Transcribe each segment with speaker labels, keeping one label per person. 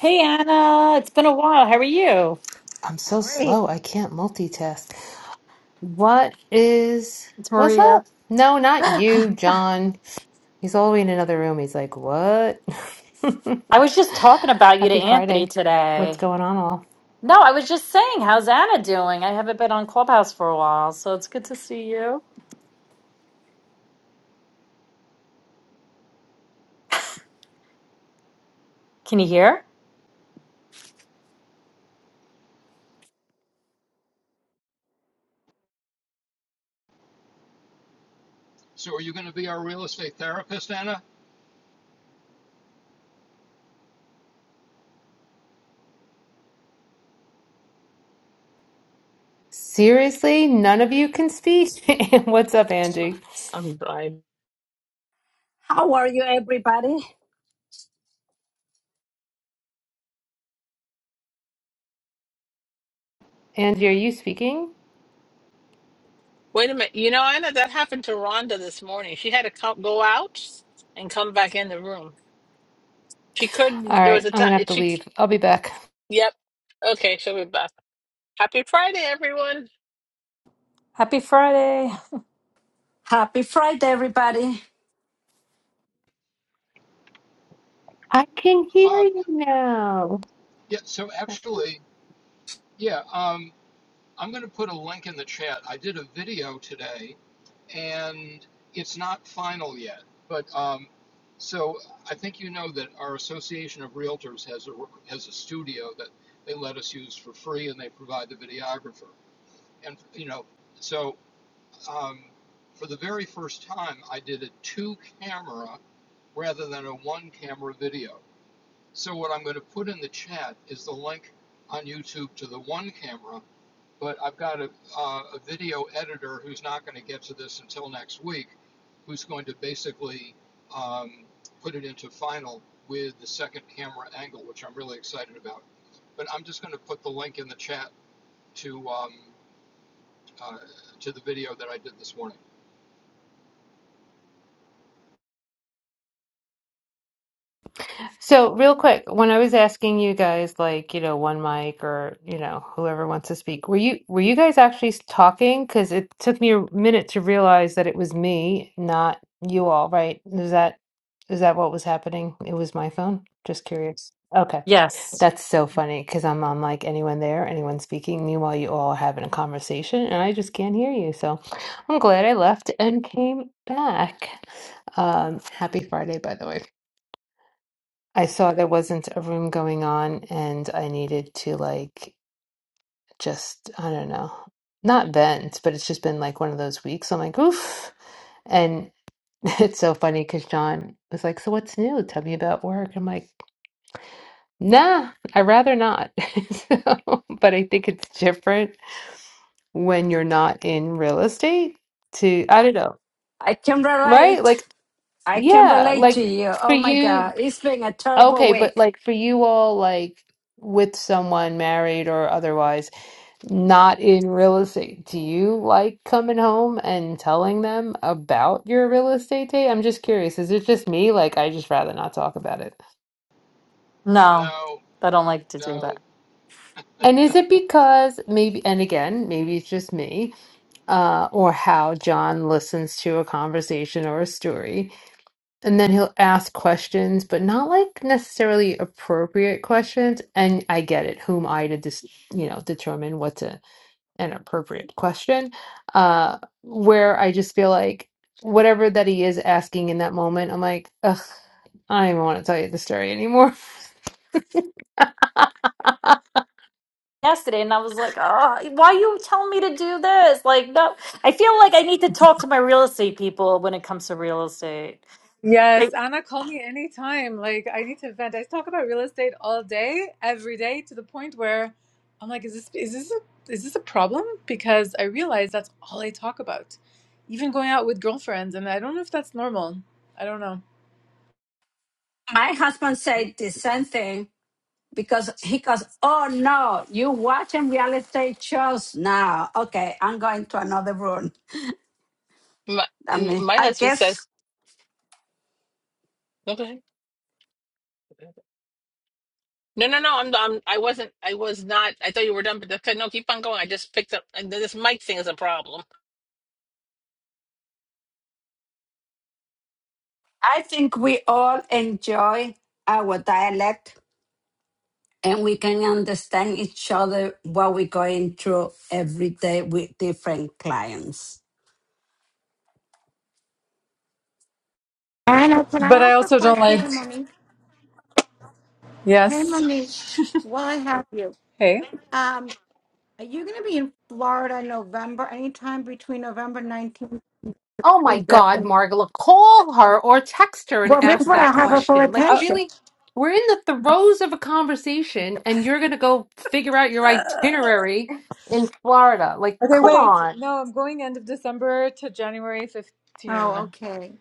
Speaker 1: Hey Anna, it's been a while. How are you?
Speaker 2: I'm so
Speaker 3: Morning.
Speaker 2: slow. I can't multitask. What is,
Speaker 1: It's
Speaker 2: what's
Speaker 1: Maria.
Speaker 2: up? No, not you, John. He's all the way in another room. He's like, what?
Speaker 1: I was just talking about you to
Speaker 2: Happy
Speaker 1: Anthony
Speaker 2: Friday. What's
Speaker 1: today.
Speaker 2: going on, all?
Speaker 1: No, I was just saying, how's Anna doing? I haven't been on Clubhouse for a while, so it's good to see you. Can you hear?
Speaker 4: So are you going to be our real estate therapist, Anna?
Speaker 2: Seriously, none of you can speak? What's up, Andy?
Speaker 5: I'm blind.
Speaker 6: How are you, everybody?
Speaker 2: Andy, are
Speaker 4: Yeah.
Speaker 2: you speaking?
Speaker 5: Wait a minute. You know, Anna, that happened to Rhonda this morning. She had to come, go out and come back in the room. She
Speaker 2: All
Speaker 5: couldn't. There was
Speaker 2: right,
Speaker 5: a
Speaker 2: I'm
Speaker 5: time.
Speaker 2: gonna have to
Speaker 5: She.
Speaker 2: leave. I'll be back.
Speaker 5: Yep. Okay, she'll be back. Happy Friday, everyone.
Speaker 1: Happy Friday.
Speaker 6: Happy Friday, everybody.
Speaker 2: I can hear
Speaker 4: Um,
Speaker 2: you now.
Speaker 4: yeah. So actually, yeah. Um, I'm going to put a link in the chat. I did a video today, and it's not final yet. But um, so I think you know that our Association of Realtors has a has a studio that they let us use for free, and they provide the videographer. And you know, so um, for the very first time, I did a two camera rather than a one camera video So what I'm going to put in the chat is the link on YouTube to the one camera, but I've got a, uh, a video editor who's not going to get to this until next week, who's going to basically um, put it into final with the second camera angle, which I'm really excited about. But I'm just going to put the link in the chat to um, uh, to the video that I did this morning.
Speaker 2: So, real quick, when I was asking you guys, like, you know, one mic or, you know, whoever wants to speak, were you were you guys actually s- talking? Because it took me a minute to realize that it was me, not you all, right? Is that is that what was happening? It was my phone. Just curious. Okay.
Speaker 1: Yes.
Speaker 2: That's so funny because I'm on like anyone there, anyone speaking. Meanwhile, you all are having a conversation and I just can't hear you. So I'm glad I left and came back. Um, happy Friday, by the way. I saw there wasn't a room going on and I needed to like just I don't know. Not vent, but it's just been like one of those weeks. I'm like, oof. And it's so funny because John was like, So what's new? Tell me about work. I'm like, nah, i would rather not. so, but I think it's different when you're not in real estate to I don't know.
Speaker 6: I can
Speaker 2: Right?
Speaker 6: relate.
Speaker 2: Like,
Speaker 6: I can
Speaker 2: yeah,
Speaker 6: relate to
Speaker 2: like
Speaker 6: you.
Speaker 2: for
Speaker 6: Oh my
Speaker 2: you
Speaker 6: God, it's been a terrible
Speaker 2: Okay, but
Speaker 6: week.
Speaker 2: like for you all, like with someone married or otherwise, not in real estate, do you like coming home and telling them about your real estate date? I'm just curious. Is it just me? Like, I just rather not talk about it.
Speaker 1: No,
Speaker 4: No,
Speaker 1: I don't like to do
Speaker 4: no.
Speaker 1: that.
Speaker 2: And is it because maybe, and again, maybe it's just me, uh, or how John listens to a conversation or a story. and then he'll ask questions, but not like necessarily appropriate questions. And I get it. Whom I to just you know determine what's a, an appropriate question? Uh, where I just feel like whatever that he is asking in that moment, I'm like, ugh, I don't even want to tell you the story anymore.
Speaker 1: Yesterday, and I was like, oh, why are you telling me to do this? Like, no, I feel like I need to talk to my real estate people when it comes to real estate. They-
Speaker 7: Yes, Anna, call me anytime. Like, I need to vent. I talk about real estate all day, every day, to the point where I'm like, is this is this a, is this a problem? Because I realize that's all I talk about, even going out with girlfriends, and I don't know if that's normal. I don't know,
Speaker 6: My husband said the same thing because he goes, Oh no, you watching real estate shows now. Okay, I'm going to another room.
Speaker 5: My
Speaker 6: I
Speaker 5: and
Speaker 6: mean,
Speaker 5: my
Speaker 6: I
Speaker 5: husband
Speaker 6: guess
Speaker 5: says. Okay. No, no, no. I'm. I'm. I wasn't. I was not. I thought you were done. But okay, no, keep on going. I just picked up. And this mic thing is a problem.
Speaker 6: I think we all enjoy our dialect and we can understand each other what we're going through every day with different clients.
Speaker 8: Anna, can I
Speaker 7: but I
Speaker 8: ask a
Speaker 7: also don't
Speaker 8: question to
Speaker 7: like.
Speaker 8: Monique? Hey, Monique,
Speaker 7: Yes.
Speaker 8: while I have you,
Speaker 7: Hey.
Speaker 8: um, are you going to be in Florida in November, anytime between November 19th
Speaker 2: Oh my
Speaker 8: and
Speaker 2: God,
Speaker 8: 2nd?
Speaker 2: Margala, call her or text her and
Speaker 8: Well, this
Speaker 2: ask
Speaker 8: way
Speaker 2: that
Speaker 8: I have her full
Speaker 2: question. Like,
Speaker 7: Oh,
Speaker 8: attention.
Speaker 2: really? We're in the throes of a conversation and you're going to go figure out your
Speaker 7: okay,
Speaker 2: itinerary in Florida. Like, come
Speaker 7: wait.
Speaker 2: on.
Speaker 7: No, I'm going end of December to January
Speaker 8: Oh,
Speaker 7: 15.
Speaker 8: okay.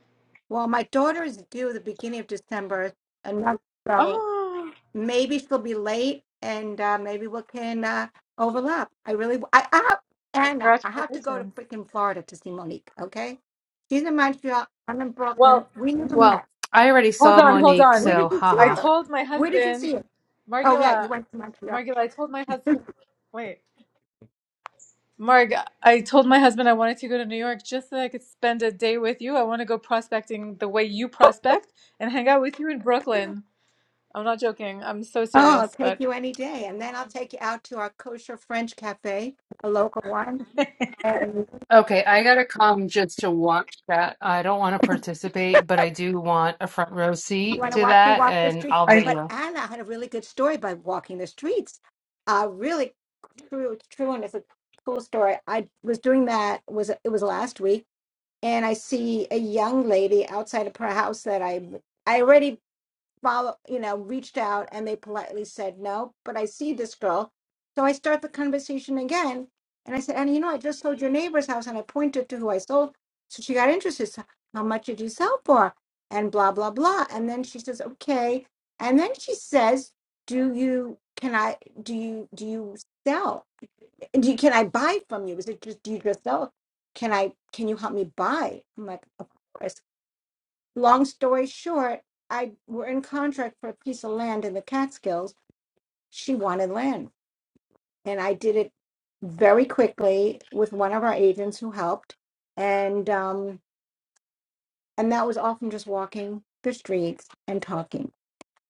Speaker 8: Well, my daughter is due the beginning of December, and not- so
Speaker 7: Oh,
Speaker 8: maybe she'll be late, and uh, maybe we can uh, overlap. I really, I, I have, Anna, I have to go to
Speaker 7: congratulations.
Speaker 8: freaking Florida to see Monique, okay? She's in Montreal, I'm in
Speaker 7: Well,
Speaker 8: Brooklyn. We never met.
Speaker 2: Well, I already
Speaker 7: Hold
Speaker 2: saw
Speaker 7: on, hold
Speaker 2: Monique,
Speaker 8: Where
Speaker 2: so
Speaker 7: on.
Speaker 8: did you see
Speaker 7: I
Speaker 2: haha.
Speaker 8: her?
Speaker 7: told my
Speaker 8: Where did you
Speaker 7: husband,
Speaker 8: see her? Oh, yeah, you
Speaker 7: Margula,
Speaker 8: went to Montreal.
Speaker 7: Margula, I told my husband, wait, Marg, I told my husband I wanted to go to New York just so I could spend a day with you. I want to go prospecting the way you prospect and hang out with you in Brooklyn. I'm not joking. I'm so
Speaker 8: Oh, I'll
Speaker 7: serious,
Speaker 8: take
Speaker 7: but
Speaker 8: you any day. And then I'll take you out to our kosher French cafe, a local one. And
Speaker 2: Okay, I gotta come just to watch that. I don't want to participate, but I do want a front row
Speaker 8: you
Speaker 2: seat
Speaker 8: want to
Speaker 2: to
Speaker 8: watch me
Speaker 2: that
Speaker 8: walk the
Speaker 2: and
Speaker 8: streets?
Speaker 2: I'll
Speaker 7: I
Speaker 8: But
Speaker 2: video.
Speaker 8: Anna had a really good story by walking the streets. Uh, really true, true, and it's a cool story. I was doing that was it was last week, and I see a young lady outside of her house that I I already follow, you know, reached out and they politely said no, but I see this girl. So I start the conversation again. And I said, and you know, I just sold your neighbor's house and I pointed to who I sold. So she got interested. So how much did you sell for? And blah, blah, blah. And then she says, okay. And then she says, do you, can I, do you, do you sell? Do you, can I buy from you? Is it just, do you just sell? Can I, can you help me buy? I'm like, of course long story short, I were in contract for a piece of land in the Catskills. She wanted land, and I did it very quickly with one of our agents who helped, and um, and that was often just walking the streets and talking.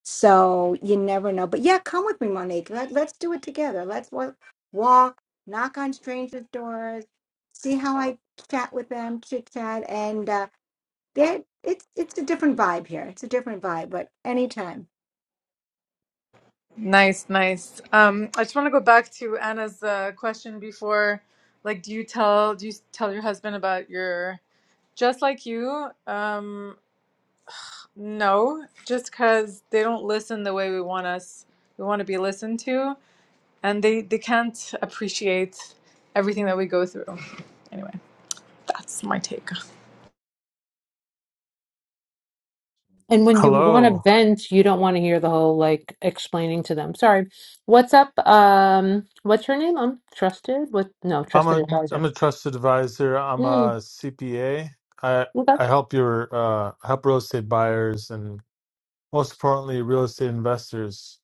Speaker 8: So you never know. But yeah, come with me, Monique. Let, let's do it together. Let's wa- walk, knock on strangers' doors, see how I chat with them, chit chat, and uh, that it's it's a different vibe here. It's a different vibe, but anytime.
Speaker 7: nice, nice. Um, I just want to go back to Anna's uh, question before. Like, do you tell do you tell your husband about your just like you? Um, No, just because they don't listen the way we want us, we want to be listened to, and they they can't appreciate everything that we go through. Anyway, that's my take.
Speaker 2: And when you want to
Speaker 9: Hello.
Speaker 2: vent, you don't want to hear the whole like explaining to them. Sorry. What's up? Um, what's your name? I'm trusted. What? No,
Speaker 9: I'm
Speaker 2: trusted
Speaker 9: a
Speaker 2: advisor.
Speaker 9: I'm a trusted advisor. I'm
Speaker 2: Mm,
Speaker 9: a CPA. I
Speaker 2: okay.
Speaker 9: I help your uh help real estate buyers and most importantly real estate investors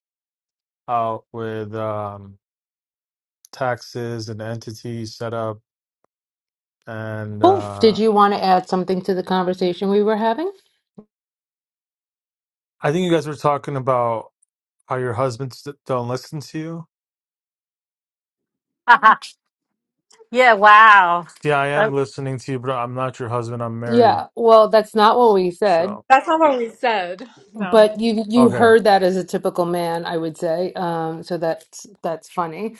Speaker 9: out with um taxes and entity setup and
Speaker 2: Cool. Did
Speaker 9: uh
Speaker 2: you want to add something to the conversation we were having?
Speaker 9: I think you guys were talking about how your husbands d- don't listen to you.
Speaker 1: yeah, wow.
Speaker 9: See, I am listening to you, but I'm not your husband. I'm married.
Speaker 2: Yeah. Well, that's not what we said,
Speaker 9: So,
Speaker 7: That's not what we said. No.
Speaker 2: but you you
Speaker 9: okay.
Speaker 2: heard that as a typical man, I would say. Um, so that's that's funny.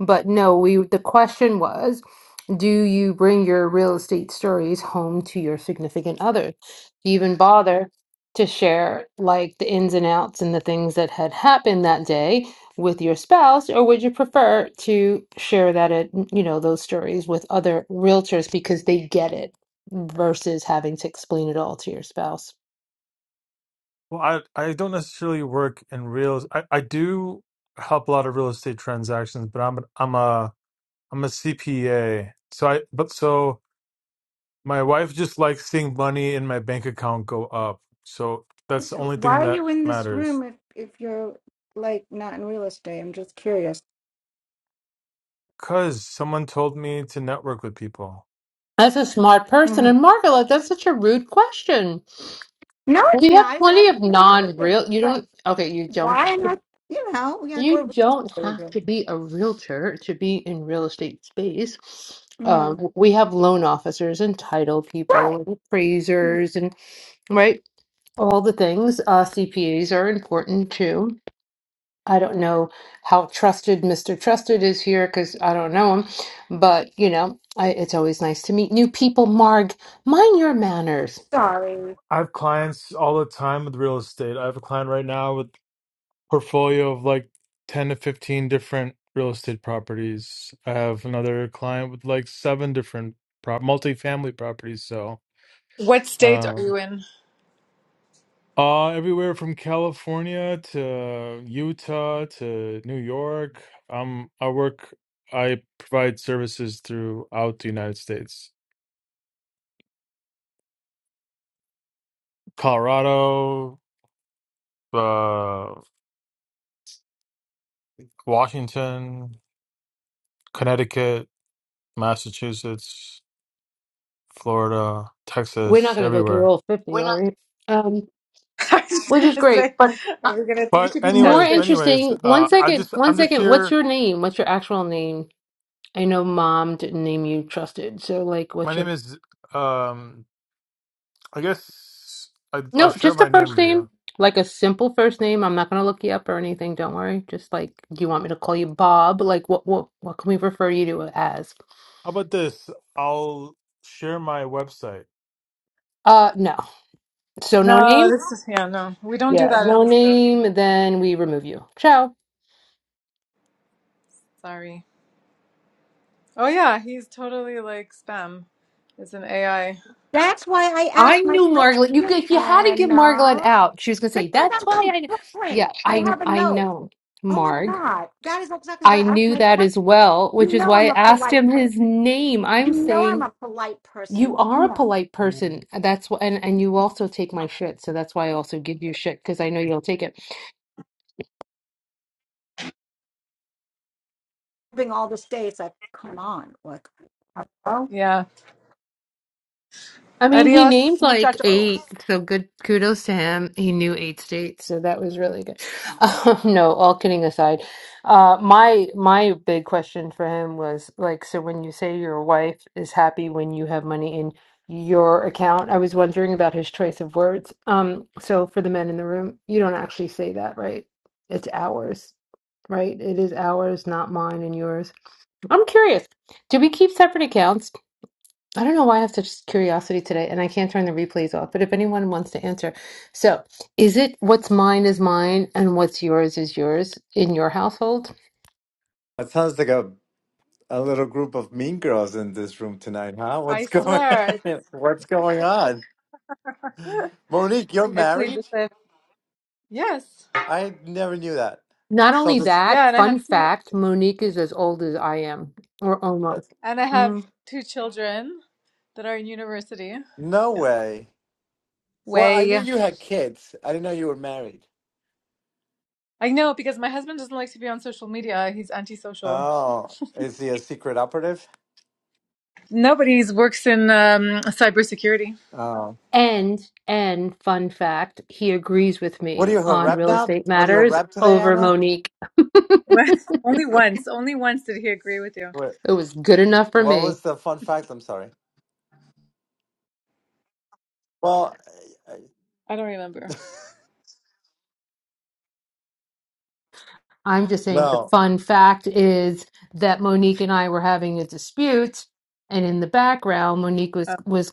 Speaker 2: But no, we the question was. Do you bring your real estate stories home to your significant other? Do you even bother to share like the ins and outs and the things that had happened that day with your spouse, or would you prefer to share that at, you know, those stories with other realtors because they get it versus having to explain it all to your spouse?
Speaker 9: Well, I I don't necessarily work in real. I I do help a lot of real estate transactions, but I'm I'm a I'm a CPA. So I but so my wife just likes seeing money in my bank account go up. So that's
Speaker 8: this-
Speaker 9: the only
Speaker 8: why
Speaker 9: thing
Speaker 8: are
Speaker 9: that
Speaker 8: you in this
Speaker 9: matters.
Speaker 8: room if if you're like not in real estate? I'm just curious.
Speaker 9: Cause someone told me to network with people.
Speaker 2: That's a smart person.
Speaker 8: Mhm.
Speaker 2: And Margaret, that's such a rude question.
Speaker 8: No, it's
Speaker 2: You have
Speaker 8: not. It's out
Speaker 2: plenty
Speaker 8: of
Speaker 2: of
Speaker 8: curiosity.
Speaker 2: non-real, you
Speaker 8: It's like
Speaker 2: don't, okay, you don't,
Speaker 8: why not? You know, we gotta
Speaker 2: you
Speaker 8: go to business
Speaker 2: don't have
Speaker 8: agents.
Speaker 2: to be a realtor to be in real estate space.
Speaker 8: Mm.
Speaker 2: Um, we have loan officers and title people
Speaker 8: Right.
Speaker 2: and
Speaker 8: Mm,
Speaker 2: appraisers and, right, all the things. Uh, CPAs are important too. I don't know how trusted Mr. Trusted is here because I don't know him, but you know, I, it's always nice to meet new people, Marg. Mind your manners.
Speaker 8: Sorry.
Speaker 9: I have clients all the time with real estate. I have a client right now with portfolio of like 10 to 15 different real estate properties. I have another client with like seven different prop multifamily properties. So,
Speaker 7: What state are
Speaker 9: um,
Speaker 7: you in?
Speaker 9: uh, everywhere from California to Utah to New York. Um, I work, I provide services throughout the United States, Colorado, uh, Washington, Connecticut, Massachusetts, Florida,
Speaker 2: We're
Speaker 9: Texas,
Speaker 2: not going to go through
Speaker 9: everywhere.
Speaker 2: all 50, are we? Um,
Speaker 7: I was just
Speaker 2: which is
Speaker 7: gonna
Speaker 2: great.
Speaker 7: say,
Speaker 2: But uh,
Speaker 7: are we gonna? We
Speaker 9: But
Speaker 7: should be
Speaker 2: more
Speaker 9: anyways,
Speaker 7: tested.
Speaker 9: anyways,
Speaker 2: interesting, one
Speaker 9: uh, I
Speaker 2: second,
Speaker 9: just
Speaker 2: one
Speaker 9: I'm just
Speaker 2: second. What's
Speaker 9: here.
Speaker 2: your name? What's your actual name? I know mom didn't name you Trusted. So, like,
Speaker 9: My
Speaker 2: what's your.
Speaker 9: name is um, I guess I, I'll
Speaker 2: No,
Speaker 9: share
Speaker 2: just a
Speaker 9: my name
Speaker 2: first
Speaker 9: with you.
Speaker 2: name, like a simple first name. I'm not going to look you up or anything. Don't worry. Just like, do you want me to call you Bob? Like, what, what, what can we refer you to as?
Speaker 9: How about this? I'll share my website.
Speaker 2: Uh, no. So, no
Speaker 7: No,
Speaker 2: name?
Speaker 7: this is yeah. No, we don't do
Speaker 2: Yeah,
Speaker 7: that in
Speaker 2: no
Speaker 7: this room.
Speaker 2: name. Then we remove you. Ciao.
Speaker 7: Sorry. Oh yeah, he's totally like spam. It's an AI.
Speaker 8: That's why I
Speaker 2: I
Speaker 8: asked my
Speaker 2: knew Margaret. You could-
Speaker 8: question,
Speaker 2: if you had to give Margaret
Speaker 8: Anna.
Speaker 2: out, she was gonna say,
Speaker 8: Because
Speaker 2: "That's
Speaker 8: I'm
Speaker 2: why
Speaker 8: from
Speaker 2: I." kn-" Yeah,
Speaker 8: Brooklyn. I
Speaker 2: I
Speaker 8: have a
Speaker 2: I
Speaker 8: nose.
Speaker 2: know
Speaker 8: Oh my
Speaker 2: Marg.
Speaker 8: God. That is exactly why
Speaker 2: I
Speaker 8: I asked
Speaker 2: knew
Speaker 8: my
Speaker 2: that as
Speaker 8: question.
Speaker 2: well,
Speaker 8: You
Speaker 2: which is
Speaker 8: know
Speaker 2: why I
Speaker 8: I'm a
Speaker 2: asked
Speaker 8: polite
Speaker 2: him
Speaker 8: person.
Speaker 2: his name. I'm
Speaker 8: You know I'm
Speaker 2: saying
Speaker 8: a polite
Speaker 2: you
Speaker 8: person.
Speaker 2: are a polite person. That's why, and and you also take my shit, so that's why I also give you shit because I know you'll take it.
Speaker 8: moving all the states. Like, come on, like,
Speaker 7: Yeah.
Speaker 2: I mean, he named
Speaker 7: Adios,
Speaker 2: like
Speaker 7: muchacho.
Speaker 2: eight, so good kudos to him. He knew eight states, so that was really good. Um, no, all kidding aside, uh, my my big question for him was like, so when you say your wife is happy when you have money in your account, I was wondering about his choice of words. Um, so for the men in the room, you don't actually say that, right? It's ours, right? It is ours, not mine and yours. I'm curious. Do we keep separate accounts? I don't know why I have such curiosity today, and I can't turn the replays off, but if anyone wants to answer. So, is it what's mine is mine and what's yours is yours in your household?
Speaker 10: That sounds like a, a little group of mean girls in this room tonight, huh?
Speaker 7: I
Speaker 10: What's going
Speaker 7: swear it's.
Speaker 10: What's going on? Monique, you're
Speaker 7: I plead the
Speaker 10: married?
Speaker 7: fifth. Yes.
Speaker 10: I never knew that.
Speaker 2: Not
Speaker 10: So
Speaker 2: only
Speaker 10: this
Speaker 2: that,
Speaker 7: Yeah, and I
Speaker 2: fun
Speaker 7: have two
Speaker 2: fact, Monique is as old as I am, or
Speaker 10: uh,
Speaker 2: almost.
Speaker 7: and I have
Speaker 2: hmm
Speaker 7: two children that are in university.
Speaker 10: no
Speaker 7: Yeah.
Speaker 10: way. Well, I knew
Speaker 7: Way.
Speaker 10: you had kids. I didn't know you were married.
Speaker 7: I know because my husband doesn't like to be on social media. He's antisocial.
Speaker 10: Oh, is he a secret operative?
Speaker 7: Nobody's works in um cybersecurity.
Speaker 10: Oh.
Speaker 2: And and fun fact, he agrees with
Speaker 10: What are
Speaker 2: me
Speaker 10: you her
Speaker 2: on
Speaker 10: rep
Speaker 2: real
Speaker 10: now?
Speaker 2: estate
Speaker 10: What are you her
Speaker 2: matters
Speaker 10: rep today,
Speaker 2: over
Speaker 10: Anna?
Speaker 2: Monique.
Speaker 7: only once. Only once did he agree with you.
Speaker 10: What
Speaker 2: It was good enough for
Speaker 10: what
Speaker 2: me.
Speaker 10: was the fun fact? I'm sorry. Well, I-
Speaker 7: I don't remember.
Speaker 10: I-
Speaker 2: I'm just saying the
Speaker 10: no,
Speaker 2: fun fact is that Monique and I were having a dispute, and in the background, Monique was
Speaker 7: Uh,
Speaker 2: was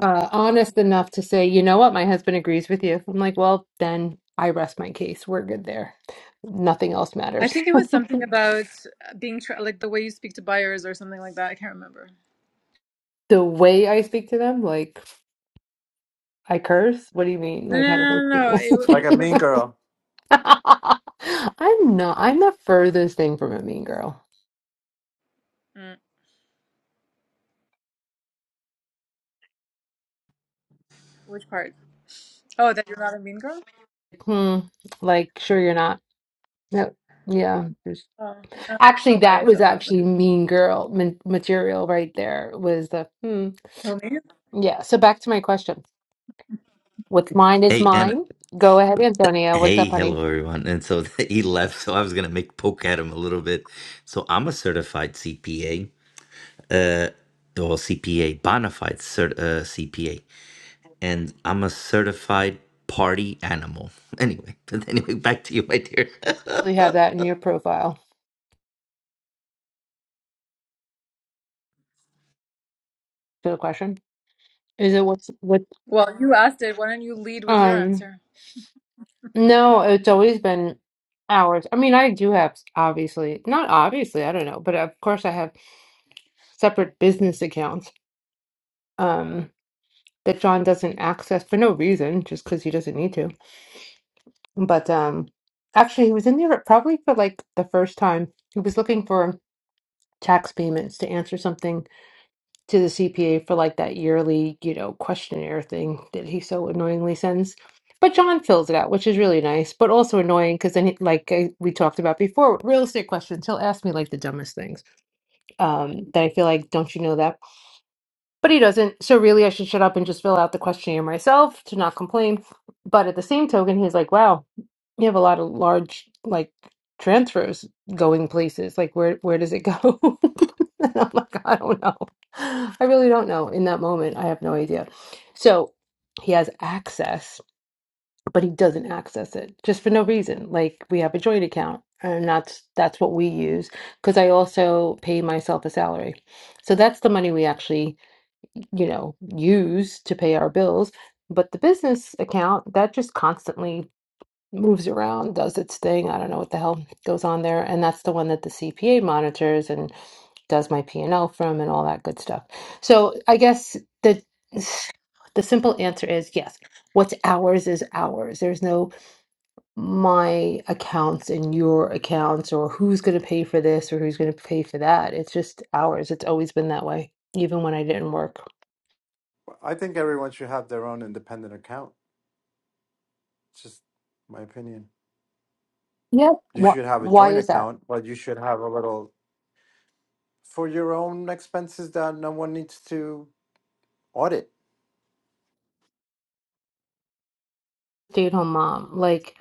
Speaker 2: uh, honest enough to say, "You know what? My husband agrees with you." I'm like, "Well, then I rest my case. We're good there. Nothing else
Speaker 7: I
Speaker 2: matters."
Speaker 7: think it was something about uh, being tra- like the way you speak to buyers or something like that. I can't remember.
Speaker 2: The way I speak to them, like I curse. What do you mean?
Speaker 7: No,
Speaker 2: Like
Speaker 7: no,
Speaker 2: how
Speaker 7: no,
Speaker 2: do
Speaker 7: no. no. It,
Speaker 10: like
Speaker 7: w-
Speaker 10: a
Speaker 7: it was
Speaker 10: mean girl.
Speaker 2: I? I'm not. I'm the furthest thing from a mean girl.
Speaker 7: mm, which part? Oh, that you're not a mean girl?
Speaker 2: Hmm. Like, sure you're not. No. Yeah.
Speaker 7: Oh, no,
Speaker 2: Actually,
Speaker 7: no way
Speaker 2: that
Speaker 7: I
Speaker 2: was
Speaker 7: said that. But
Speaker 2: actually mean girl man- material right there. Was the hmm.
Speaker 7: who me?
Speaker 2: Yeah. So back to my question. What's mine is
Speaker 11: Hey, and
Speaker 2: mine. Go ahead, Antonia. What's
Speaker 11: hey,
Speaker 2: up, honey?
Speaker 11: hello everyone. And so he left, so I was gonna make poke at him a little bit. So I'm a certified CPA, or CPA, bona fide cert, uh, CPA, and I'm a certified party animal. Anyway, but anyway, back to you, my dear.
Speaker 2: You have that in your profile. So the question is it what's what?
Speaker 7: Well, you asked it. Why don't you lead with your
Speaker 2: Um,
Speaker 7: answer?
Speaker 2: no, it's always been ours. I mean, I do have obviously not obviously. I don't know, but of course, I have separate business accounts. Um, that John doesn't access for no reason, just because he doesn't need to But um, actually, he was in there probably for like the first time. He was looking for tax payments to answer something to the CPA for like that yearly, you know, questionnaire thing that he so annoyingly sends. But John fills it out, which is really nice, but also annoying because then, he, like I, we talked about before, with real estate questions, he'll ask me like the dumbest things um, that I feel like, don't you know that? but he doesn't. So really, I should shut up and just fill out the questionnaire myself to not complain. But at the same token, he's like, "Wow, you have a lot of large like transfers going places. Like, where where does it go?" and I'm like, "I don't know. I really don't know." In that moment, I have no idea. So he has access, but he doesn't access it just for no reason. Like we have a joint account, and that's that's what we use because I also pay myself a salary. So that's the money we actually you know, use to pay our bills. But the business account, that just constantly moves around, does its thing. I don't know what the hell goes on there. And that's the one that the CPA monitors and does my P&L from and all that good stuff. So I guess the the simple answer is yes. What's ours is ours. There's no my accounts and your accounts or who's going to pay for this or who's going to pay for that. It's just ours. It's always been that way, even when I didn't work.
Speaker 10: I think everyone should have their own independent account. It's just my opinion.
Speaker 2: Yeah.
Speaker 10: You
Speaker 2: Why,
Speaker 10: should have a
Speaker 2: why
Speaker 10: joint
Speaker 2: is that?
Speaker 10: account, but you should have a little for your own expenses that no one needs to audit.
Speaker 2: Stay-at-home mom. Like,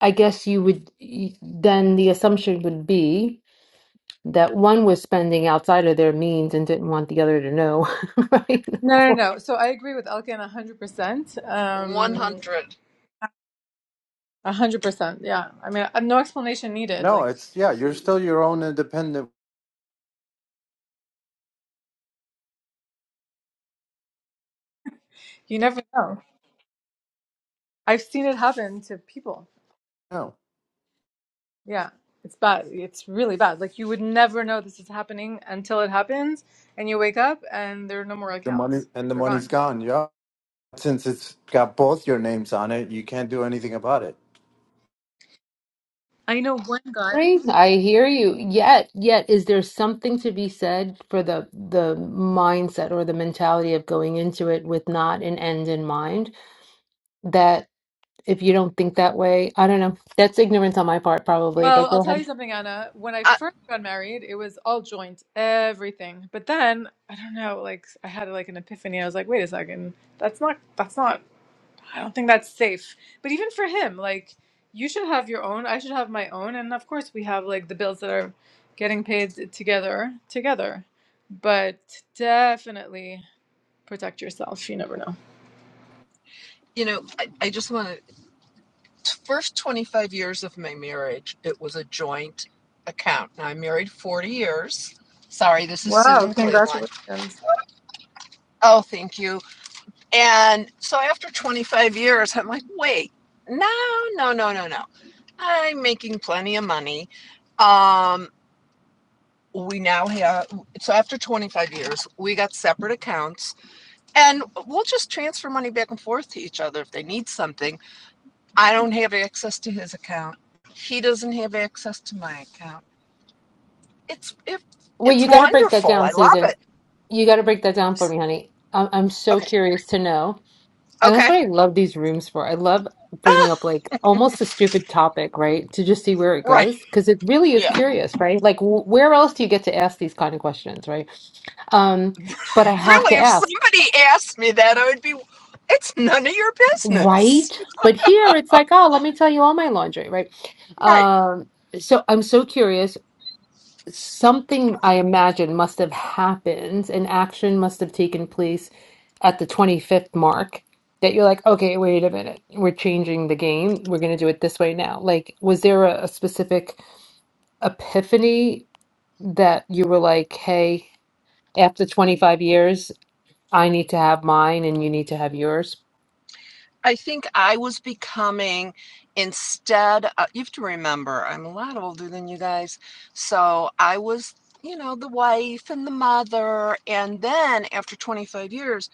Speaker 2: I guess you would y- then the assumption would be that one was spending outside of their means and didn't want the other to know, right?
Speaker 7: No, no, no. So I agree with Elkin 100%. Um,
Speaker 12: 100
Speaker 7: 100%. Yeah. I mean, uh, no explanation needed.
Speaker 10: No,
Speaker 7: Like,
Speaker 10: it's yeah, you're
Speaker 7: he,
Speaker 10: still your own independent.
Speaker 7: you never know. I've seen it happen to people.
Speaker 10: No,
Speaker 7: Yeah. It's bad. It's really bad. Like, you would never know this is happening until it happens, and you wake up and there are no more
Speaker 10: the money
Speaker 7: accounts.
Speaker 10: and the
Speaker 7: They're
Speaker 10: money's
Speaker 7: gone.
Speaker 10: gone. Yeah, since it's got both your names on it, you can't do anything about it.
Speaker 7: I know one guy.
Speaker 2: Right? I hear you. Yet, yet, is there something to be said for the the mindset or the mentality of going into it with not an end in mind? that? if you don't think that way. I don't know. That's ignorance on my part, probably, but
Speaker 7: Well, I'll
Speaker 2: go
Speaker 7: tell you
Speaker 2: ahead.
Speaker 7: something, Anna. When I
Speaker 12: I,
Speaker 7: first got married, it was all joint, everything. But then, I don't know, like I had like an epiphany. I was like, wait a second, that's not, that's not, I don't think that's safe. But even for him, like you should have your own, I should have my own, and of course we have like the bills that are getting paid together, together. But definitely protect yourself. You never know.
Speaker 12: you know i, I just want to first 25 years of my marriage it was a joint account now i'm married 40 years sorry this is sue
Speaker 7: Wow,
Speaker 12: in cleveland
Speaker 7: congratulations.
Speaker 12: oh thank you and so after 25 years i'm like wait no no no no no i'm making plenty of money um we now have so after 25 years we got separate accounts and we'll just transfer money back and forth to each other if they need something I don't have access to his account. He doesn't have access to my account. It's it,
Speaker 2: Wait,
Speaker 12: it's
Speaker 2: you got to break that
Speaker 12: wonderful.
Speaker 2: down,
Speaker 12: I love
Speaker 2: Susan.
Speaker 12: it.
Speaker 2: You got to break that down for me, honey. I'm, I'm so
Speaker 12: Okay.
Speaker 2: curious to know. And that's
Speaker 12: Okay.
Speaker 2: what I love these rooms for. I love bringing
Speaker 12: Ah,
Speaker 2: up like almost a stupid topic, right? To just see where it
Speaker 12: Right.
Speaker 2: goes because it really is
Speaker 12: Yeah.
Speaker 2: curious, right? Like w where else do you get to ask these kind of questions, right? Um, but I have
Speaker 12: Really,
Speaker 2: to
Speaker 12: if
Speaker 2: ask,
Speaker 12: somebody asked me that, I would be, it's none of your
Speaker 2: right?
Speaker 12: business.
Speaker 2: But here it's like, oh, let me tell you all my laundry, right?
Speaker 12: Right.
Speaker 2: Um, so I'm so curious. something I imagine must have happened, an action must have taken place at the 25th mark that you're like, okay, wait a minute, we're changing the game. We're going to do it this way now. Like, was there a, a specific epiphany that you were like, hey, after 25 years, I need to have mine and you need to have yours?
Speaker 12: I think I was becoming instead, uh, you have to remember, I'm a lot older than you guys. So I was, you know, the wife and the mother. And then after 25 years,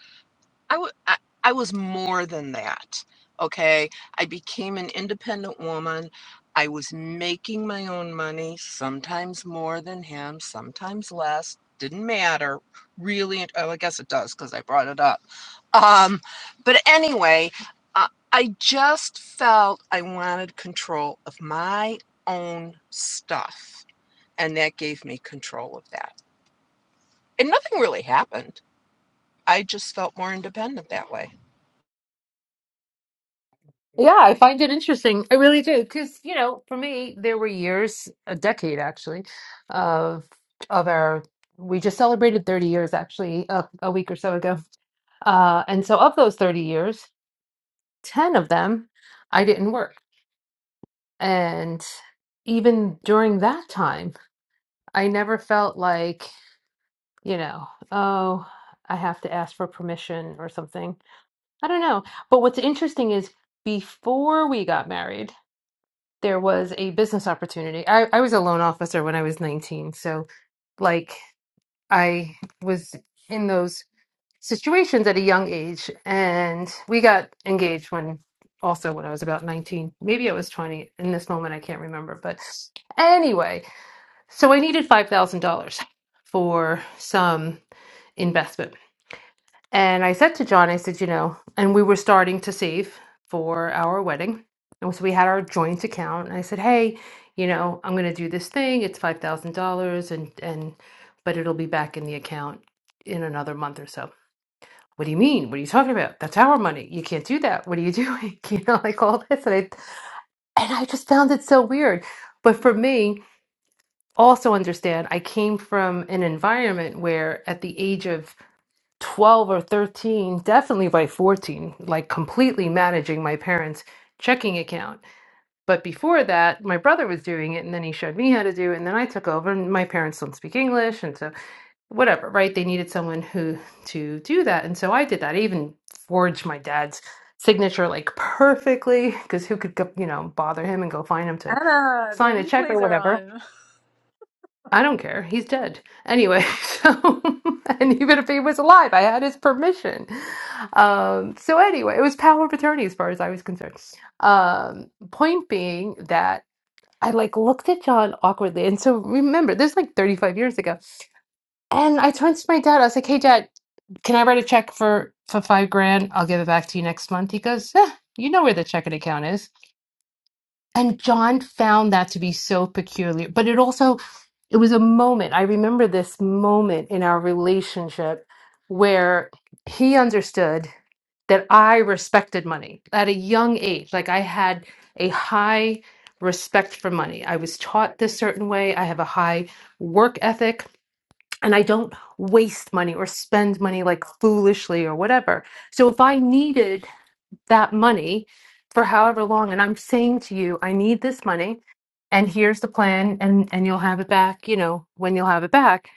Speaker 12: I w- I, I was more than that. Okay. I became an independent woman. I was making my own money, sometimes more than him, sometimes less. Didn't matter really. Oh, I guess it does because I brought it up. Um, but anyway, uh, I just felt I wanted control of my own stuff. And that gave me control of that. And nothing really happened. I just felt more independent that way.
Speaker 2: Yeah, I find it interesting. I really do, because you know, for me, there were years, a decade actually, of of our. We just celebrated 30 years actually a, a week or so ago, uh, and so of those 30 years, 10 of them, I didn't work, and even during that time, I never felt like you know, oh, I have to ask for permission or something. I don't know. But what's interesting is before we got married. there was a business opportunity. I, I was a loan officer when I was 19. So, like, I was in those situations at a young age. And we got engaged when also when I was about 19. Maybe I was 20 in this moment. I can't remember. But anyway, so I needed $5,000 for some investment and I said to John, I said, you know, and we were starting to save for our wedding. And so we had our joint account. And I said, hey, you know, I'm going to do this thing. It's $5,000 and, and, but it'll be back in the account in another month or so. What do you mean? What are you talking about? That's our money. You can't do that. What are you doing? You know, like all this. And I, and I just found it so weird. But for me, also understand, I came from an environment where at the age of 12 or 13, definitely by 14, like completely managing my parents' checking account. But before that, my brother was doing it and then he showed me how to do it and then I took over and my parents don't speak English and so whatever, right? They needed someone who to do that. And so I did that. I even forged my dad's signature like perfectly because who could, go- you know, bother him and go find him to
Speaker 7: Anna, the
Speaker 2: sign a check or
Speaker 7: replays are
Speaker 2: whatever.
Speaker 7: on.
Speaker 2: I don't care. He's dead. Anyway, so, and even if he was alive, I had his permission. Um, so, anyway, it was power of attorney as far as I was concerned. Um, point being that I like looked at John awkwardly. And so, remember, this is like 35 years ago. And I turned to my dad. I was like, hey, dad, can I write a check for, for five grand? I'll give it back to you next month. He goes, eh, you know where the checking account is and John found that to be so peculiar, but it also it was a moment. I remember this moment in our relationship where he understood that I respected money at a young age. Like I had a high respect for money. I was taught this certain way. I have a high work ethic and I don't waste money or spend money like foolishly or whatever. So if I needed that money for however long and i'm saying to you i need this money and here's the plan and and you'll have it back you know when you'll have it back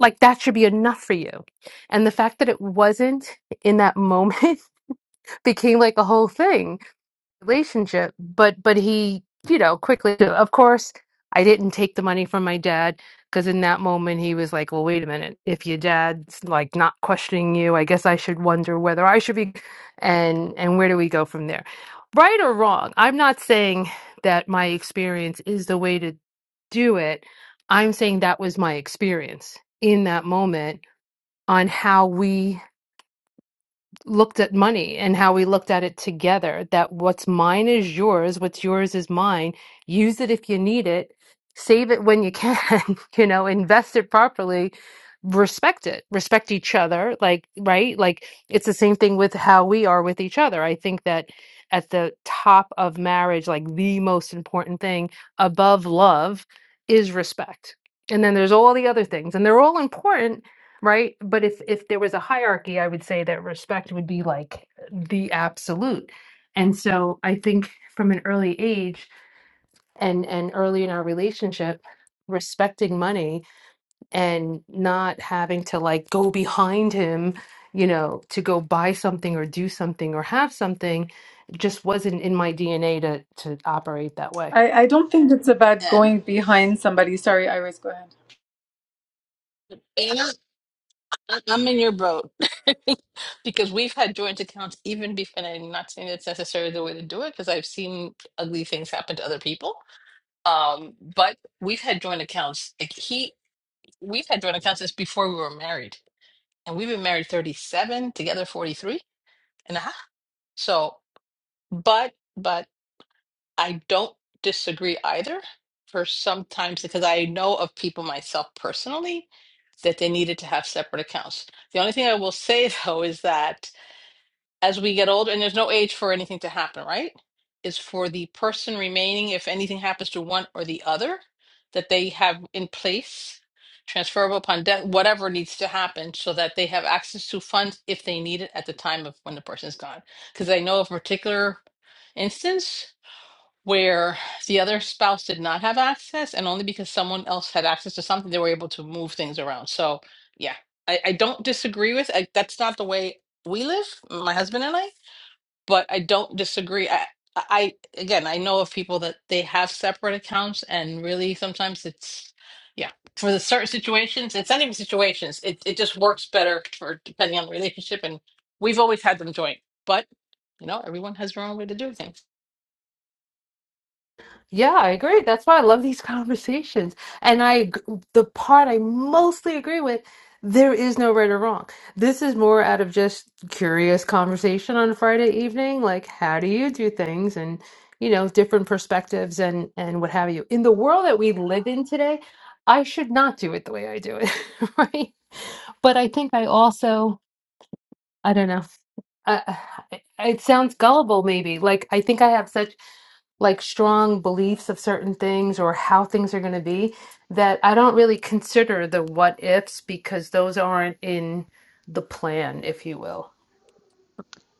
Speaker 2: like that should be enough for you and the fact that it wasn't in that moment became like a whole thing relationship but but he you know quickly of course i didn't take the money from my dad because in that moment he was like well wait a minute if your dad's like not questioning you i guess i should wonder whether i should be and and where do we go from there right or wrong i'm not saying that my experience is the way to do it i'm saying that was my experience in that moment on how we looked at money and how we looked at it together that what's mine is yours, what's yours is mine. Use it if you need it, save it when you can, you know, invest it properly, respect it, respect each other. Like, right? Like, it's the same thing with how we are with each other. I think that at the top of marriage, like the most important thing above love is respect. And then there's all the other things, and they're all important, right? But if if there was a hierarchy, I would say that respect would be like the absolute. And so I think from an early age and and early in our relationship, respecting money and not having to like go behind him, you know, to go buy something or do something or have something just wasn't in my DNA to to operate that way.
Speaker 7: I, I don't think it's about
Speaker 5: Then.
Speaker 7: going behind somebody. Sorry, Iris, go ahead.
Speaker 5: Anna? I- I'm in your boat because we've had joint accounts even before, and I'm not saying that's necessarily the way to do it because I've seen ugly things happen to other people. Um, but we've had joint accounts. Like he, we've had joint accounts since before we were married, and we've been married 37, together 43 and a half. So, but but I don't disagree either for sometimes because I know of people myself personally that they needed to have separate accounts. The only thing I will say though is that as we get older, and there's no age for anything to happen, right? Is for the person remaining, if anything happens to one or the other, that they have in place, transferable upon death, whatever needs to happen, so that they have access to funds if they need it at the time of when the person is gone. Because I know of a particular instance where the other spouse did not have access, and only because someone else had access to something, they were able to move things around. So, yeah, I, I don't disagree with. I, that's not the way we live, my husband and I but I don't disagree. I, I again, I know of people that they have separate accounts, and really sometimes it's yeah for the certain situations. It's not even situations. It it just works better for depending on the relationship, and we've always had them joint. But you know, everyone has their own way to do things.
Speaker 2: Yeah, I agree. That's why I love these conversations. And I, ag- the part I mostly agree with, there is no right or wrong. This is more out of just curious conversation on Friday evening, like how do you do things and, you know, different perspectives and and what have you. In the world that we live in today, I should not do it the way I do it, right? But I think I also, I don't know. I, I- it sounds gullible, maybe. Like I think I have such like strong beliefs of certain things or how things are going to be that I don't really consider the what ifs because those aren't in the plan, if you will.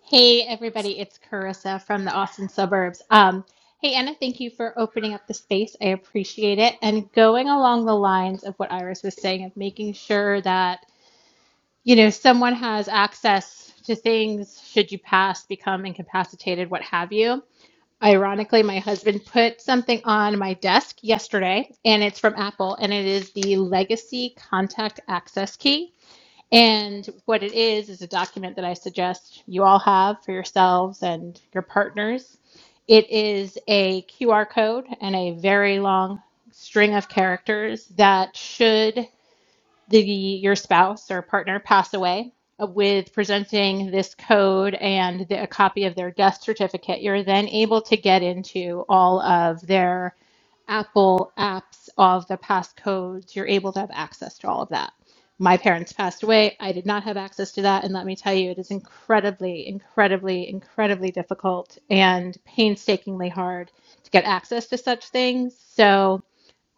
Speaker 13: Hey, everybody, it's Carissa from the Austin suburbs. Um, hey, Anna, thank you for opening up the space. I appreciate it. And going along the lines of what Iris was saying, of making sure that, you know, someone has access to things should you pass, become incapacitated, what have you. Ironically, my husband put something on my desk yesterday, and it's from Apple, and it is the legacy contact access key. And what it is, is a document that I suggest you all have for yourselves and your partners. It is a QR code and a very long string of characters that should the your spouse or partner pass away uh, with presenting this code and the, a copy of their death certificate you're then able to get into all of their apple apps of the past codes you're able to have access to all of that my parents passed away i did not have access to that and let me tell you it is incredibly incredibly incredibly difficult and painstakingly hard to get access to such things so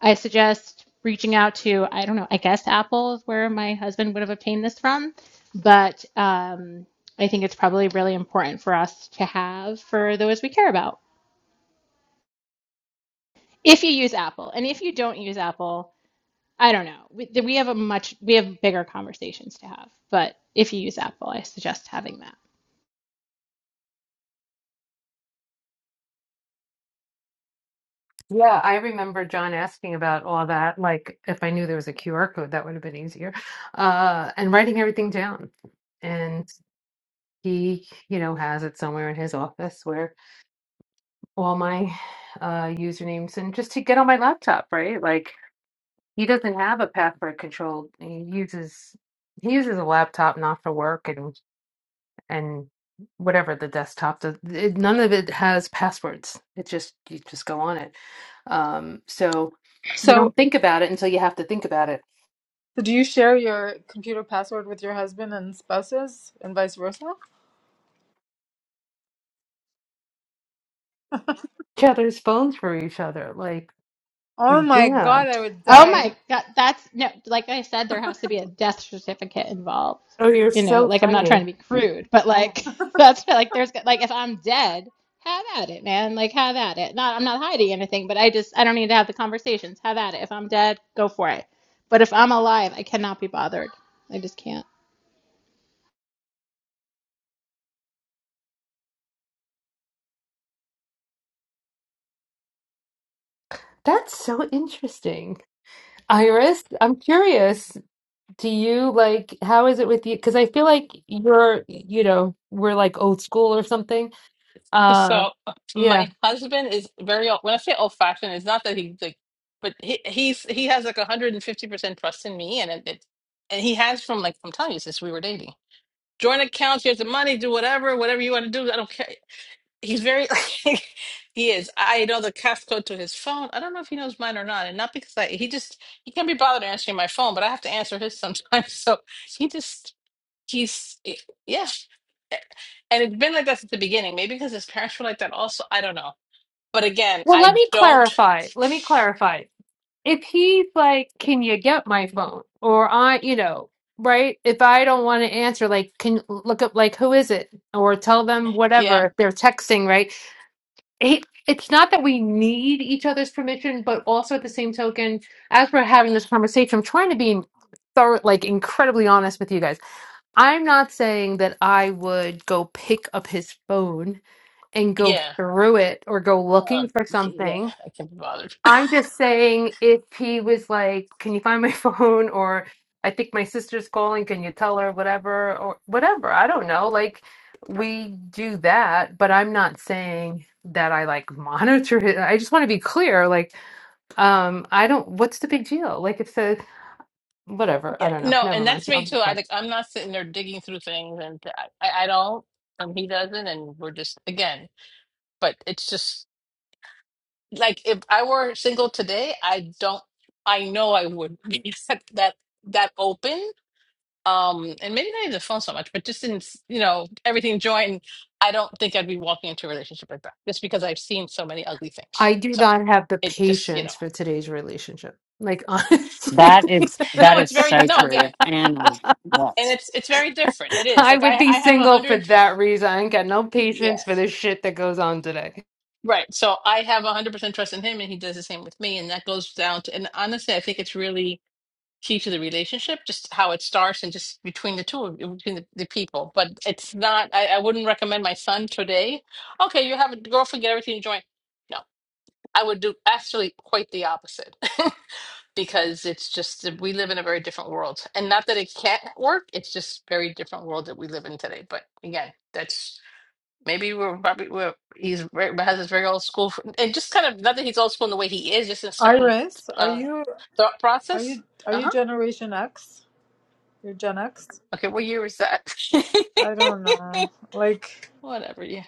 Speaker 13: I suggest reaching out to, I don't know, I guess Apple is where my husband would have obtained this from, but um, I think it's probably really important for us to have for those we care about. If you use Apple, and if you don't use Apple, I don't know. We, we have a much, we have bigger conversations to have, but if you use Apple, I suggest having that.
Speaker 2: Yeah, I remember John asking about all that. Like, if I knew there was a QR code, that would have been easier. Uh, and writing everything down. And he, you know, has it somewhere in his office where all my uh, usernames and just to get on my laptop, right? Like, He doesn't have a password control. He uses he uses a laptop not for work and and whatever the desktop. The, it, none of it has passwords. It just you just go on it. Um, so you
Speaker 7: So,
Speaker 2: don't think about it until you have to think about it.
Speaker 7: so do you share your computer password with your husband and spouses and vice versa?
Speaker 2: Each other's phones for each other. Like
Speaker 7: Oh my
Speaker 2: yeah.
Speaker 7: God, I would
Speaker 13: Oh
Speaker 7: die.
Speaker 13: my God, that's no, like I said, there has to be a death certificate involved.
Speaker 2: Oh, you're
Speaker 13: You know,
Speaker 2: so
Speaker 13: like I'm not trying
Speaker 2: funny.
Speaker 13: to be crude, but like that's like there's like if I'm dead, have at it, man. Like have at it. Not I'm not hiding anything, but I just I don't need to have the conversations. Have at it. If I'm dead, go for it. But if I'm alive, I cannot be bothered. I just can't.
Speaker 2: That's so interesting. Iris, I'm curious. Do you like how is it with you? Because I feel like you're, you know, we're like old school or something Uh,
Speaker 5: So uh,
Speaker 2: yeah.
Speaker 5: my husband is very old. When I say old fashioned, it's not that he's like, but he he's he has like 150 percent trust in me, and it, it and he has from like I'm telling you since we were dating joint accounts, here's the money, do whatever, whatever you want to do. I don't care. He's very, he is. I know the CAF code to his phone. I don't know if he knows mine or not. And not because I, he just, he can't be bothered answering my phone, but I have to answer his sometimes. So he just, he's, eh, yeah. Eh, And it's been like that since the beginning. Maybe because his parents were like that also. I don't know. But again,
Speaker 2: Well, let
Speaker 5: I
Speaker 2: me
Speaker 5: don't,
Speaker 2: clarify. Let me clarify. If he's like, can you get my phone? Or I, you know, right? If I don't want to answer, like, can look up, like, who is it? Or tell them
Speaker 5: yeah,
Speaker 2: whatever if they're texting, right? It, it's not that we need each other's permission, but also at the same token, as we're having this conversation, I'm trying to be thorough, like, incredibly honest with you guys. I'm not saying that I would go pick up his phone and go
Speaker 5: yeah.
Speaker 2: through it or go looking
Speaker 5: Um,
Speaker 2: for
Speaker 5: yeah,
Speaker 2: something.
Speaker 5: I can't be bothered.
Speaker 2: I'm just saying if he was like, Can you find my phone? Or I think my sister's calling, can you tell her whatever or whatever. I don't know. Like we do that, but I'm not saying that I like monitor it. I just want to be clear. Like, um, I don't what's the big deal? Like it's a whatever. I
Speaker 5: Yeah,
Speaker 2: don't know.
Speaker 5: no,
Speaker 2: Never
Speaker 5: and
Speaker 2: mind.
Speaker 5: that's
Speaker 2: I'll
Speaker 5: me
Speaker 2: be
Speaker 5: too. I
Speaker 2: quiet.
Speaker 5: like I'm not sitting there digging through things, and I, I don't, and he doesn't, and we're just again. But it's just like if I were single today, I don't. I know I wouldn't be that that that open. Um, and maybe not even the phone so much, but just in s- you know everything joined, I don't think I'd be walking into a relationship like that just because I've seen so many ugly things.
Speaker 2: I do
Speaker 5: So
Speaker 2: not have the
Speaker 5: it just you know,
Speaker 2: patience for today's relationship. Like honestly.
Speaker 14: That is that
Speaker 5: no,
Speaker 14: is
Speaker 5: it's very
Speaker 14: so
Speaker 5: no
Speaker 14: true.
Speaker 5: again,
Speaker 14: Anna, What?
Speaker 5: and it's it's very different. It is
Speaker 2: I
Speaker 5: like
Speaker 2: would
Speaker 5: I
Speaker 2: be
Speaker 5: I have a
Speaker 2: single for
Speaker 5: hundred.
Speaker 2: that reason. I ain't got no patience
Speaker 5: Yeah.
Speaker 2: for the shit that goes on today.
Speaker 5: Right. So I have 100% trust in him and he does the same with me. And that goes down to, and honestly, I think it's really key to the relationship, just how it starts and just between the two, of between the, the people. But it's not, I, I wouldn't recommend my son today. Okay, you have a girlfriend, get everything you No, I would do actually quite the opposite because it's just that we live in a very different world. And not that it can't work, it's just very different world that we live in today. But again, that's. Maybe we're probably we're, he's very, has this very old school, fr- and just kind of not that he's old school in the way he is, just in a certain
Speaker 7: Iris, are
Speaker 5: uh,
Speaker 7: you
Speaker 5: thought
Speaker 7: are
Speaker 5: process.
Speaker 7: you are
Speaker 5: Uh
Speaker 7: you
Speaker 5: huh.
Speaker 7: Generation X? You're Gen X?
Speaker 5: Okay, what year is that?
Speaker 7: I don't know. Like
Speaker 5: Whatever. Yeah,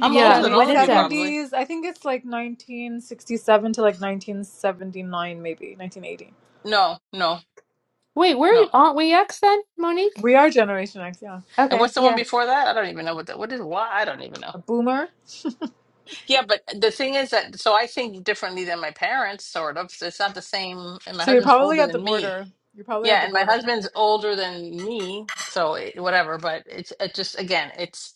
Speaker 5: I'm
Speaker 2: Yeah,
Speaker 5: older
Speaker 7: and
Speaker 5: than
Speaker 7: eight-
Speaker 2: what
Speaker 5: all of
Speaker 2: is
Speaker 5: you
Speaker 2: X?
Speaker 5: probably.
Speaker 7: 70s. I think it's like 1967 to like 1979 maybe, 1980.
Speaker 5: No, no,
Speaker 2: Wait, where
Speaker 5: no.
Speaker 2: aren't we X then, Monique?
Speaker 7: We are Generation X, yeah.
Speaker 5: And
Speaker 2: Okay,
Speaker 5: what's the one
Speaker 2: yeah.
Speaker 5: before that? I don't even know what that. What is why? I don't even know.
Speaker 7: A boomer.
Speaker 5: Yeah, but the thing is that so I think differently than my parents, sort of. So It's not the same, and my
Speaker 7: So you're
Speaker 5: husband's
Speaker 7: probably
Speaker 5: older
Speaker 7: at the
Speaker 5: than me.
Speaker 7: border. You're probably at
Speaker 5: Yeah,
Speaker 7: the
Speaker 5: and my
Speaker 7: border.
Speaker 5: husband's older than me, so it, whatever. But it's it just again, it's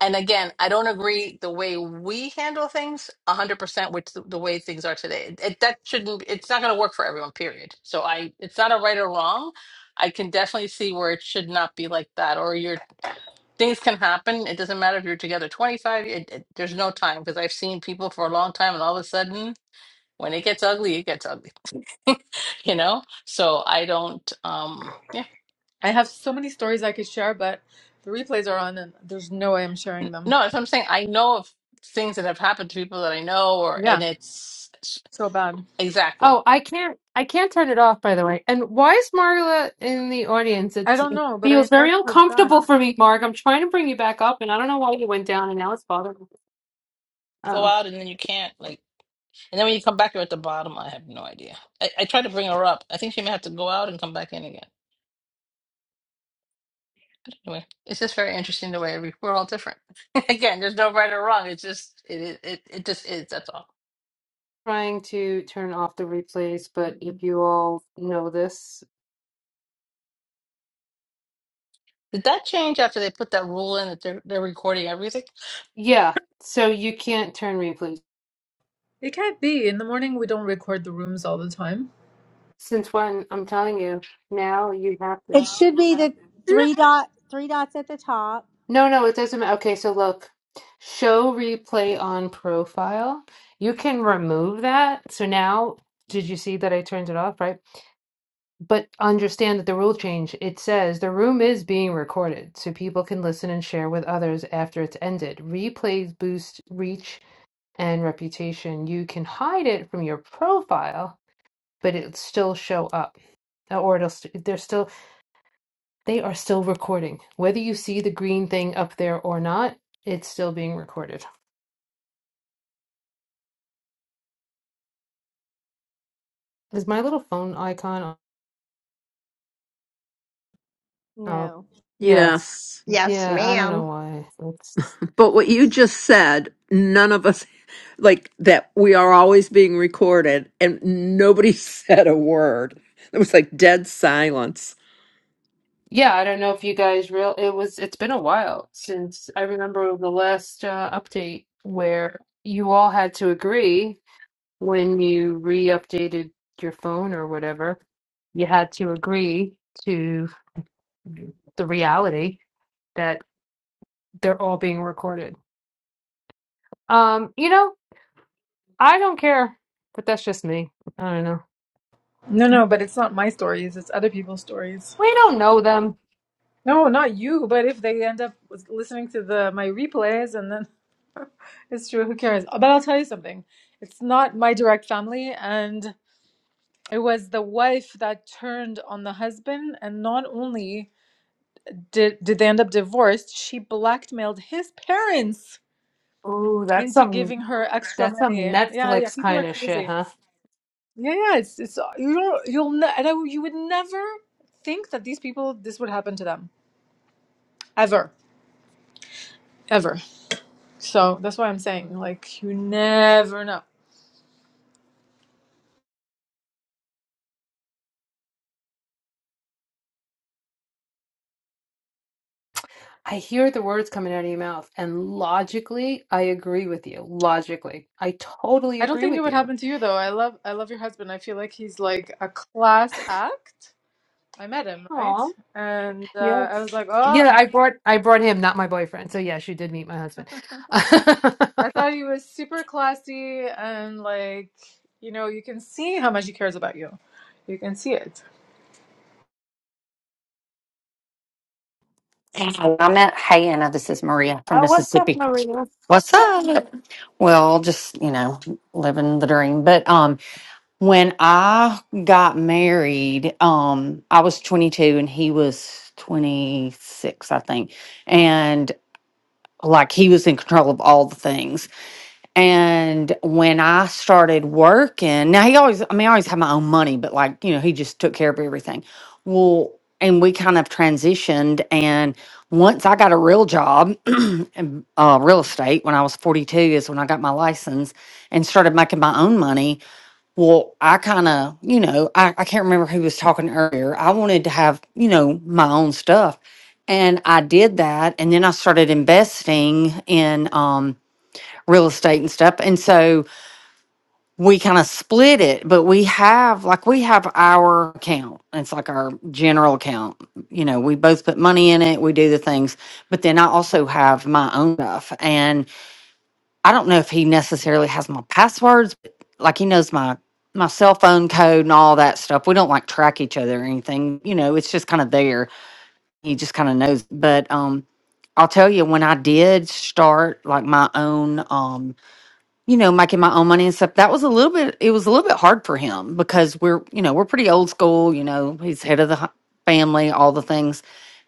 Speaker 5: and again, I don't agree the way we handle things one hundred percent with the, the way things are today. It, it- that shouldn't. It's not going to work for everyone. Period. So I, it's not a right or wrong. I can definitely see where it should not be like that, or your things can happen. It doesn't matter if you're together twenty five. It, it, there's no time because I've seen people for a long time, and all of a sudden, when it gets ugly, it gets ugly. you know so i don't um yeah
Speaker 7: I have so many stories I could share, but the replays are on and there's no way I'm
Speaker 5: N-
Speaker 7: sharing them.
Speaker 5: No, that's what I'm saying. I know of things that have happened to people that I know, or and
Speaker 7: Yeah,
Speaker 5: it's
Speaker 7: so bad.
Speaker 5: exactly
Speaker 2: Oh, I can't I can't turn it off by the way. And why is Marla in the audience?
Speaker 7: I
Speaker 2: It's,
Speaker 7: don't
Speaker 2: it
Speaker 7: know, but I
Speaker 2: feels very
Speaker 7: invited her back.
Speaker 2: uncomfortable for me, Mark. I'm trying to bring you back up and I don't know why you went down and now it's bothering me.
Speaker 5: go
Speaker 2: Oh,
Speaker 5: out and then you can't like, and then when you come back, you're at the bottom. I have no idea. I, I tried to bring her up. I think she may have to go out and come back in again. Anyway, it's just very interesting the way every, we're all different. again, there's no right or wrong. It's just it it it it just is. That's all.
Speaker 2: trying to turn off the replays, but if you all know this,
Speaker 5: Did that change after they put that rule in that they're they're recording everything?
Speaker 2: yeah. So you can't turn replays
Speaker 7: It can't be. In the morning, we don't record the rooms all the time.
Speaker 2: Since when? I'm telling you, now you have to.
Speaker 15: It should be the three dot three dots at the top.
Speaker 2: No, no, it doesn't matter. Okay, so look, show replay on profile. You can remove that. So now, did you see that I turned it off, right? But understand that the rule change, it says the room is being recorded so people can listen and share with others after it's ended. Replays boost reach and reputation. You can hide it from your profile, but it'll still show up. Uh, Or it'll, st- they're still They are still recording. Whether you see the green thing up there or not, it's still being recorded. Is my little phone icon on? Oh,
Speaker 15: No.
Speaker 2: yes.
Speaker 3: Yes,
Speaker 2: Yeah, I don't know
Speaker 3: ma'am.
Speaker 2: why. It's yeah, I don't know if you guys real it was it's been a while since I remember the last uh, update where you all had to agree when you re-updated your phone or whatever. You had to agree to the reality that they're all being recorded. Um, you know, I don't care, but that's just me. I don't know.
Speaker 7: No, no, but it's not my stories. It's other people's stories.
Speaker 2: We don't know them.
Speaker 7: No, not you, but if they end up listening to the my replays and then it's true, who cares? But I'll tell you something. It's not my direct family and it was the wife that turned on the husband and not only did did they end up divorced she blackmailed his parents
Speaker 2: Ooh, that's
Speaker 7: into
Speaker 2: some
Speaker 7: giving her extra
Speaker 2: that's some
Speaker 7: money yeah yeah
Speaker 2: Netflix
Speaker 7: people are
Speaker 2: kind of shit,
Speaker 7: crazy
Speaker 2: huh?
Speaker 7: yeah yeah it's it's uh, you don't you'll ne- and I, you would never think that these people this would happen to them ever ever so that's why i'm saying like you never know
Speaker 2: I hear the words coming out of your mouth, and logically, I agree with you. Logically, I totally
Speaker 7: i don't
Speaker 2: agree
Speaker 7: think it
Speaker 2: with
Speaker 7: would
Speaker 2: you.
Speaker 7: happen to you though i love i love your husband i feel like he's like a class act i met him
Speaker 2: Aw,
Speaker 7: right and uh, i
Speaker 2: yes.
Speaker 7: was like oh
Speaker 2: Yeah, I brought I brought him, not my boyfriend. So yes, you did meet my husband.
Speaker 7: I thought he was super classy and like, you know, you can see how much he cares about you. You can see it.
Speaker 14: Anna I met Hey, Anna, this is Maria from
Speaker 2: Oh, what's up,
Speaker 14: Mississippi.
Speaker 2: Maria?
Speaker 14: What's up? Well, just, you know, living the dream. But um, when I got married, um, I was 22 and he was 26, I think. And like he was in control of all the things. And when I started working, now he always, I mean, I always had my own money, but like, you know, he just took care of everything. Well, and we kind of transitioned. And once I got a real job, in, uh, real estate, when I was 42 is when I got my license and started making my own money. Well, I kind of, you know, I, I can't remember who was talking earlier. I wanted to have, you know, my own stuff. And I did that. And then I started investing in, um, real estate and stuff. And so we kind of split it, but we have like we have our account. It's like our general account. You know, we both put money in it, we do the things, but then I also have my own stuff. And I don't know if he necessarily has my passwords, but like he knows my my cell phone code and all that stuff. We don't like track each other or anything. You know, it's just kind of there. He just kind of knows. But um I'll tell you when I did start like my own um you know, making my own money and stuff. That was a little bit, it was a little bit hard for him because we're, you know, we're pretty old school. You know, he's head of the hu- family, all the things.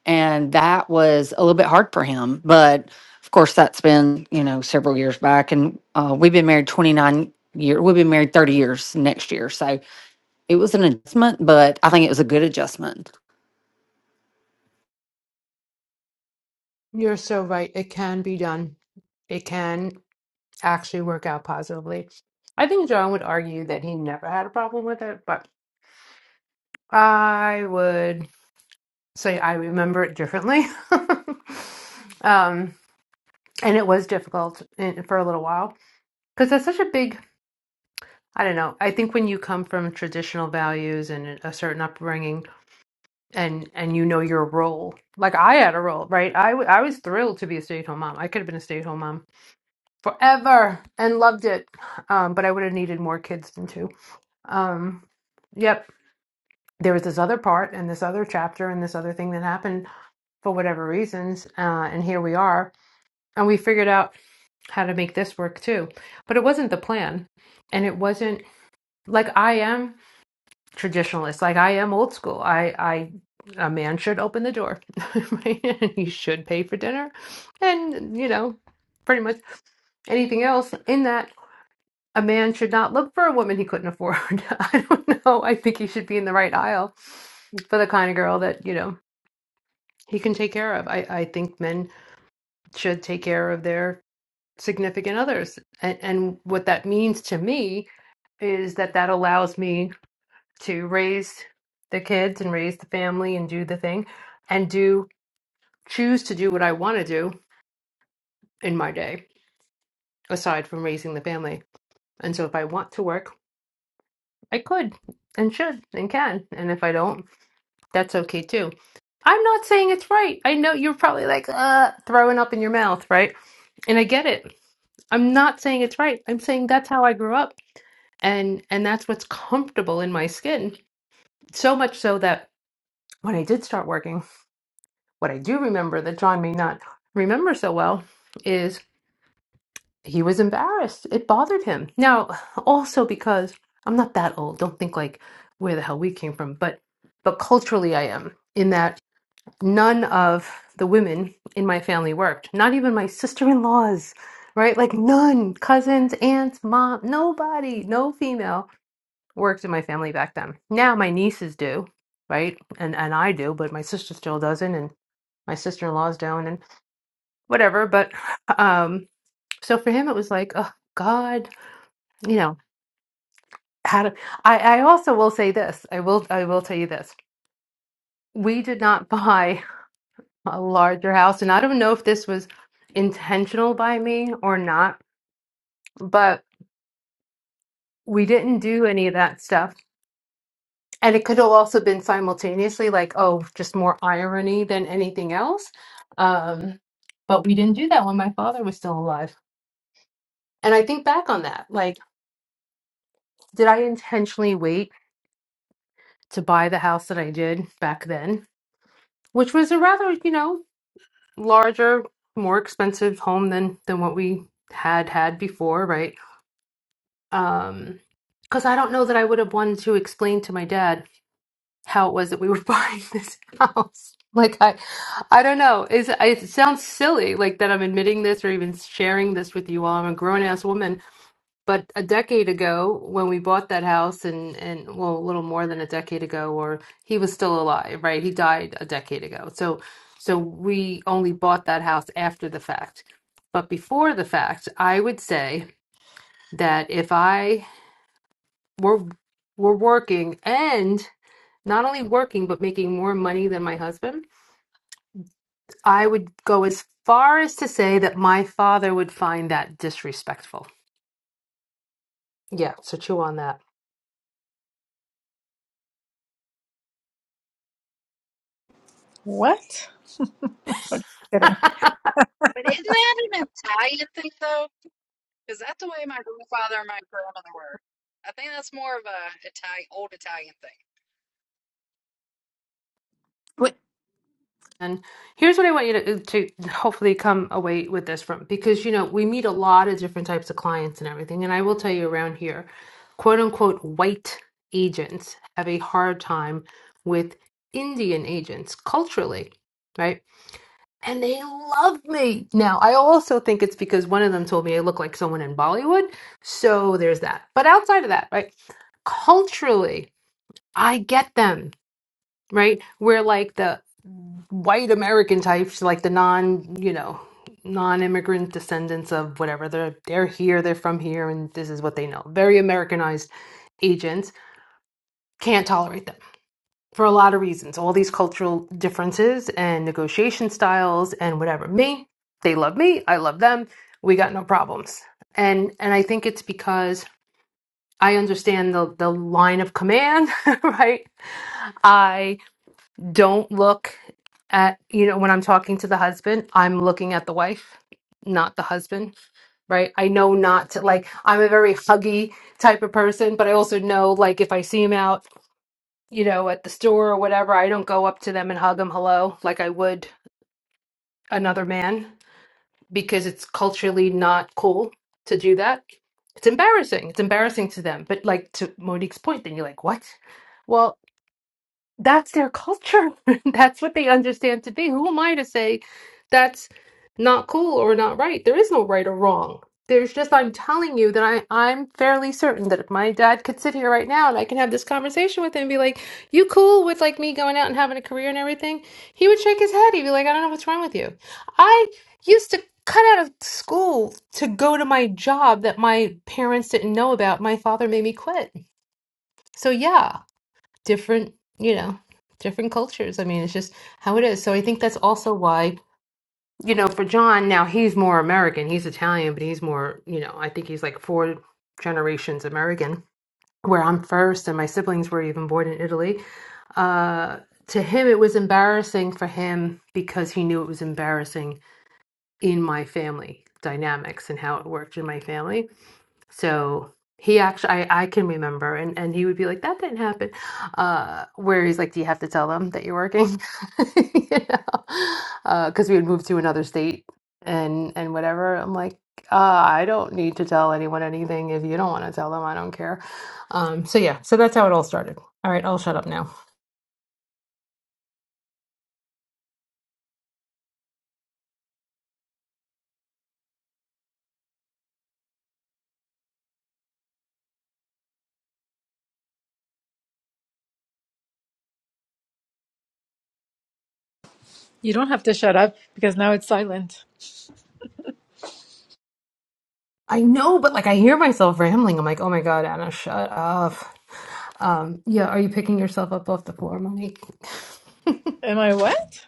Speaker 14: And that was a little bit hard for him. But of course, that's been, you know, several years back. And uh, we've been married 29 years. We've been married 30 years next year. So it was an adjustment, but I think it was a good adjustment
Speaker 2: You're so right. It can be done. It can. actually work out positively. I think John would argue that he never had a problem with it, but I would say I remember it differently. um, and it was difficult in, for a little while because that's such a big, I don't know. I think when you come from traditional values and a certain upbringing and and you know your role, like I had a role, right? I, w- I was thrilled to be a stay-at-home mom. I could have been a stay-at-home mom forever and loved it. Um, but I would have needed more kids than two Um, yep. There was this other part and this other chapter and this other thing that happened for whatever reasons. Uh, and here we are. And we figured out how to make this work too. But it wasn't the plan. And it wasn't like I am traditionalist, like I am old school. I, I, a man should open the door. right? And he should pay for dinner. And, you know, pretty much anything else in that. a man should not look for a woman he couldn't afford. I don't know. I think he should be in the right aisle for the kind of girl that, you know, he can take care of. I, I think men should take care of their significant others. And, and what that means to me is that that allows me to raise the kids and raise the family and do the thing and do choose to do what I want to do in my day aside from raising the family. And so if I want to work, I could and should and can. And if I don't, That's okay too. I'm not saying it's right. I know you're probably like, uh, throwing up in your mouth, right? And I get it. I'm not saying it's right. I'm saying that's how I grew up and and that's what's comfortable in my skin. So much so that when I did start working, what I do remember that John may not remember so well is he was embarrassed. It bothered him. Now, also because I'm not that old. Don't think like where the hell we came from, but but culturally I am in that none of the women in my family worked. Not even my sister-in-laws, right? Like none, cousins, aunts, mom, nobody, no female worked in my family back then. Now my nieces do, right? And and I do, but my sister still doesn't and my sister-in-laws don't and whatever, but um so for him it was like, oh God, you know, how to I I also will say this. I will I will tell you this. We did not buy. a larger house. And I don't know if this was intentional by me or not, but we didn't do any of that stuff. And it could have also been simultaneously, like, oh, just more irony than anything else. Um, but we didn't do that when my father was still alive. And I think back on that. Like, did I intentionally wait to buy the house that I did back then, which was a rather, you know, larger, more expensive home than than what we had had before, right? Um, because I don't know that I would have wanted to explain to my dad how it was that we were buying this house. Like I, I don't know. Is it sounds silly, like that I'm admitting this or even sharing this with you all. I'm a grown ass woman, but a decade ago when we bought that house, and and well, a little more than a decade ago, or he was still alive, right? He died a decade ago, so so we only bought that house after the fact. But before the fact, I would say that if I we're we're working and not only working but making more money than my husband i would go as far as to say that my father would find that disrespectful yeah so chew on that
Speaker 7: What? I'm just kidding.
Speaker 16: But isn't that an Italian thing though? Is that the way my grandfather and my grandmother were? I think that's more of a Italian, old Italian thing.
Speaker 2: and here's what i want you to, to hopefully come away with this from because you know we meet a lot of different types of clients and everything and i will tell you around here quote unquote white agents have a hard time with indian agents culturally right and they loved me. Now, I also think it's because one of them told me I look like someone in Bollywood. So there's that. But outside of that, right? Culturally, I get them, right? We're like the white American types, like the non, you know, non-immigrant descendants of whatever. They're they're here, they're from here, and this is what they know. Very Americanized agents can't tolerate them for a lot of reasons, all these cultural differences and negotiation styles and whatever. Me, they love me, I love them. We got no problems. And and I think it's because I understand the the line of command, right? I don't look at, you know, when I'm talking to the husband, I'm looking at the wife, not the husband right? I know not to like I'm a very huggy type of person, but I also know like if I see him out you know, at the store or whatever, I don't go up to them and hug them hello like I would another man because it's culturally not cool to do that. It's embarrassing. It's embarrassing to them. But like to Monique's point, then you're like, what? Well, that's their culture. that's what they understand to be. Who am I to say that's not cool or not right? There is no right or wrong. There's just, I'm telling you that I, I'm fairly certain that if my dad could sit here right now and I can have this conversation with him and be like, you cool with like me going out and having a career and everything, he would shake his head. He'd be like, I don't know what's wrong with you. I used to cut out of school to go to my job that my parents didn't know about. My father made me quit. So yeah different, you know, different cultures. I mean, it's just how it is. So I think that's also why, you know, for John, now he's more American. He's Italian, but he's more, you know, I think he's like four generations American, where I'm first and my siblings were even born in Italy. Uh, to him, it was embarrassing for him because he knew it was embarrassing in my family dynamics and how it worked in my family so he actually, I, I can remember, and, and he would be like, that didn't happen. Uh, where he's like, do you have to tell them that you're working? you know, because we had moved to another state and and whatever. I'm like, uh, I don't need to tell anyone anything. If you don't want to tell them, I don't care. Um, so yeah, so that's how it all started. All right, I'll shut up now.
Speaker 7: You don't have to shut up because now it's silent.
Speaker 2: I know, but like I hear myself rambling. I'm like, oh my God, Anna, shut up. Um, yeah, are you picking yourself up off the floor, Monique?
Speaker 7: Am I what?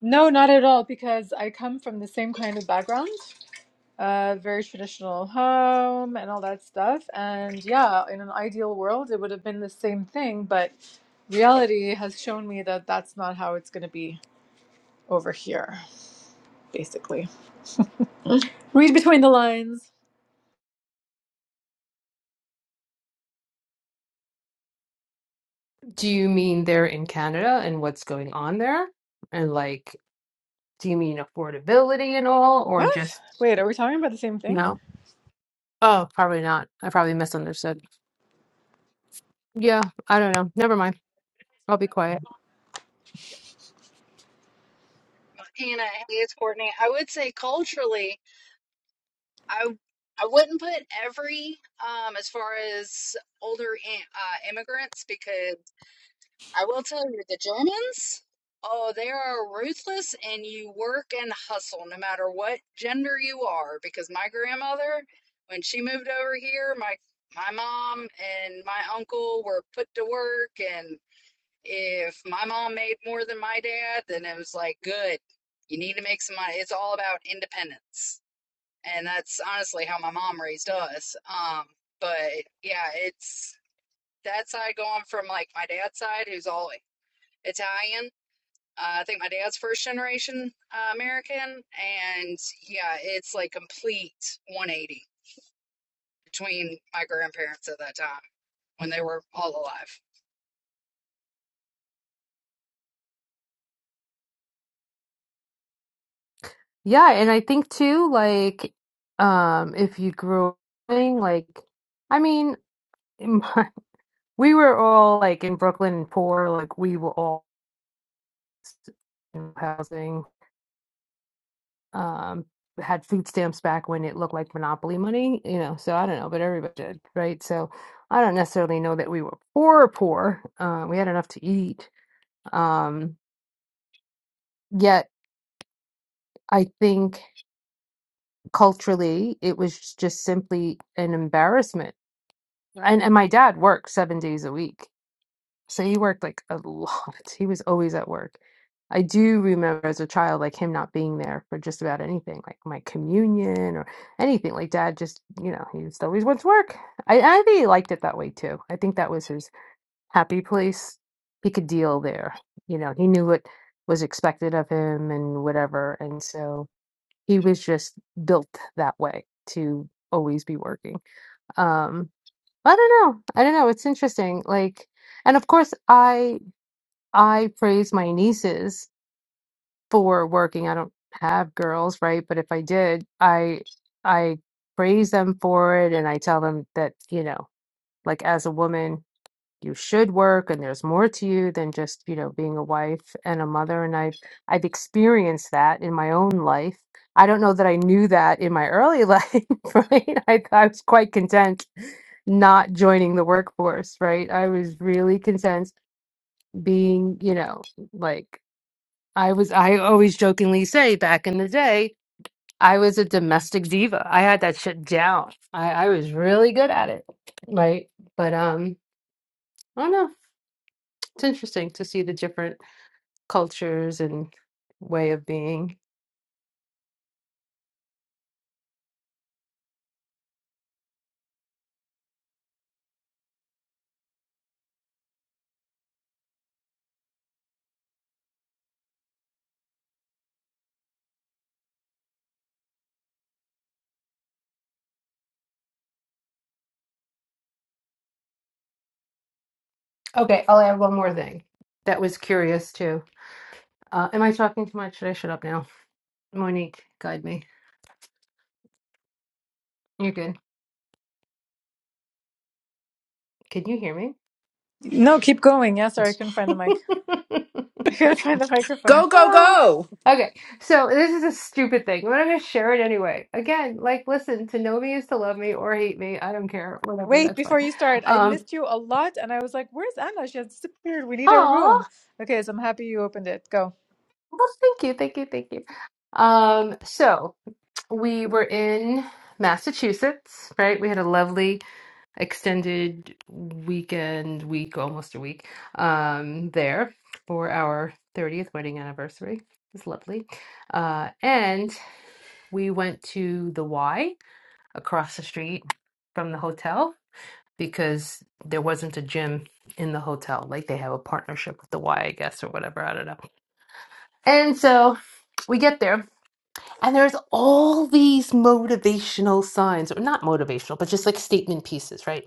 Speaker 7: No, not at all because I come from the same kind of background. Uh, very traditional home and all that stuff. And yeah, in an ideal world, it would have been the same thing, but reality has shown me that that's not how it's going to be over here, basically. Read between the lines.
Speaker 2: Do you mean they're in Canada and what's going on there? And like, do you mean affordability and all, or
Speaker 7: What?
Speaker 2: just
Speaker 7: Wait, are we talking about the same thing?
Speaker 2: no? Oh, probably not. I probably misunderstood. Yeah, I don't know. Never mind. I'll be quiet.
Speaker 16: But Hannah, hey, it's Courtney. I would say culturally, I I wouldn't put every um as far as older uh, immigrants because I will tell you, the Germans, oh, they are ruthless and you work and hustle no matter what gender you are. Because my grandmother, when she moved over here, my my mom and my uncle were put to work and if my mom made more than my dad, then it was like, good, you need to make some money. It's all about independence. And that's honestly how my mom raised us. Um, but yeah, it's that side going from like my dad's side, who's all Italian. Uh, I think my dad's first generation uh, American, and yeah, it's like complete 180 between my grandparents at that time when they were all alive.
Speaker 2: Yeah, and I think too, like, um, if you grew up, playing, like, I mean, in my- we were all like in Brooklyn and poor, like we were all in housing. um had food stamps back when it looked like monopoly money you know so i don't know but everybody did right so i don't necessarily know that we were poor poor uh, we had enough to eat um yet i think culturally it was just simply an embarrassment and and my dad worked seven days a week So he worked like a lot. He was always at work. I do remember as a child, like him not being there for just about anything, like my communion or anything. Like dad just, you know, he just always went to work. I, I think he liked it that way too. I think that was his happy place. He could deal there. You know, he knew what was expected of him and whatever. And so he was just built that way to always be working. Um, I don't know. I don't know. It's interesting. Like, and of course, I I praise my nieces for working. I don't have girls, right? But if I did, I I praise them for it and I tell them that, you know, like as a woman, you should work and there's more to you than just, you know, being a wife and a mother and I've I've experienced that in my own life. I don't know that I knew that in my early life, right? I, I was quite content not joining the workforce, right? I was really content being, you know, like I was I always jokingly say back in the day, I was a domestic diva. I had that shit down. I, I was really good at it. Right. But um I don't know. It's interesting to see the different cultures and way of being. Okay, I'll add one more thing that was curious too. Uh, am I talking too much? Should I shut up now? Monique, guide me. You're good. Can you hear me?
Speaker 7: No, keep going. Yeah, sorry, I couldn't find the mic. I couldn't find the microphone.
Speaker 2: Well, Okay, so this is a stupid thing, but I'm gonna share it anyway. Again, like, listen, to know me is to love me or hate me. I don't care, whatever,
Speaker 7: Wait,
Speaker 2: that's fine.
Speaker 7: before you start, I
Speaker 2: Um,
Speaker 7: missed you a lot and I was like, where's Anna? She has disappeared. We need a
Speaker 2: aw,
Speaker 7: room. Okay, so I'm happy you opened it. Go.
Speaker 2: well, thank you, thank you, thank you. Um, so we were in Massachusetts, right? We had a lovely extended weekend, week, almost a week, um, there for our 30th wedding anniversary. It was lovely. Uh, and we went to the Y across the street from the hotel because there wasn't a gym in the hotel. Like they have a partnership with the Y, I guess, or whatever. I don't know. And so we get there, and there's all these motivational signs, or not motivational, but just like statement pieces, right?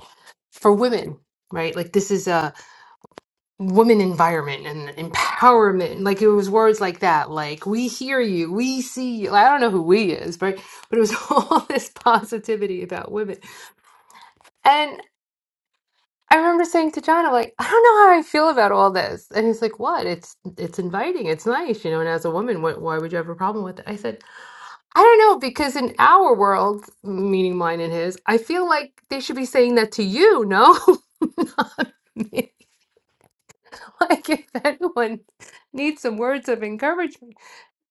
Speaker 2: For women, right? Like this is a woman environment and empowerment. Like it was words like that, like we hear you, we see you. I don't know who we is, right? But it was all this positivity about women. and. I remember saying to John, I'm like, I don't know how I feel about all this. And he's like, what? It's it's inviting. It's nice, you know. And as a woman, what, why would you have a problem with it? I said, I don't know, because in our world, meaning mine and his, I feel like they should be saying that to you, no? Not me. Like if anyone needs some words of encouragement,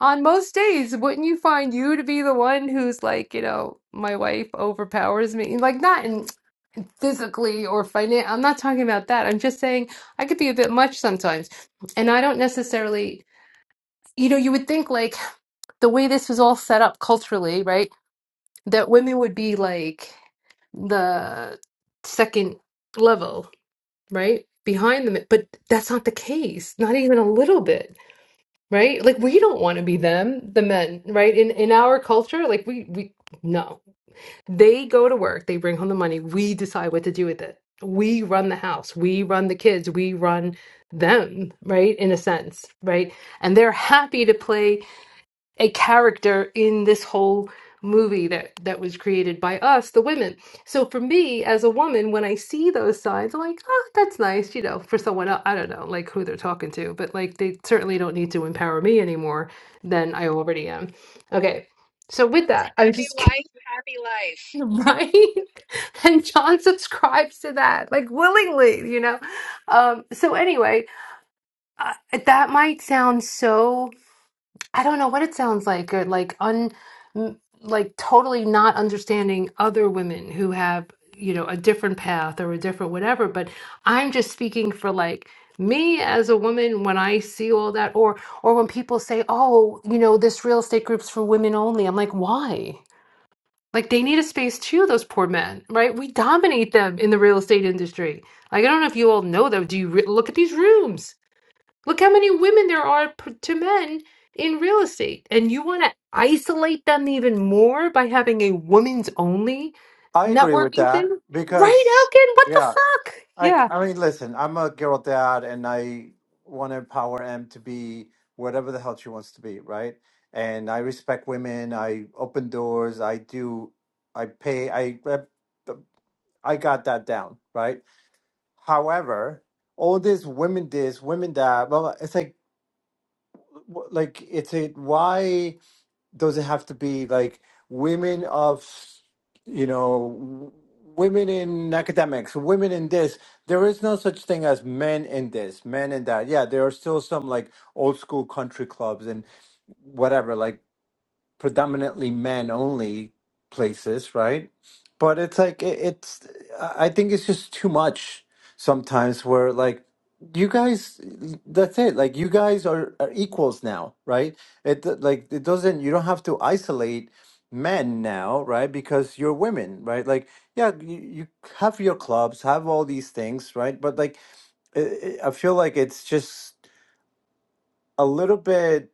Speaker 2: on most days, wouldn't you find you to be the one who's like, you know, my wife overpowers me? Like not in physically or financially. I'm not talking about that. I'm just saying I could be a bit much sometimes. And I don't necessarily, you know, you would think like the way this was all set up culturally, right? That women would be like the second level, right? Behind them. But that's not the case, not even a little bit, right? Like we don't want to be them, the men, right? In in our culture, like we we no. They go to work, they bring home the money, we decide what to do with it. We run the house, we run the kids, we run them, right? In a sense, right? And they're happy to play a character in this whole movie that that was created by us, the women. So for me as a woman, when I see those signs, I'm like, oh, that's nice, you know, for someone else. I don't know like who they're talking to, but like they certainly don't need to empower me anymore than I already am. Okay. So with that, I'm
Speaker 16: Happy
Speaker 2: just
Speaker 16: wife, happy life.
Speaker 2: Right? And John subscribes to that, like willingly, you know? Um, so anyway, uh, that might sound so, I don't know what it sounds like, or like un, m- like totally not understanding other women who have, you know, a different path or a different whatever, but I'm just speaking for like me as a woman when I see all that, or or when people say, "Oh, you know, this real estate group's for women only." I'm like, "Why?" Like they need a space too, those poor men, right? We dominate them in the real estate industry. Like I don't know if you all know that. Do you re- look at these rooms? Look how many women there are p- to men in real estate, and you want to isolate them even more by having a women's only
Speaker 10: I agree with
Speaker 2: networking
Speaker 10: that
Speaker 2: thing,
Speaker 10: because,
Speaker 2: right? Elkin, what the
Speaker 10: yeah,
Speaker 2: fuck?
Speaker 10: I,
Speaker 2: Yeah.
Speaker 10: I mean, listen, I'm a girl dad and I want to empower Em to be whatever the hell she wants to be, right? And I respect women. I open doors. I do, I pay, I, I got that down, right? However, all this women this, women that, well, it's like, like, it's a, why? does it have to be like women of you know women in academics women in this there is no such thing as men in this men in that yeah there are still some like old school country clubs and whatever like predominantly men only places, right? But it's like it, it's I think it's just too much sometimes where like you guys that's it like you guys are, are equals now right it like it doesn't you don't have to isolate men now right because you're women right like yeah you, you have your clubs have all these things right but like i i I feel like it's just a little bit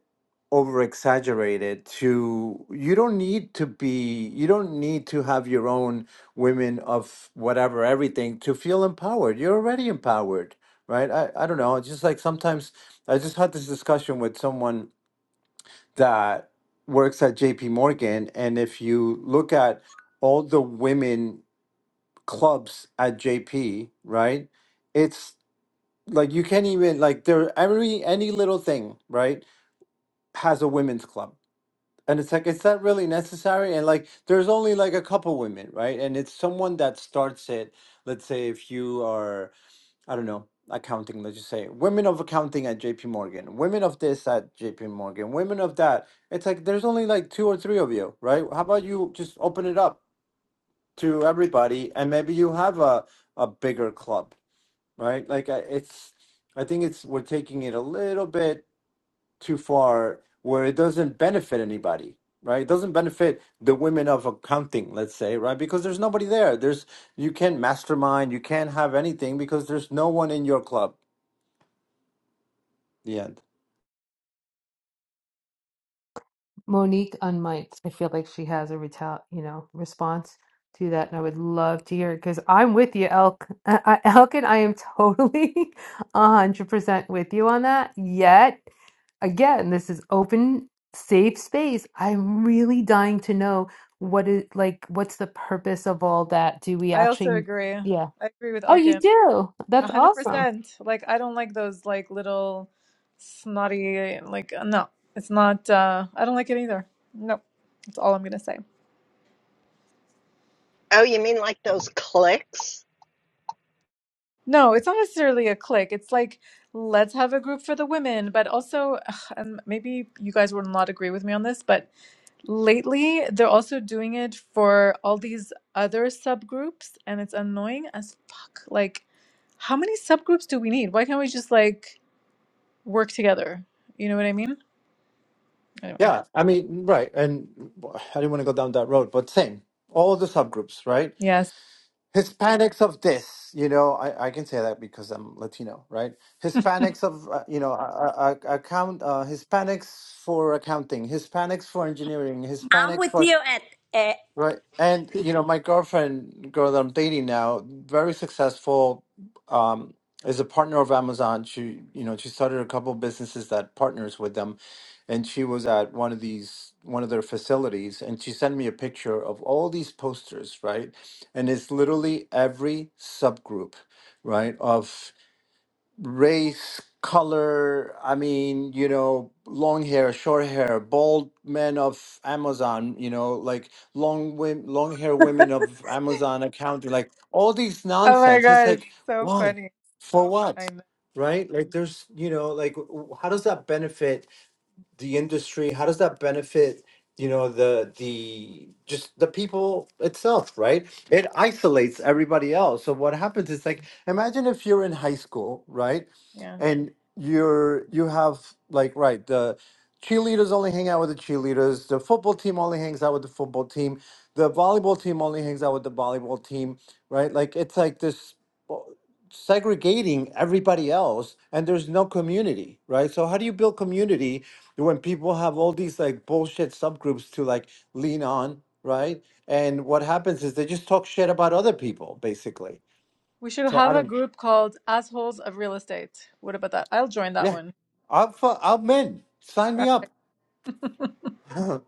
Speaker 10: over exaggerated to you don't need to be you don't need to have your own women of whatever everything to feel empowered you're already empowered right i, I don't know it's just like sometimes i just had this discussion with someone that works at jp morgan and if you look at all the women clubs at jp right it's like you can't even like there every any little thing right has a women's club and it's like, it's not really necessary. And like, there's only like a couple women, right? And it's someone that starts it. Let's say if you are, I don't know, accounting, let's just say women of accounting at JP Morgan, women of this at JP Morgan, women of that. It's like, there's only like two or three of you, right? How about you just open it up to everybody and maybe you have a, a bigger club, right? Like, I- it's, I think it's, we're taking it a little bit too far where it doesn't benefit anybody right it doesn't benefit the women of accounting let's say right because there's nobody there there's you can't mastermind you can't have anything because there's no one in your club the end
Speaker 2: Monique unmiked. I feel like she has a retal, you know, response to that, and I would love to hear it because I'm with you, Elk. I, I, Elkin, I am totally a hundred percent with you on that. Yet, again, this is open, safe space. I'm really dying to know what is like. What's the purpose of all that? Do we
Speaker 7: I also
Speaker 2: actually?
Speaker 7: agree. I
Speaker 2: Yeah.
Speaker 7: agree with
Speaker 2: Oh, you
Speaker 7: Elkin.
Speaker 2: do. That's awesome.
Speaker 7: 100%. Like, I don't like those, like, little snotty, like, no. It's not, uh, I don't like it either. No. That's all I'm going to say.
Speaker 3: Oh, you mean like those clicks?
Speaker 7: No, it's not necessarily a clique. It's like, let's have a group for the women. But also, ugh, and maybe you guys will not agree with me on this, but lately they're also doing it for all these other subgroups, and it's annoying as fuck. Like, how many subgroups do we need? Why can't we just like work together? You know what I mean? Anyway,
Speaker 10: yeah i mean right and i didn't want to go down that road but same all the subgroups right
Speaker 7: yes.
Speaker 10: hispanics of this you know i, I can say that because i'm latino right hispanics of uh, you know uh, uh, account uh, hispanics for accounting hispanics for engineering
Speaker 6: I'm
Speaker 10: hispanics
Speaker 6: with
Speaker 10: for
Speaker 6: you at, at
Speaker 10: Right. And you know, my girlfriend, girl that I'm dating now, very successful, um, is a partner of Amazon. She, you know, she started a couple of businesses that partners with them, and she was at one of these one of their facilities, and she sent me a picture of all these posters, right? And it's literally every subgroup, right, of race, color, I mean, you know, long hair, short hair, bald men of Amazon, you know, like long women, long hair women of Amazon accounting, like all these
Speaker 7: Oh my
Speaker 10: nonsense. It's
Speaker 7: God, it's
Speaker 10: like,
Speaker 7: so
Speaker 10: why?
Speaker 7: funny.
Speaker 10: For what?
Speaker 7: I know.
Speaker 10: Right? Like there's, you know, like w- w- how does that benefit? the industry? How does that benefit, you know, the the just the people itself, right? It isolates everybody else. So what happens is like imagine if you're in high school, right?
Speaker 7: Yeah.
Speaker 10: And you're you have like right, the cheerleaders only hang out with the cheerleaders, the football team only hangs out with the football team, the volleyball team only hangs out with the volleyball team, right? Like it's like this well, segregating everybody else and there's no community right so how do you build community when people have all these like bullshit subgroups to like lean on, right? And what happens is they just talk shit about other people, basically.
Speaker 7: We should
Speaker 10: So I
Speaker 7: have a
Speaker 10: don't,
Speaker 7: group called Assholes of Real Estate. What about that? I'll join that
Speaker 10: yeah,
Speaker 7: one.
Speaker 10: I'm for, I'm in. Sign
Speaker 7: All
Speaker 10: me up.
Speaker 7: right.
Speaker 10: or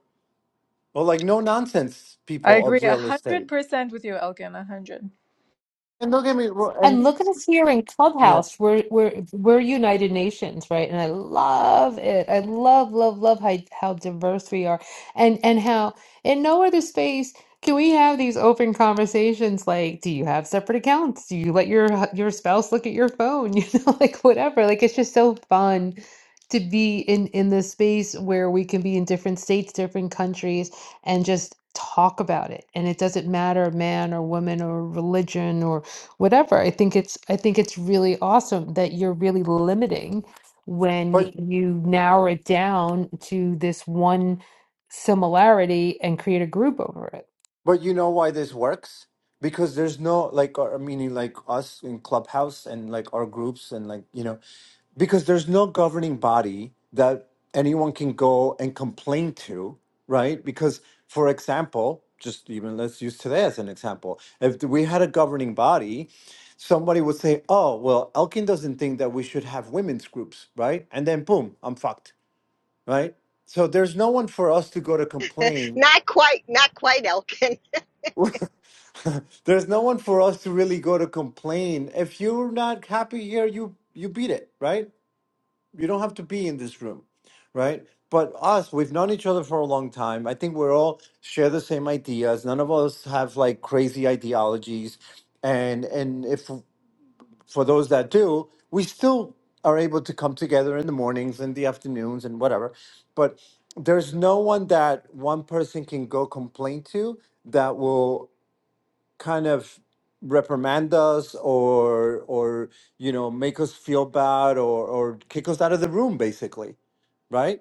Speaker 10: like no nonsense
Speaker 7: I
Speaker 10: people
Speaker 7: agree
Speaker 10: of
Speaker 7: a
Speaker 10: real
Speaker 7: hundred
Speaker 10: estate.
Speaker 7: percent with you, Elgin. A hundred.
Speaker 10: And don't get me wrong,
Speaker 2: And
Speaker 10: and
Speaker 2: look at us here in
Speaker 10: yeah,
Speaker 2: Clubhouse. We're we're we're United Nations, right? And I love it. I love, love, love how how diverse we are, and and how in no other space can we have these open conversations. Like, do you have separate accounts? Do you let your your spouse look at your phone? You know, like whatever. Like it's just so fun to be in in this space where we can be in different states, different countries, and just talk about it. And it doesn't matter man or woman or religion whatever. I think it's I think it's really awesome that you're really limiting when
Speaker 10: but
Speaker 2: you narrow it down to this one similarity and create a group over it.
Speaker 10: But you know why this works? Because there's no like, or, meaning like us in Clubhouse and like our groups and like you know, because there's no governing body that anyone can go and complain to, right? Because for example, just even let's use today as an example. If we had a governing body, somebody would say, "Oh, well, Elkin doesn't think that we should have women's groups, right?" And then boom, I'm fucked, right? So there's no one for us to go to complain
Speaker 3: Not quite, not quite, Elkin.
Speaker 10: There's no one for us to really go to complain. If you're not happy here, you you beat it, right? You don't have to be in this room, right? But us, we've known each other for a long time. I think we're all share the same ideas. None of us have like crazy ideologies, and and if for those that do, we still are able to come together in the mornings and the afternoons and whatever. But there's no one that one person can go complain to that will kind of reprimand us or or you know make us feel bad or or kick us out of the room basically right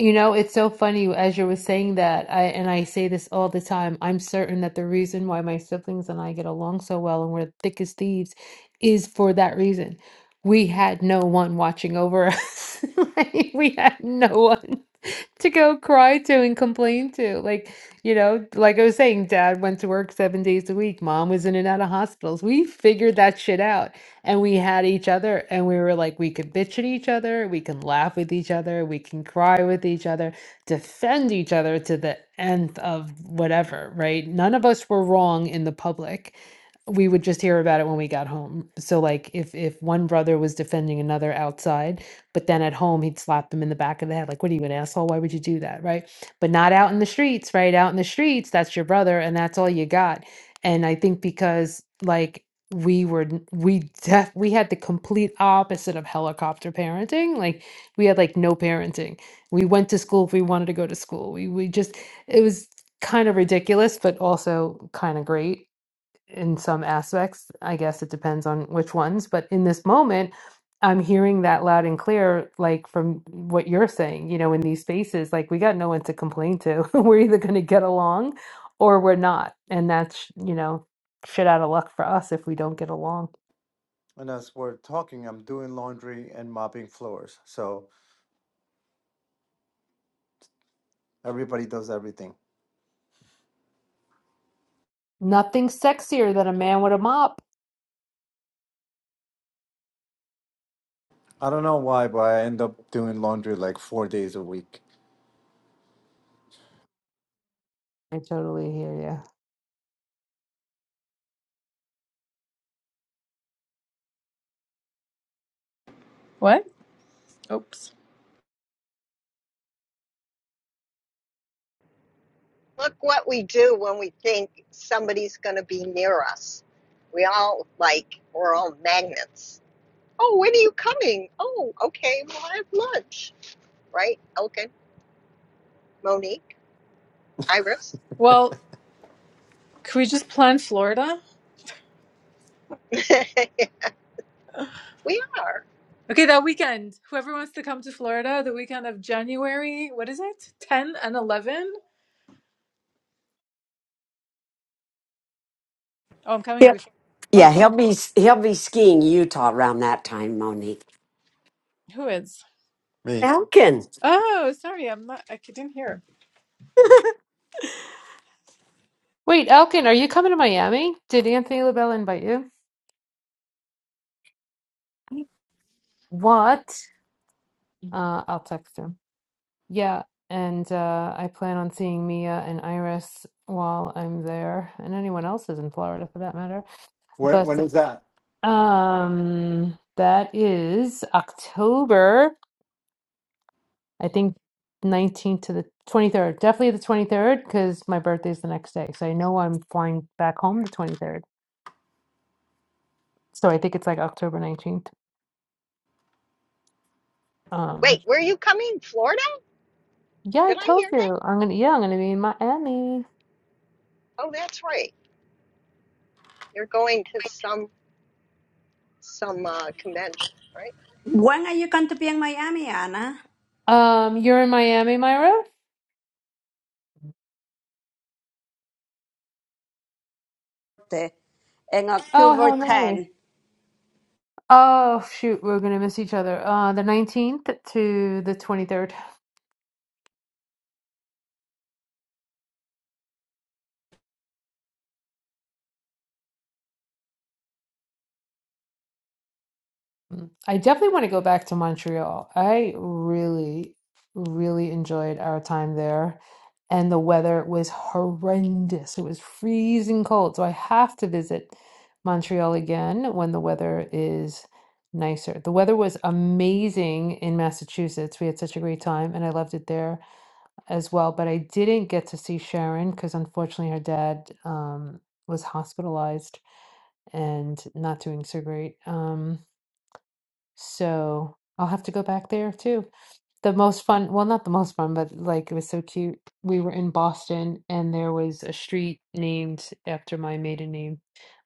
Speaker 2: You know, it's so funny as you were saying that, I and I say this all the time, I'm certain that the reason why my siblings and I get along so well and we're thick as thieves is for that reason. We had no one watching over us. Like, we had no one. to go cry to and complain to. Like, you know, like I was saying, dad went to work seven days a week, mom was in and out of hospitals. We figured that shit out and we had each other and we were like, we could bitch at each other, we can laugh with each other, we can cry with each other, defend each other to the nth of whatever, right? None of us were wrong in the public we would just hear about it when we got home. So like if if one brother was defending another outside, but then at home, he'd slap him in the back of the head, like, what are you, an asshole? Why would you do that? Right. But not out in the streets, right? Out in the streets, that's your brother and that's all you got. And I think because, like, we were n- we def we had the complete opposite of helicopter parenting like we had like no parenting we went to school if we wanted to go to school we we just it was kind of ridiculous but also kind of great in some aspects. I guess it depends on which ones, but in this moment, I'm hearing that loud and clear, like from what you're saying, you know, in these spaces, like we got no one to complain to. we're either going to get along or we're not. And that's, you know, shit out of luck for us if we don't get along.
Speaker 10: and as we're talking i'm doing laundry and mopping floors so everybody does everything
Speaker 2: Nothing sexier than a man with a mop.
Speaker 10: i don't know why but i end up doing laundry like four days a week
Speaker 2: I totally hear you.
Speaker 7: What? Oops.
Speaker 3: Look what we do when we think somebody's going to be near us. We all like, we're all magnets. Oh, when are you coming? Oh, okay, well, I have lunch. Right, Elkin, Monique, Iris?
Speaker 7: Well, can we just plan Florida?
Speaker 3: we are.
Speaker 7: Okay, that weekend. Whoever wants to come to Florida, the weekend of January, what is it? Ten and eleven? Oh, I'm coming
Speaker 17: Yep.
Speaker 7: before. Oh,
Speaker 17: Yeah,
Speaker 7: who?
Speaker 17: he'll be he'll be skiing Utah around that time, Monique.
Speaker 7: Who is?
Speaker 10: me
Speaker 17: Elkin.
Speaker 7: Oh, sorry, I'm not. I didn't hear.
Speaker 2: Wait, Elkin, are you coming to Miami? Did Anthony LaBelle invite you? What? Uh, I'll text him. Yeah, and uh, I plan on seeing Mia and Iris while I'm there, and anyone else is in Florida for that matter.
Speaker 10: when,
Speaker 2: But
Speaker 10: when is that
Speaker 2: um, that is October, I think 19th to the 23rd. Definitely the 23rd because my birthday's the next day. So I know I'm flying back home the 23rd. So I think it's like October 19th. Um,
Speaker 3: Wait, where are you coming? Florida?
Speaker 2: yeah, I
Speaker 3: Did I
Speaker 2: told
Speaker 3: hear that?
Speaker 2: you. I'm gonna, yeah, I'm gonna be in Miami.
Speaker 3: Oh, that's right. You're going to some some uh, convention, right?
Speaker 6: when are you going to be in Miami, Anna?
Speaker 2: Um, you're in Miami, Myra?
Speaker 6: The- In
Speaker 2: Oh,
Speaker 6: October
Speaker 2: how nice.
Speaker 6: 10.
Speaker 2: Oh shoot, we're gonna miss each other. Uh, the 19th to the 23rd. Mm. I definitely want to go back to Montreal. I really, really enjoyed our time there, and the weather was horrendous. It was freezing cold, so I have to visit Montreal again when the weather is nicer. The weather was amazing in Massachusetts. We had such a great time, and I loved it there. as well, but I didn't get to see Sharon because unfortunately her dad um, was hospitalized and not doing so great. Um, so I'll have to go back there too. The most fun, well, not the most fun, but like it was so cute. We were in Boston and there was a street named after my maiden name,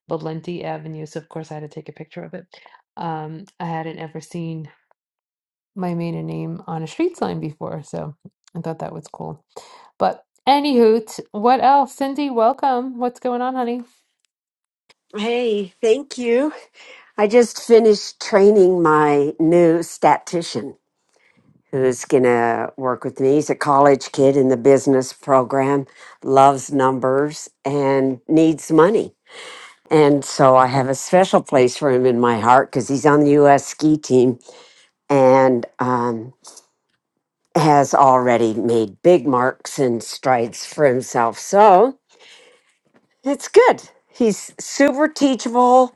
Speaker 2: Valenti Avenue. So of course I had to take a picture of it. Um, I hadn't ever seen my maiden name on a street sign before, so I thought that was cool. But anywho, t- what else? Cindy, welcome. What's going on, honey?
Speaker 17: Hey, thank you. I just finished training my new statistician who's going to work with me. He's a college kid in the business program, loves numbers and needs money. And so I have a special place for him in my heart because he's on the U.S. ski team and um, has already made big marks and strides for himself. So It's good. He's super teachable.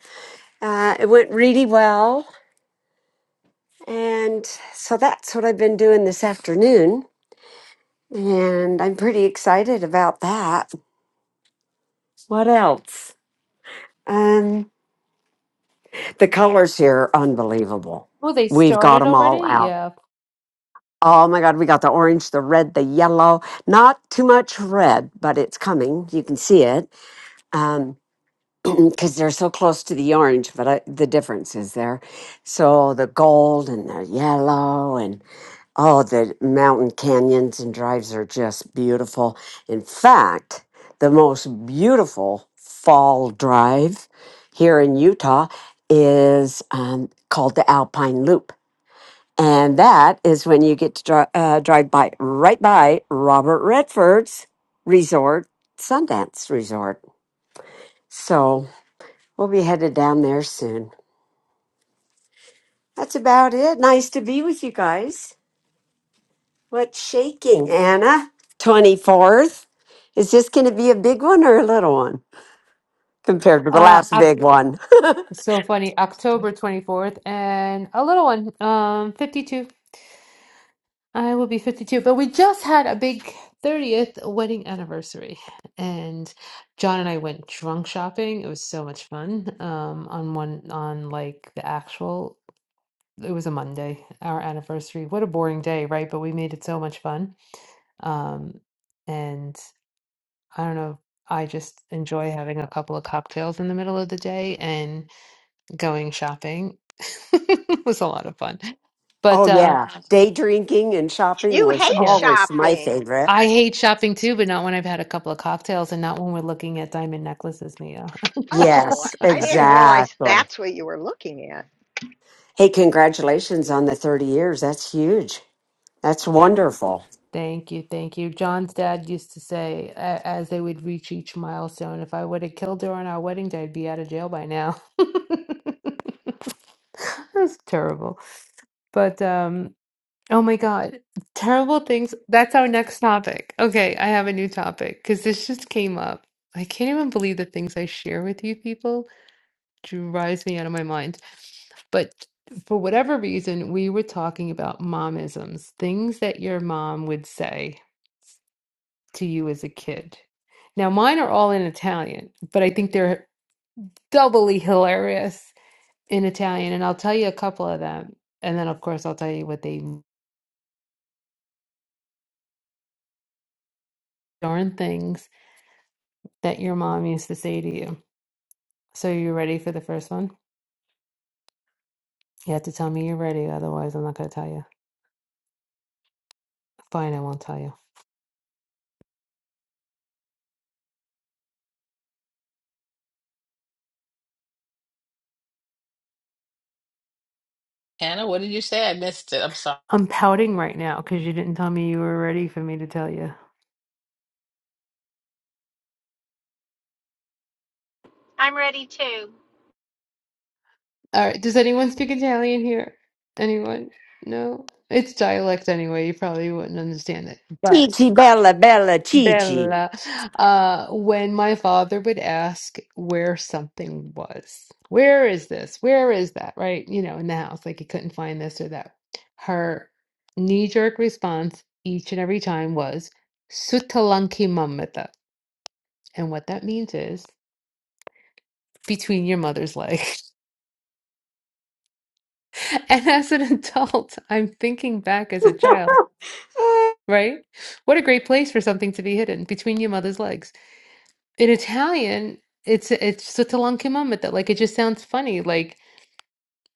Speaker 17: Uh, it went really well. And so that's what I've been doing this afternoon. And I'm pretty excited about that. What else? Um, the colors here are unbelievable.
Speaker 2: Oh, they
Speaker 17: We've got
Speaker 2: started
Speaker 17: them all
Speaker 2: already?
Speaker 17: out.
Speaker 2: Yeah.
Speaker 17: Oh my God, we got the orange, the red, the yellow. Not too much red, but it's coming. You can see it. Um, because they're so close to the orange, but I, the difference is there. So the gold and the yellow and all the mountain canyons and drives are just beautiful. In fact, the most beautiful fall drive here in Utah is um, called the Alpine Loop. And that is when you get to dri uh, drive by right by Robert Redford's resort, Sundance Resort. So We'll be headed down there soon. That's about it. Nice to be with you guys. What's shaking, Anna? 24th. Is this going to be a big one or a little one compared to the
Speaker 2: Uh,
Speaker 17: last
Speaker 2: Oc-
Speaker 17: big one?
Speaker 2: so funny. October 24th, and a little one, um, 52. I will be 52, but we just had a big 30th wedding anniversary, and John and I went drunk shopping. It was so much fun. Um, on one on like the actual it was a Monday, our anniversary. What a boring day, right? But we made it so much fun. Um, and I don't know, I just enjoy having a couple of cocktails in the middle of the day and going shopping was a lot of fun. But
Speaker 17: Oh,
Speaker 2: uh,
Speaker 17: yeah. Day drinking and shopping
Speaker 3: You
Speaker 17: was
Speaker 3: hate
Speaker 2: yeah,
Speaker 17: always my
Speaker 3: shopping.
Speaker 17: favorite.
Speaker 2: I hate shopping too, but not when I've had a couple of cocktails and not when we're looking at diamond necklaces, Mia.
Speaker 3: Oh,
Speaker 17: Yes,
Speaker 3: I didn't realize
Speaker 17: exactly.
Speaker 3: that's what you were looking at.
Speaker 17: Hey, congratulations on the 30 years. That's huge. That's wonderful.
Speaker 2: Thank you, thank you. John's dad used to say, a- as they would reach each milestone, if I would have killed her on our wedding day, I'd be out of jail by now. That's terrible. But um, oh my God, terrible things. That's our next topic. Okay, I have a new topic because this just came up. I can't even believe the things I share with you people drives me out of my mind. But for whatever reason, we were talking about momisms, things that your mom would say to you as a kid. Now, mine are all in Italian, but I think they're doubly hilarious in Italian. And I'll tell you a couple of them. And then, of course, I'll tell you what they darn things that your mom used to say to you. So, you ready for the first one? You have to tell me you're ready, otherwise, I'm not going to tell you. Fine, I won't tell you.
Speaker 5: Hannah, what did you say? I missed it. I'm sorry.
Speaker 2: I'm pouting right now because you didn't tell me you were ready for me to tell you.
Speaker 15: I'm ready too.
Speaker 2: All right. Does anyone speak Italian here? Anyone? No? It's dialect anyway. You probably wouldn't understand it. but.
Speaker 17: Cici, bella, bella, Cici.
Speaker 2: Bella, uh, when my father would ask where something was, where is this? Where is that? Right? You know, in the house, like he couldn't find this or that. Her knee-jerk response each and every time was "Sutalanki mamata," and what that means is between your mother's legs. And as an adult, I'm thinking back as a child, right? What a great place for something to be hidden between your mother's legs. in Italian, it's it's sotto l'anca that Like it just sounds funny. Like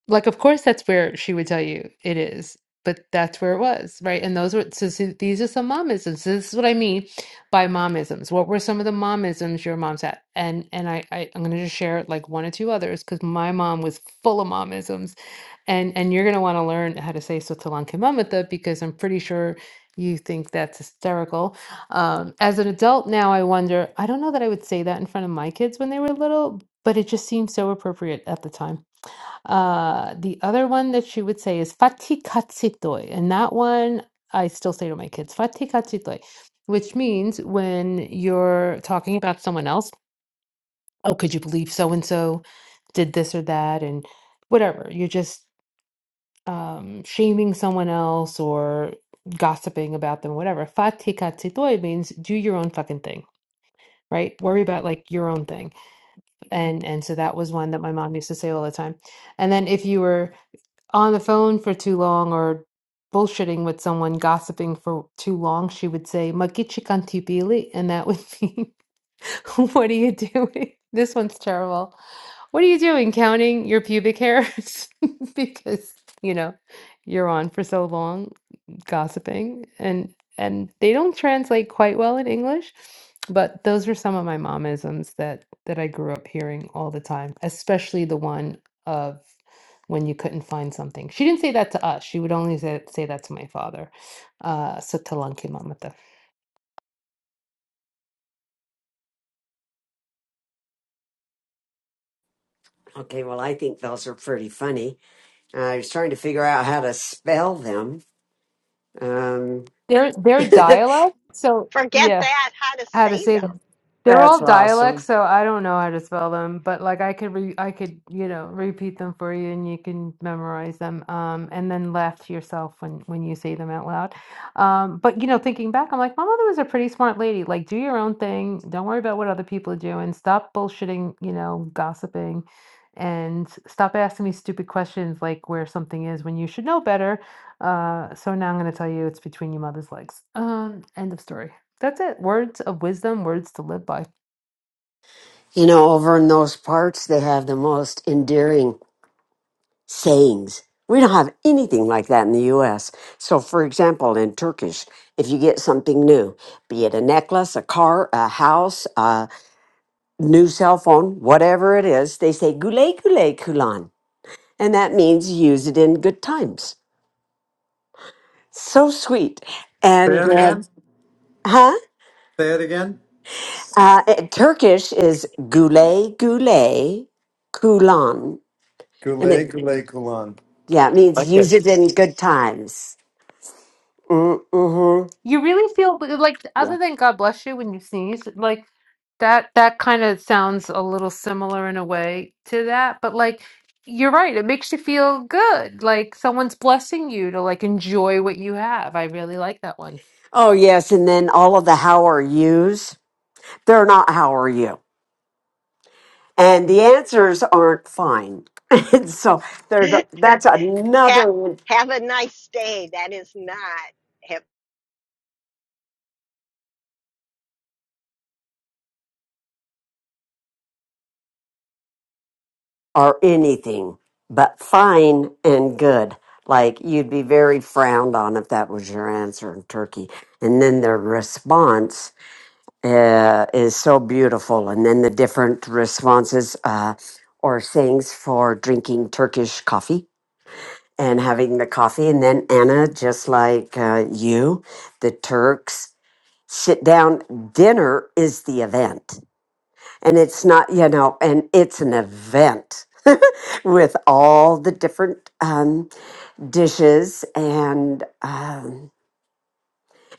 Speaker 2: like of course that's where she would tell you it is, but that's where it was, right? And those were so, so these are some momisms. This is what I mean by momisms. What were some of the momisms your mom's had? And and I, I I'm gonna just share like one or two others because my mom was full of momisms and and you're going to want to learn how to say Sotalan Mamata because I'm pretty sure you think that's hysterical. Um, as an adult now, I wonder, I don't know that I would say that in front of my kids when they were little, but it just seemed so appropriate at the time. Uh, the other one that she would say is Fati Katsitoi. And that one I still say to my kids, Fati Katsitoi, which means when you're talking about someone else, oh, could you believe so and so did this or that? And whatever. You're just um, shaming someone else or gossiping about them, whatever. Fatikatsitoi means do your own fucking thing, right? Worry about like your own thing. And and so that was one that my mom used to say all the time. And then if you were on the phone for too long or bullshitting with someone, gossiping for too long, she would say "Magichikantipili," and that would mean, "What are you doing?" This one's terrible. What are you doing? Counting your pubic hairs because you know you're on for so long gossiping and and they don't translate quite well in English, but those are some of my momisms that that I grew up hearing all the time, especially the one of when you couldn't find something. She didn't say that to us. She would only say, say that to my father. Uh so Talanki Mamata.
Speaker 17: Okay, well, I think those are pretty funny. I was trying to figure out how to spell them. Um,
Speaker 2: Their their dialect. So
Speaker 3: Forget
Speaker 2: yeah.
Speaker 3: that, how to
Speaker 2: how to
Speaker 3: say
Speaker 2: say them. They're
Speaker 17: that's
Speaker 2: all dialects,
Speaker 17: awesome.
Speaker 2: so I don't know how to spell them, but like I could re I could, you know, repeat them for you and you can memorize them um and then laugh to yourself when when you say them out loud. Um but you know, thinking back, I'm like my mother was a pretty smart lady. Like do your own thing. Don't worry about what other people are doing. Stop bullshitting, you know, gossiping and stop asking me stupid questions like where something is when you should know better. Uh so now I'm going to tell you it's between your mother's legs. Um end of story. That's it. Words of wisdom, words to live by.
Speaker 17: You know, over in those parts, they have the most endearing sayings. We don't have anything like that in the U.S. So, for example, in Turkish, if you get something new, be it a necklace, a car, a house, a new cell phone, whatever it is, they say "güle güle kulan," and that means use it in good times. So sweet.
Speaker 10: say
Speaker 17: And
Speaker 10: it
Speaker 17: uh,
Speaker 10: again
Speaker 17: huh?
Speaker 10: say it again
Speaker 17: Uh, eh, Turkish is gule gule kulan, and
Speaker 10: Goulet,
Speaker 17: it
Speaker 10: Goulet, Goulon.
Speaker 17: yeah it means use it in good times. Mm-hmm.
Speaker 2: You really feel like
Speaker 17: Yeah.
Speaker 2: other than God bless you when you sneeze, like that that kind of sounds a little similar in a way to that, but like you're right, it makes you feel good. Like someone's blessing you to like enjoy what you have. I really like that one.
Speaker 17: Oh yes, and then all of the how are yous. They're not how are you, and the answers aren't fine. and so
Speaker 3: them.
Speaker 17: there, that's
Speaker 3: have,
Speaker 17: another one.
Speaker 3: have a nice day. That is not. Have,
Speaker 17: Or anything but fine and good. Like you'd be very frowned on if that was your answer in Turkey. And then their response uh, is so beautiful. And then the different responses uh, or things for drinking Turkish coffee and having the coffee. And then Anna, just like uh, you, the Turks sit down. Dinner is the event. And it's not, you know, and it's an event. with all the different um, dishes and um,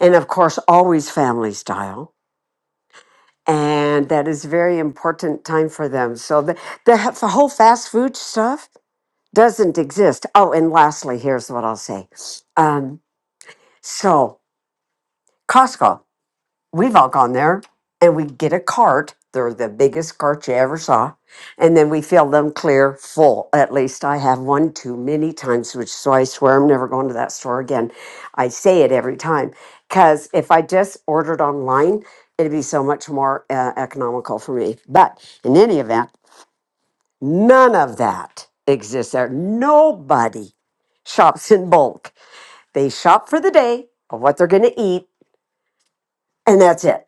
Speaker 17: and of course always family style and that is very important time for them. So the, the, h- the whole fast food stuff doesn't exist. Oh, and lastly, here's what I'll say. Um, so Costco we've all gone there and we get a cart. They're the biggest cart you ever saw. And then we fill them clear full. At least I have one too many times, which so I swear I'm never going to that store again. I say it every time because if I just ordered online, it'd be so much more uh, economical for me. But in any event, none of that exists there. Nobody shops in bulk. They shop for the day of what they're going to eat and that's it.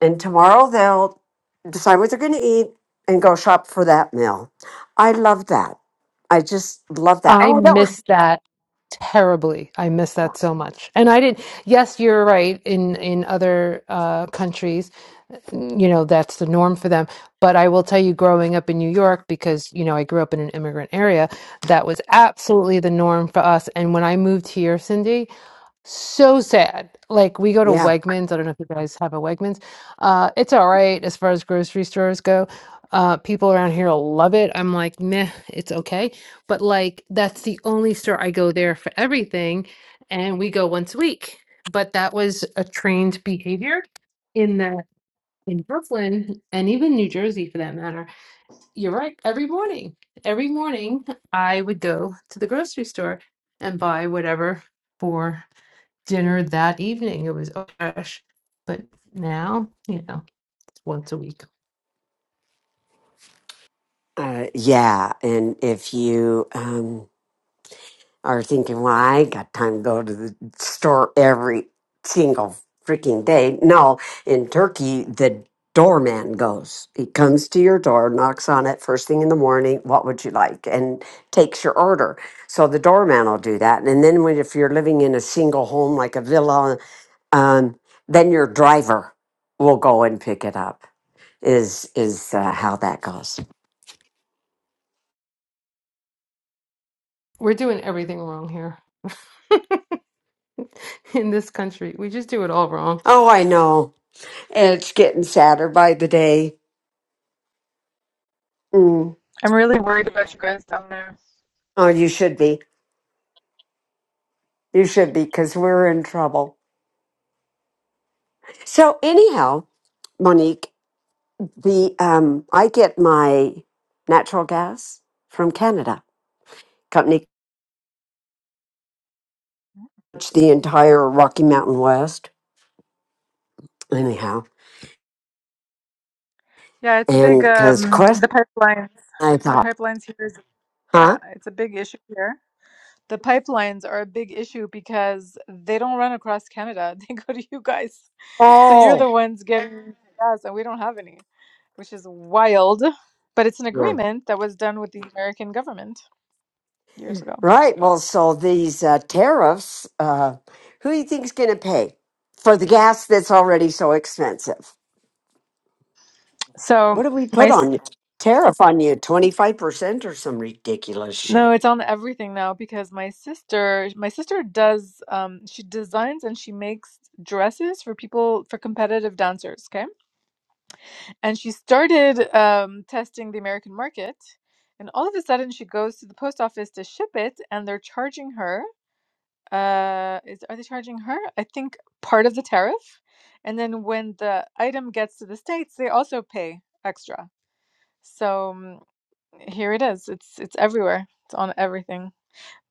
Speaker 17: And tomorrow they'll decide what they're going to eat and go shop for that meal. I love that. I just love that.
Speaker 2: I
Speaker 17: Oh, that one.
Speaker 2: miss that terribly. I miss that so much. And I didn't, yes, you're right. In in other uh, countries, you know, that's the norm for them. But I will tell you, growing up in New York, because you know I grew up in an immigrant area, that was absolutely the norm for us. And when I moved here, Cindy. So sad. Like we go to
Speaker 17: Yeah.
Speaker 2: Wegmans. I don't know if you guys have a Wegmans. Uh, it's all right as far as grocery stores go. Uh, people around here love it. I'm like, meh, it's okay. But like, that's the only store I go there for everything, and we go once a week. But that was a trained behavior in the in Brooklyn and even New Jersey for that matter. You're right. Every morning, every morning I would go to the grocery store and buy whatever for dinner that evening. It was, oh gosh. But now, you know, it's once a week.
Speaker 17: Uh, yeah. And if you, um, are thinking, well, I ain't got time to go to the store every single freaking day. No, in Turkey, the doorman goes. He comes to your door, knocks on it first thing in the morning, what would you like? And takes your order. So the doorman will do that. And then when, if you're living in a single home like a villa, um, then your driver will go and pick it up. Is is uh, how that goes.
Speaker 2: We're doing everything wrong here in this country. We just do it all wrong.
Speaker 17: Oh, I know. It's getting sadder by the day. Mm.
Speaker 7: I'm really worried about you guys down there.
Speaker 17: Oh, you should be. You should be because we're in trouble. So anyhow, Monique, the um, I get my natural gas from Canada. Company covers the entire Rocky Mountain West. Anyhow,
Speaker 7: Yeah, it's a
Speaker 17: and
Speaker 7: big um.
Speaker 17: because Quest,
Speaker 7: The pipelines.
Speaker 17: I
Speaker 7: The
Speaker 17: thought,
Speaker 7: pipelines here is yeah.
Speaker 17: huh?
Speaker 7: It's a big issue here. The pipelines are a big issue because they don't run across Canada. They go to you guys. So you're
Speaker 17: Oh,
Speaker 7: the ones getting gas, and we don't have any, which is wild. But it's an
Speaker 17: yeah.
Speaker 7: agreement that was done with the American government years ago.
Speaker 17: right. Well, so these uh, tariffs, uh, who do you think's going to pay for the gas that's already so expensive?
Speaker 7: So
Speaker 17: What do we
Speaker 7: my
Speaker 17: put
Speaker 7: s-
Speaker 17: on you? Tariff on you, twenty five percent or some ridiculous
Speaker 7: no,
Speaker 17: shit.
Speaker 7: it's on everything now because my sister, my sister does, um, she designs and she makes dresses for people for competitive dancers. Okay and she started um, testing the American market. And all of a sudden, she goes to the post office to ship it, and they're charging her. Uh, is are they charging her? I think part of the tariff, and then when the item gets to the states, they also pay extra. So um, here it is. It's it's everywhere. It's on everything.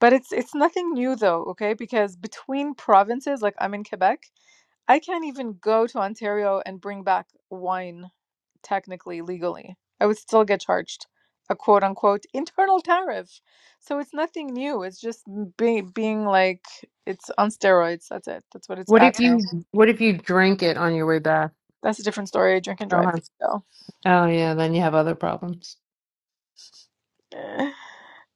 Speaker 7: But it's it's nothing new though, okay? Because between provinces, like I'm in Quebec, I can't even go to Ontario and bring back wine technically legally. I would still get charged a quote unquote internal tariff. So it's nothing new. It's just m- be- being like it's on steroids. That's it. That's what it's
Speaker 2: What if
Speaker 7: at now.
Speaker 2: you what if you drink it on your way back?
Speaker 7: That's a different story. Drink and
Speaker 2: Oh,
Speaker 7: drive.
Speaker 2: huh.
Speaker 7: So,
Speaker 2: oh yeah, then you have other problems.
Speaker 7: eh.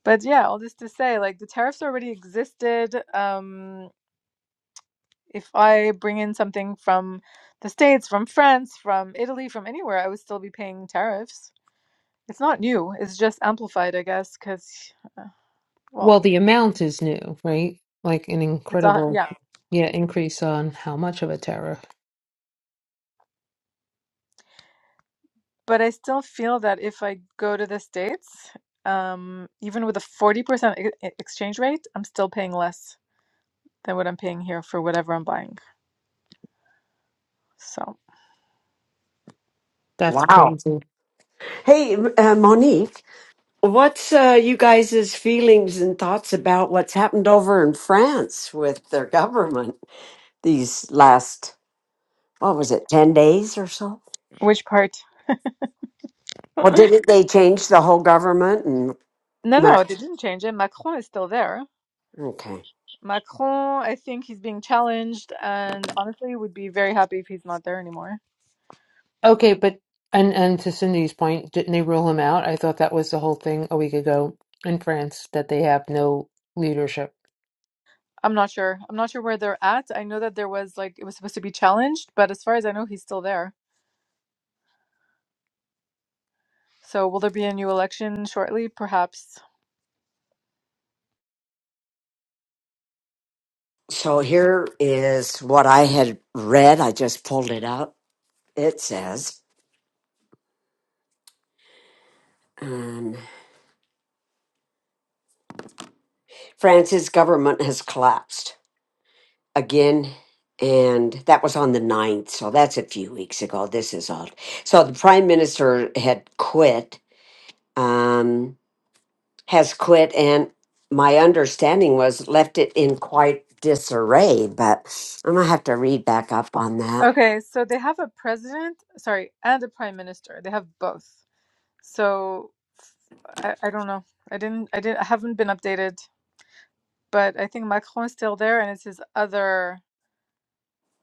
Speaker 7: but yeah, all this to say, like the tariffs already existed. Um, if I bring in something from the States, from France, from Italy, from anywhere, I would still be paying tariffs. It's not new. It's just amplified, I guess, because well,
Speaker 2: Well, the amount is new, right? Like an
Speaker 7: it's a
Speaker 2: incredible
Speaker 7: yeah.
Speaker 2: yeah, increase on how much of a terror.
Speaker 7: But I still feel that if I go to the States, um, even with a 40% e- e- exchange rate, I'm still paying less than what I'm paying here for whatever I'm buying. So,
Speaker 2: That's
Speaker 17: Wow.
Speaker 2: crazy.
Speaker 17: Hey, uh, Monique, what's uh, you guys' feelings and thoughts about what's happened over in France with their government these last, what was it, 10 days or so?
Speaker 7: which part?
Speaker 17: Well, didn't they change the whole government? And
Speaker 7: No, no,
Speaker 17: not-
Speaker 7: they didn't change it. Macron is still there.
Speaker 17: Okay.
Speaker 7: Macron, I think he's being challenged, and honestly, would be very happy if he's not there anymore.
Speaker 2: Okay, but and and to Cindy's point, didn't they rule him out? I thought that was the whole thing a week ago in France that they have no leadership.
Speaker 7: I'm not sure. I'm not sure where they're at. I know that there was like it was supposed to be challenged, but as far as I know, he's still there. So, will there be a new election shortly? Perhaps.
Speaker 17: So here is what I had read. I just pulled it up. It says um, France's government has collapsed. again and that was on the ninth. so that's a few weeks ago this is all so the prime minister had quit um has quit and my understanding was left it in quite disarray but i'm gonna have to read back up on that
Speaker 7: Okay, so they have a president, sorry, and a prime minister. They have both. So I, I don't know. I didn't I didn't I haven't been updated, but I think Macron is still there and it's his other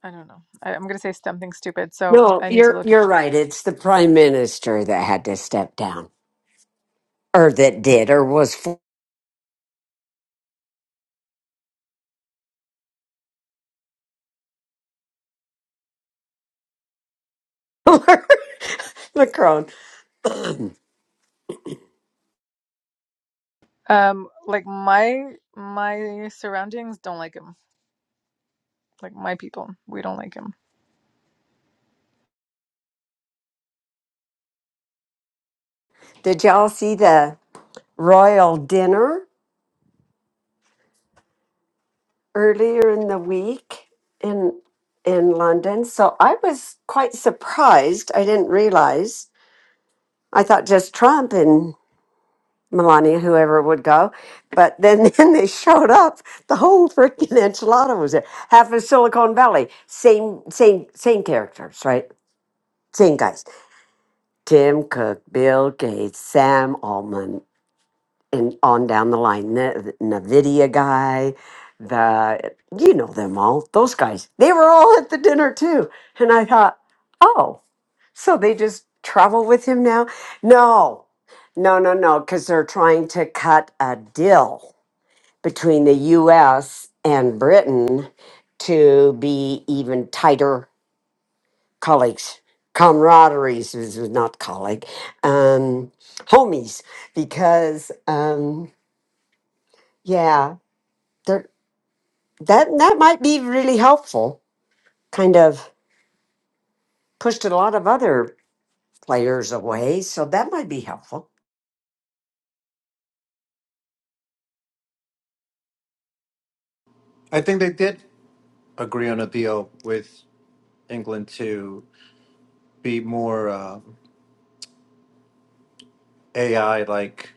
Speaker 7: I don't know. I, I'm gonna say something stupid, so
Speaker 17: no
Speaker 7: I need to
Speaker 17: you're
Speaker 7: look.
Speaker 17: you're right it's the prime minister that had to step down or that did or was for macron
Speaker 7: Um, like my my surroundings don't like him. Like my people, we don't like him.
Speaker 17: did y'all see the royal dinner earlier in the week in in London. So I was quite surprised. I didn't realize. I thought just Trump and Melania, whoever would go. But then, then they showed up. The whole freaking enchilada was there. Half of Silicon Valley. Same, same, same characters, right? Same guys. Tim Cook, Bill Gates, Sam Altman, and on down the line. The, Nvidia guy, the you know them all. Those guys, they were all at the dinner too. And I thought, oh, so they just travel with him now? No, no, no, no, because they're trying to cut a deal between the U.S. and Britain to be even tighter colleagues. Camaraderies is not colleague, um, homies, because um, yeah. there that that might be really helpful kind of pushed a lot of other players away so that might be helpful
Speaker 10: I think they did agree on a deal with England to be more uh, AI like.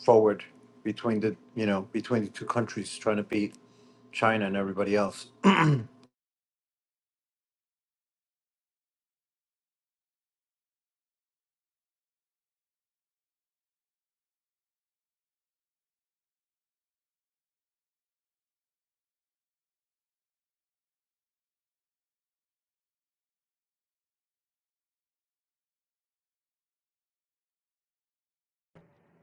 Speaker 10: forward between the you know between the two countries trying to beat China and everybody else.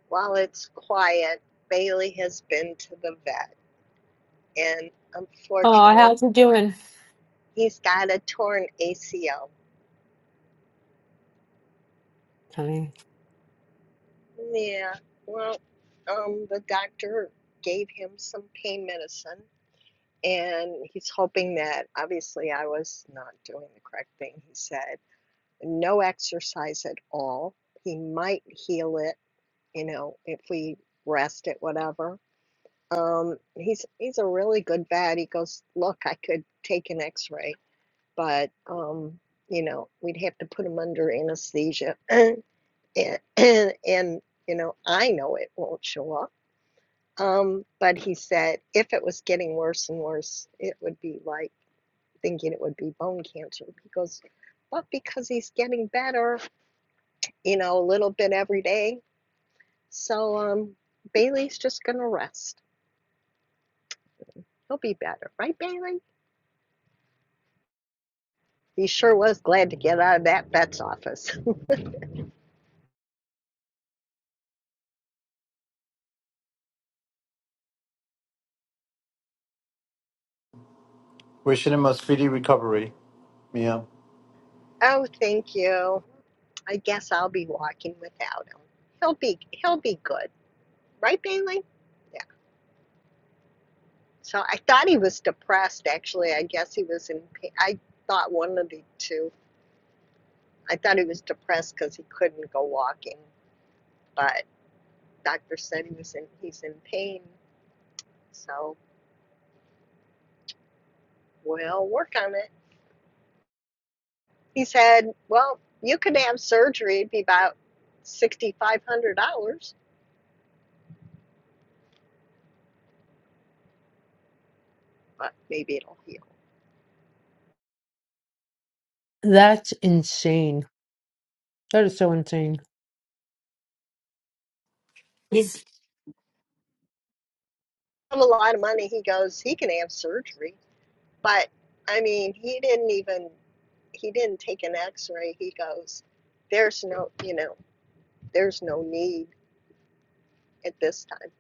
Speaker 3: while it's quiet, Bailey has been to the vet, and
Speaker 2: Oh,
Speaker 3: unfortunately,
Speaker 2: how's he doing?
Speaker 3: he's got a torn ACL.
Speaker 2: Honey,
Speaker 3: Yeah, well, um, the doctor gave him some pain medicine, and he's hoping that obviously I was not doing the correct thing, he said no exercise at all. He might heal it, you know, if we rest it, whatever. Um, he's he's a really good vet. He goes, look, I could take an X-ray, but um, you know, we'd have to put him under anesthesia, and, and and you know, I know it won't show up. Um, but he said if it was getting worse and worse, it would be like thinking it would be bone cancer. He goes, but because he's getting better, you know, a little bit every day. So um, Bailey's just gonna rest. He'll be better, right, Bailey? He sure was glad to get out of that vet's office.
Speaker 10: Wishing him a speedy recovery. Yeah.
Speaker 3: oh, thank you. I guess I'll be walking without him. He'll be he'll be good, right, Bailey? Yeah. So I thought he was depressed. Actually, I guess he was in. pain. I thought one of the two. I thought he was depressed because he couldn't go walking, but doctor said he was in. He's in pain. So we'll work on it. He said, Well, you could have surgery, it'd be about $6,500, but maybe it'll heal.
Speaker 2: that's insane. That is so insane.
Speaker 17: he's
Speaker 3: I have a lot of money. He goes, He can have surgery. But I mean, he didn't even, he didn't take an x ray. He goes, There's no, you know, there's no need at this time.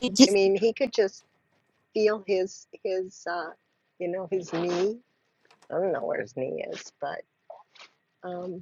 Speaker 17: he
Speaker 3: I
Speaker 17: just
Speaker 3: mean, he could just feel his, his, uh, you know, his knee. I don't know where his knee is, but, um, yeah.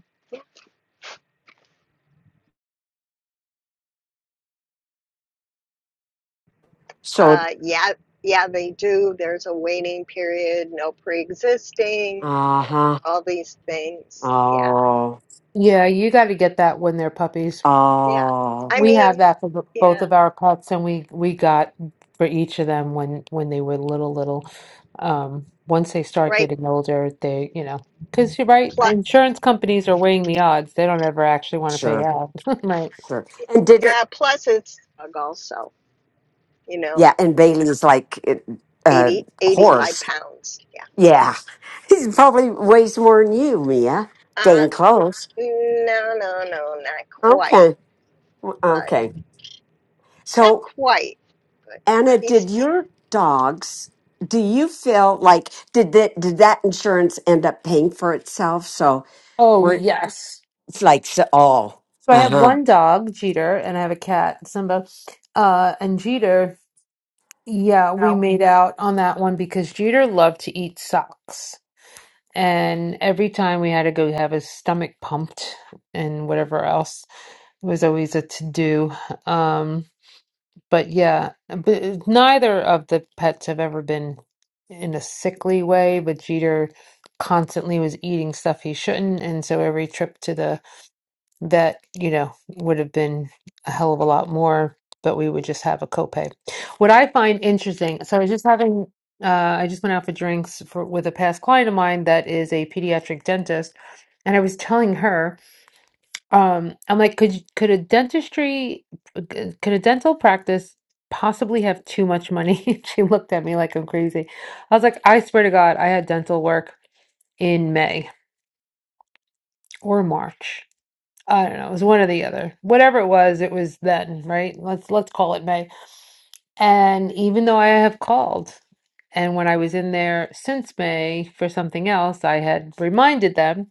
Speaker 17: so
Speaker 3: Uh, yeah, yeah, they do. There's a waiting period, no pre-existing,
Speaker 17: uh-huh
Speaker 3: all these things. Yeah,
Speaker 17: oh
Speaker 2: Yeah, you got to get that when they're puppies.
Speaker 3: yeah.
Speaker 17: oh
Speaker 3: I
Speaker 2: We have
Speaker 3: mean,
Speaker 2: that for b- both
Speaker 3: yeah,
Speaker 2: of our pets, and we we got for each of them when when they were little little. Um, once they start
Speaker 3: right.
Speaker 2: getting older, they you know, because you're right,
Speaker 3: Plus,
Speaker 2: insurance companies are weighing the odds. They don't ever actually want to pay
Speaker 17: sure
Speaker 2: out, right?
Speaker 17: sure and did it
Speaker 3: yeah, plus it's a dog also, you know,
Speaker 17: yeah and bailey's like it, uh
Speaker 3: 80, 85
Speaker 17: horse
Speaker 3: pounds. Yeah.
Speaker 17: yeah he's probably weighs more than you mia
Speaker 3: Uh,
Speaker 17: dang
Speaker 3: n-
Speaker 17: close
Speaker 3: no, no, no, not quite,
Speaker 17: okay w-
Speaker 3: but
Speaker 17: okay
Speaker 3: not
Speaker 17: so
Speaker 3: quite. But
Speaker 17: Anna, did
Speaker 3: he's,
Speaker 17: your dogs, do you feel like did that did that insurance end up paying for itself? So
Speaker 2: Oh,
Speaker 17: we're
Speaker 2: yes.
Speaker 17: it's like so, oh,
Speaker 2: So I have one
Speaker 17: uh-huh.
Speaker 2: dog, Jeter, and I have a cat, Simba. Uh, and Jeter, yeah, we made out on that one because Jeter loved to eat socks. And every time we had to go have his stomach pumped and whatever else, it was always a to do. Um, but yeah, but neither of the pets have ever been in a sickly way, but Jeter constantly was eating stuff he shouldn't. And so every trip to the that, you know, would have been a hell of a lot more, but we would just have a copay. What I find interesting, so I was just having, uh, I just went out for drinks for with a past client of mine that is a pediatric dentist, and I was telling her, um, I'm like, could you- could a dentistry, could a dental practice possibly have too much money? She looked at me like I'm crazy. I was like, I swear to God, I had dental work in May or March. I don't know, it was one or the other. Whatever it was, it was then, right? Let's let's call it May. And even though I have called, and when I was in there since May for something else, I had reminded them,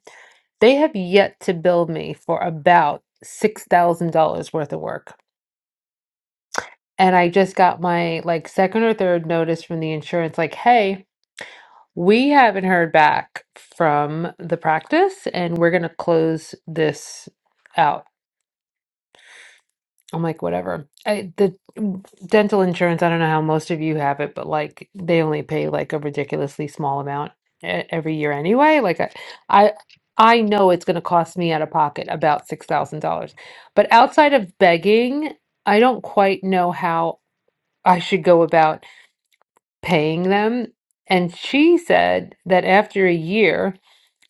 Speaker 2: they have yet to bill me for about $6,000 worth of work. And I just got my like second or third notice from the insurance like, "Hey, we haven't heard back from the practice and we're going to close this out." I'm like, whatever. I, the mm, dental insurance, I don't know how most of you have it, but like they only pay like a ridiculously small amount e- every year anyway. Like I, I, I know it's going to cost me out of pocket about $6,000. But outside of begging, I don't quite know how I should go about paying them. And she said that after a year,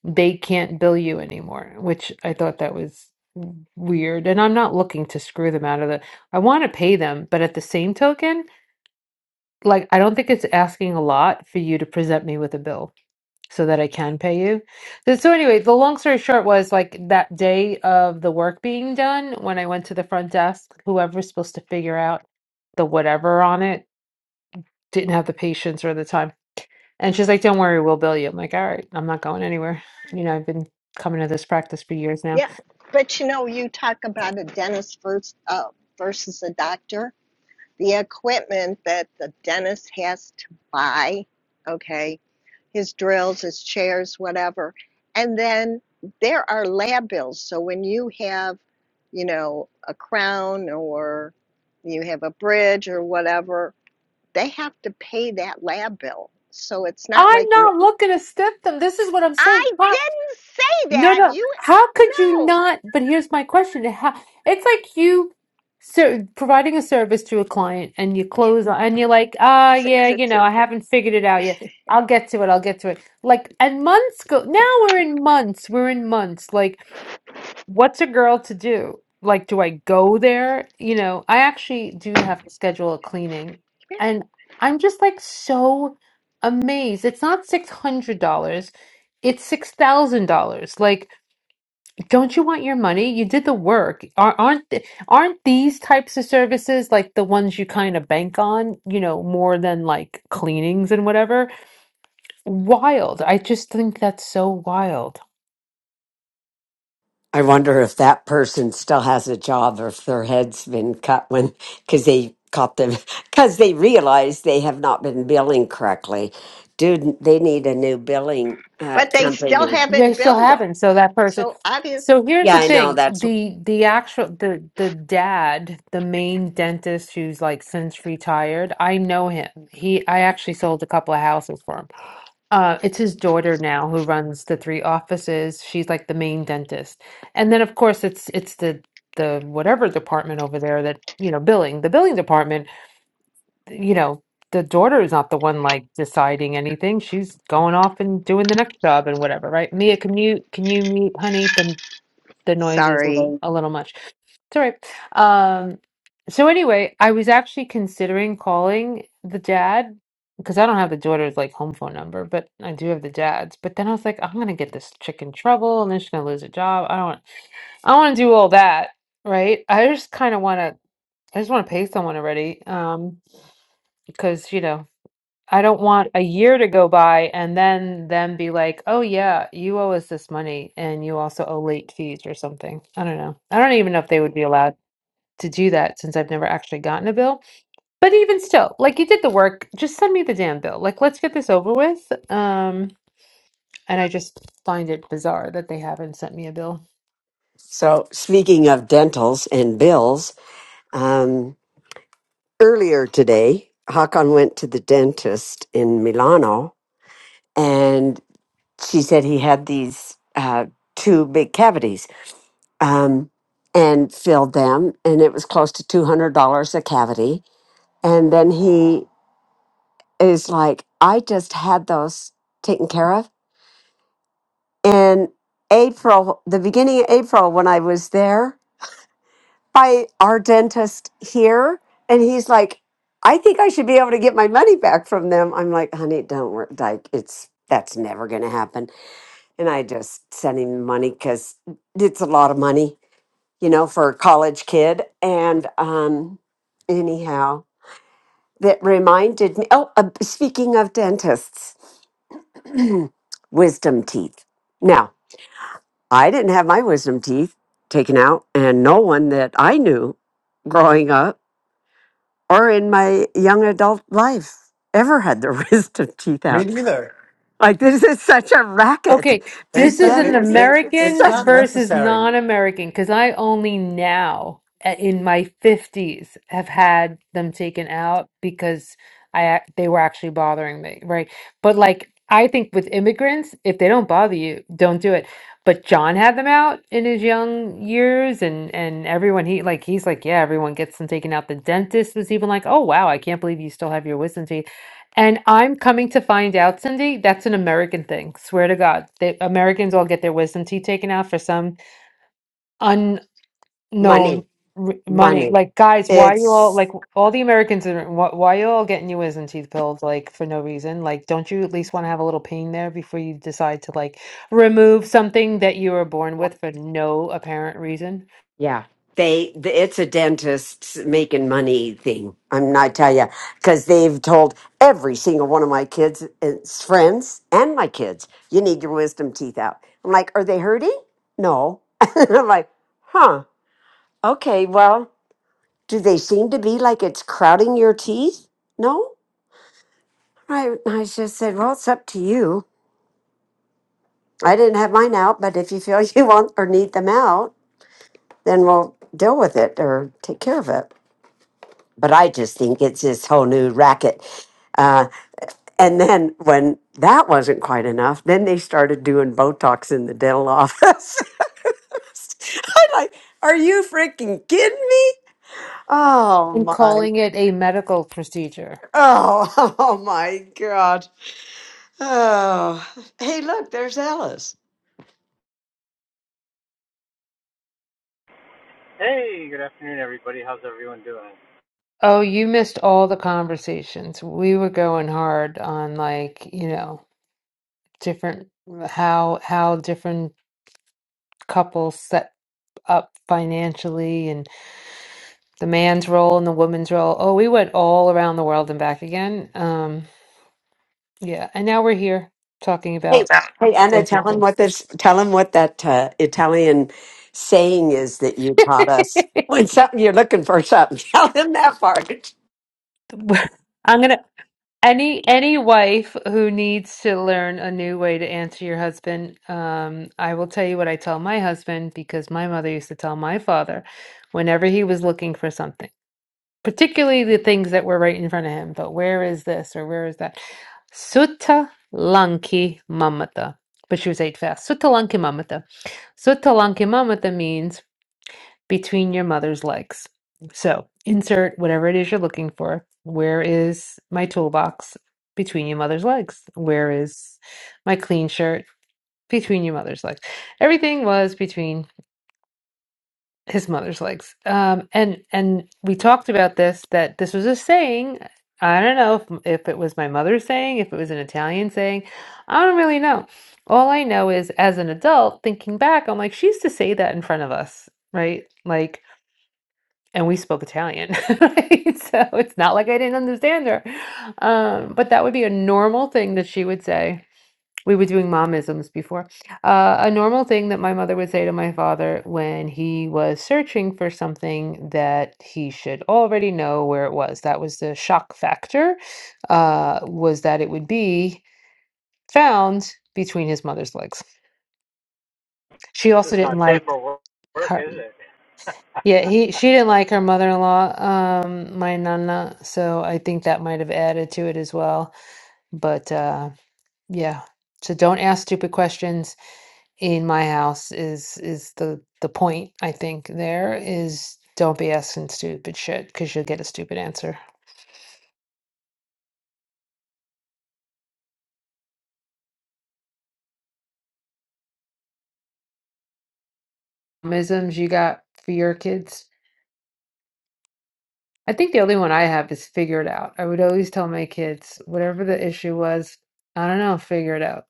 Speaker 2: they can't bill you anymore, which I thought that was weird. And I'm not looking to screw them out of the, I want to pay them, but at the same token, like I don't think it's asking a lot for you to present me with a bill so that I can pay you. So, so anyway, the long story short was like that day of the work being done, when I went to the front desk, whoever's supposed to figure out the whatever on it didn't have the patience or the time and she's like, Don't worry, we'll bill you. I'm like, All right, I'm not going anywhere. You know, I've been coming to this practice for years now.
Speaker 3: yeah. But you know, you talk about a dentist versus, uh, versus a doctor. the equipment that the dentist has to buy, okay, his drills, his chairs, whatever. And then there are lab bills. So when you have, you know, a crown or you have a bridge or whatever, they have to pay that lab bill. So it's not
Speaker 2: I'm
Speaker 3: like you
Speaker 2: not looking to stiff them. This is what I'm saying.
Speaker 3: I
Speaker 2: How,
Speaker 3: didn't say
Speaker 2: no,
Speaker 3: that.
Speaker 2: no.
Speaker 3: You,
Speaker 2: How could you
Speaker 3: no.
Speaker 2: not? But here's my question. How, it's like you so providing a service to a client and you
Speaker 3: Yeah.
Speaker 2: close on- and you're like, ah, yeah, you know, I haven't figured it out yet. I'll get to it. I'll get to it. Like, and months go. Now we're in months. We're in months. Like, what's a girl to do? Like, do I go there? You know, I actually do have to schedule a cleaning.
Speaker 3: come here.
Speaker 2: And I'm just like so amazed. It's not $600, it's $6,000. Like, don't you want your money? You did the work. Ar- Aren't th- aren't these types of services like the ones you kind of bank on, you know, more than like cleanings and whatever? Wild. I just think that's so wild.
Speaker 17: I wonder if that person still has a job or if their head's been cut when because they caught them because they realized they have not been billing correctly. Dude, they need a new billing uh,
Speaker 3: But they still
Speaker 17: company.
Speaker 2: They
Speaker 3: haven't
Speaker 2: still
Speaker 3: billed her.
Speaker 2: haven't. So that person.
Speaker 3: So obvious.
Speaker 2: So here's
Speaker 17: Yeah,
Speaker 2: the
Speaker 17: I know.
Speaker 2: thing:
Speaker 17: That's
Speaker 2: the the actual the the dad, the main dentist who's like since retired. I know him. He I actually sold a couple of houses for him. Uh, it's his daughter now who runs the three offices. She's like the main dentist, and then of course it's it's the the whatever department over there that you know billing the billing department you know, the daughter is not the one like deciding anything. She's going off and doing the next job and whatever, right? Mia, can you can you mute, honey? The the noise is a
Speaker 3: Sorry.
Speaker 2: little, a little much. It's all right. Um, so anyway, I was actually considering calling the dad because I don't have the daughter's like home phone number, but I do have the dad's. But then I was like, I'm gonna get this chick in trouble, and then she's gonna lose her job. I don't. I don't want to do all that, right? I just kind of want to. I just want to pay someone already. Um, because you know. I don't want a year to go by and then them be like, "Oh yeah, you owe us this money and you also owe late fees or something." I don't know. I don't even know if they would be allowed to do that since I've never actually gotten a bill. But even still, like you did the work, just send me the damn bill. Like let's get this over with. Um and I just find it bizarre that they haven't sent me a bill.
Speaker 17: so. Speaking of dentals and bills, um, earlier today, Hakan went to the dentist in Milano, and she said he had these uh, two big cavities um, and filled them, and it was close to two hundred dollars a cavity. And then he is like, "I just had those taken care of in April, the beginning of April when I was there." by our dentist here and he's like i think i should be able to get my money back from them i'm like honey don't worry like it's that's never going to happen and i just sent him money because it's a lot of money you know for a college kid and um anyhow that reminded me oh uh, speaking of dentists wisdom teeth now i didn't have my wisdom teeth taken out and no one that i knew growing up or in my young adult life ever had their wisdom teeth
Speaker 10: Me
Speaker 17: out.
Speaker 10: neither.
Speaker 17: Like this is such a racket.
Speaker 2: Okay,
Speaker 17: These
Speaker 2: this
Speaker 10: It's a,
Speaker 2: is an
Speaker 10: it,
Speaker 17: dentists,
Speaker 10: it's
Speaker 17: it's
Speaker 10: it's
Speaker 17: such
Speaker 2: American
Speaker 10: not
Speaker 2: versus
Speaker 10: necessary.
Speaker 2: non-American because I only now, a- in my 50s, have had them taken out because I ac- they were actually bothering me, right? But like I think with immigrants, if they don't bother you, don't do it. But John had them out in his young years and and everyone he like he's like, yeah, everyone gets them taken out. The dentist was even like, "Oh wow, I can't believe you still have your wisdom teeth." And I'm coming to find out, Cindy, that's an American thing. Swear to God, the Americans all get their wisdom teeth taken out for some unknown
Speaker 17: money,
Speaker 2: r- money.
Speaker 17: money.
Speaker 2: Like, guys, why you all
Speaker 17: It's
Speaker 2: like all the Americans are wh- why you all getting your wisdom teeth pulled like for no reason? Like, don't you at least want to have a little pain there before you decide to like remove something that you were born with for no apparent reason
Speaker 17: yeah. They, th- it's a dentist's making money thing. I'm not tell you because they've told every single one of my kids, it's friends, and my kids, you need your wisdom teeth out. I'm like, are they hurting? No. And I'm like, huh? Okay, well. Do they seem to be like it's crowding your teeth? No? I, I just said, well, it's up to you. I didn't have mine out, but if you feel you want or need them out, then we'll deal with it or take care of it. But I just think it's this whole new racket. Uh, and then when that wasn't quite enough, then they started doing Botox in the dental office. I'm like, are you freaking kidding me? Oh
Speaker 2: and
Speaker 17: my,
Speaker 2: calling it a medical procedure?
Speaker 17: oh, oh my gosh. Oh, hey, look, there's Alice.
Speaker 18: Hey, good afternoon, everybody. How's everyone doing?
Speaker 2: Oh, you missed all the conversations. We were going hard on like, you know. different how how different couples set up financially and the man's role and the woman's role. Oh, we went all around the world and back again. Um, yeah, and now we're here talking
Speaker 17: Hey,
Speaker 2: about
Speaker 17: hey, Anna, tell him
Speaker 2: dentistry.
Speaker 17: what this, tell him what that uh, Italian saying is that you taught us. When something you're looking for something, tell him that part.
Speaker 2: I'm gonna any any wife who needs to learn a new way to answer your husband, um, I will tell you what I tell my husband because my mother used to tell my father whenever he was looking for something. particularly the things that were right in front of him. But where is this or where is that? Sutta Lanki Mamata. But she was eight fast. Sutta Lanki Mamata. Sutta Lanki Mamata means between your mother's legs. So insert whatever it is you're looking for. Where is my toolbox? Between your mother's legs. Where is my clean shirt? Between your mother's legs. Everything was between his mother's legs. Um, and and we talked about this that this was a saying. I don't know if if it was my mother's saying, if it was an Italian saying. I don't really know. All I know is, as an adult, thinking back, I'm like, she used to say that in front of us, right? Like, and we spoke Italian, right? So it's not like I didn't understand her. Um, but that would be a normal thing that she would say we were doing momisms before. Uh, a normal thing that my mother would say to my father when he was searching for something that he should already know where it was. That was the shock factor, uh, was that it would be found between his mother's legs. She
Speaker 18: This
Speaker 2: also
Speaker 18: is
Speaker 2: didn't
Speaker 18: not safe
Speaker 2: like
Speaker 18: for work,
Speaker 2: her.
Speaker 18: is it?
Speaker 2: Yeah, he she didn't like her mother-in-law, um, my nana, so I think that might have added to it as well. But uh, yeah, so don't ask stupid questions in my house is is the the point I think there is don't be asking stupid shit because you'll get a stupid answer. Isms you got for your kids? I think the only one I have is figure it out. I would always tell my kids whatever the issue was, I don't know, figure it out.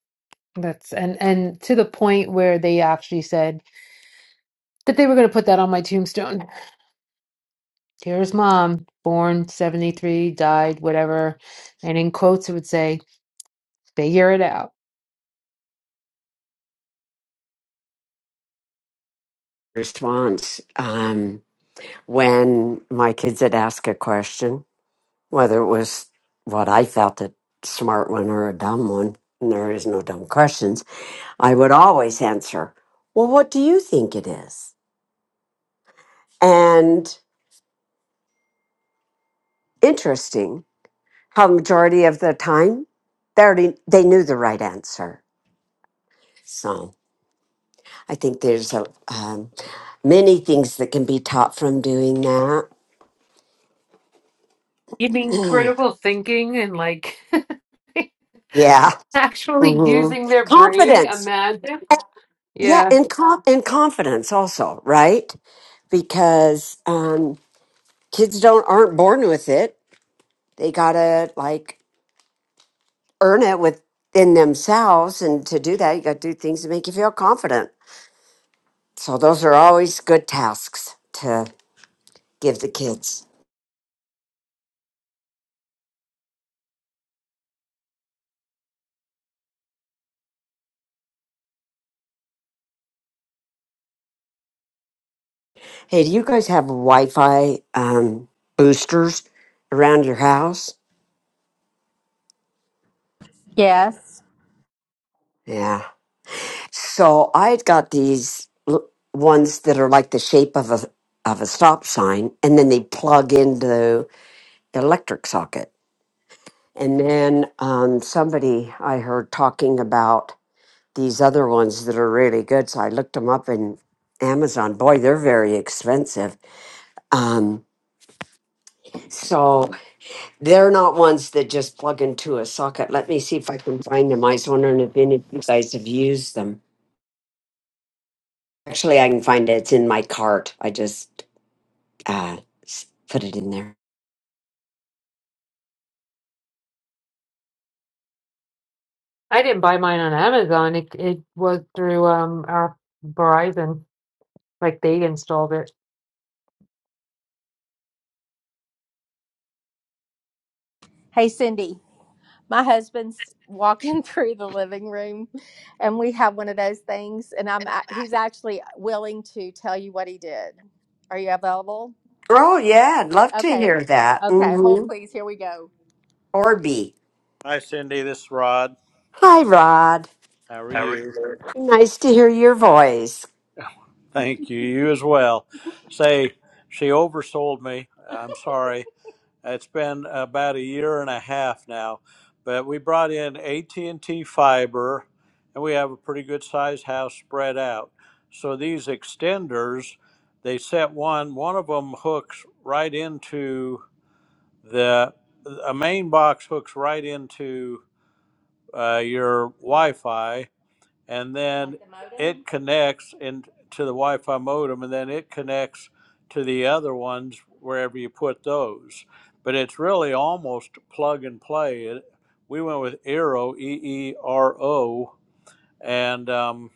Speaker 2: That's and and to the point where they actually said that they were going to put that on my tombstone. Here's mom, born 73, died, whatever. And in quotes, it would say, figure it out.
Speaker 17: Response: um, When my kids would ask a question, whether it was what I felt a smart one or a dumb one, and there is no dumb questions, I would always answer, "Well, what do you think it is?" And interesting. how majority of the time they already they knew the right answer so i think there's a um, many things that can be taught from doing that
Speaker 2: You mean critical thinking and like
Speaker 17: yeah
Speaker 2: actually
Speaker 17: hmm
Speaker 2: using their brain?
Speaker 17: confidence
Speaker 2: Imagine.
Speaker 17: Uh, yeah
Speaker 2: Yeah.
Speaker 17: and, com- and confidence also right because um, kids don't aren't born with it they gotta like earn it within themselves and to do that you gotta do things to make you feel confident so those are always good tasks to. give the kids. Hey, do you guys have Wi-Fi um, boosters around your house?
Speaker 15: Yes.
Speaker 17: Yeah. So I had got these l- ones that are like the shape of a of a stop sign, and then they plug into the electric socket. And then um, somebody I heard talking about these other ones that are really good, so I looked them up in Amazon. Boy, they're very expensive. Um, so They're not ones that just plug into a socket. Let me see if I can find them. I was wondering if any of you guys have used them. Actually, I can find it. It's in my cart. I just uh, s- put it in there.
Speaker 2: I didn't buy mine on Amazon. It it was through um our Verizon. Like they installed it.
Speaker 15: Hey Cindy, my husband's walking through the living room and we have one of those things and I'm a- he's actually willing to tell you what he did. Are you available?
Speaker 17: Oh, yeah. I'd love to
Speaker 15: Okay.
Speaker 17: hear that.
Speaker 15: Okay, hold
Speaker 17: Mm-hmm.
Speaker 15: please. Here we go.
Speaker 17: Orby.
Speaker 15: Hi, Cindy. This is Rod.
Speaker 17: Hi, Rod.
Speaker 15: How are
Speaker 17: How are
Speaker 15: you?
Speaker 17: you? Nice to hear your voice.
Speaker 15: Thank you. You as well. Say, she oversold me. I'm sorry. It's been about a year and a half now, but we brought in AT&T fiber and we have a pretty good sized house spread out. So these extenders, they set one, one of them hooks right into the a main box hooks right into uh, your Wi-Fi and then Like the it connects into the Wi-Fi modem, and then it connects to the other ones wherever you put those. But it's really almost plug and play. It, we went with Eero, E E R O, and um,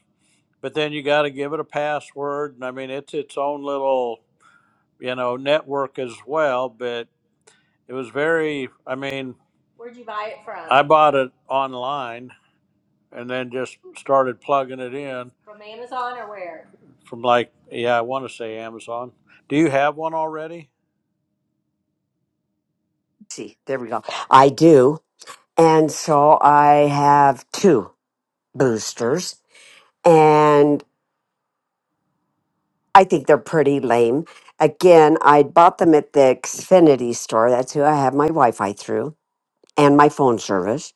Speaker 15: but then you got to give it a password, and I mean it's its own little you know network as well. But it was very, I mean, I bought it online and then just started plugging it in from like yeah i want to say amazon do you have one already
Speaker 17: See, there we go. I do. And so I have two boosters. and. I think they're pretty lame. Again, I bought them at the Xfinity store. That's who I have my Wi-Fi through and my phone service,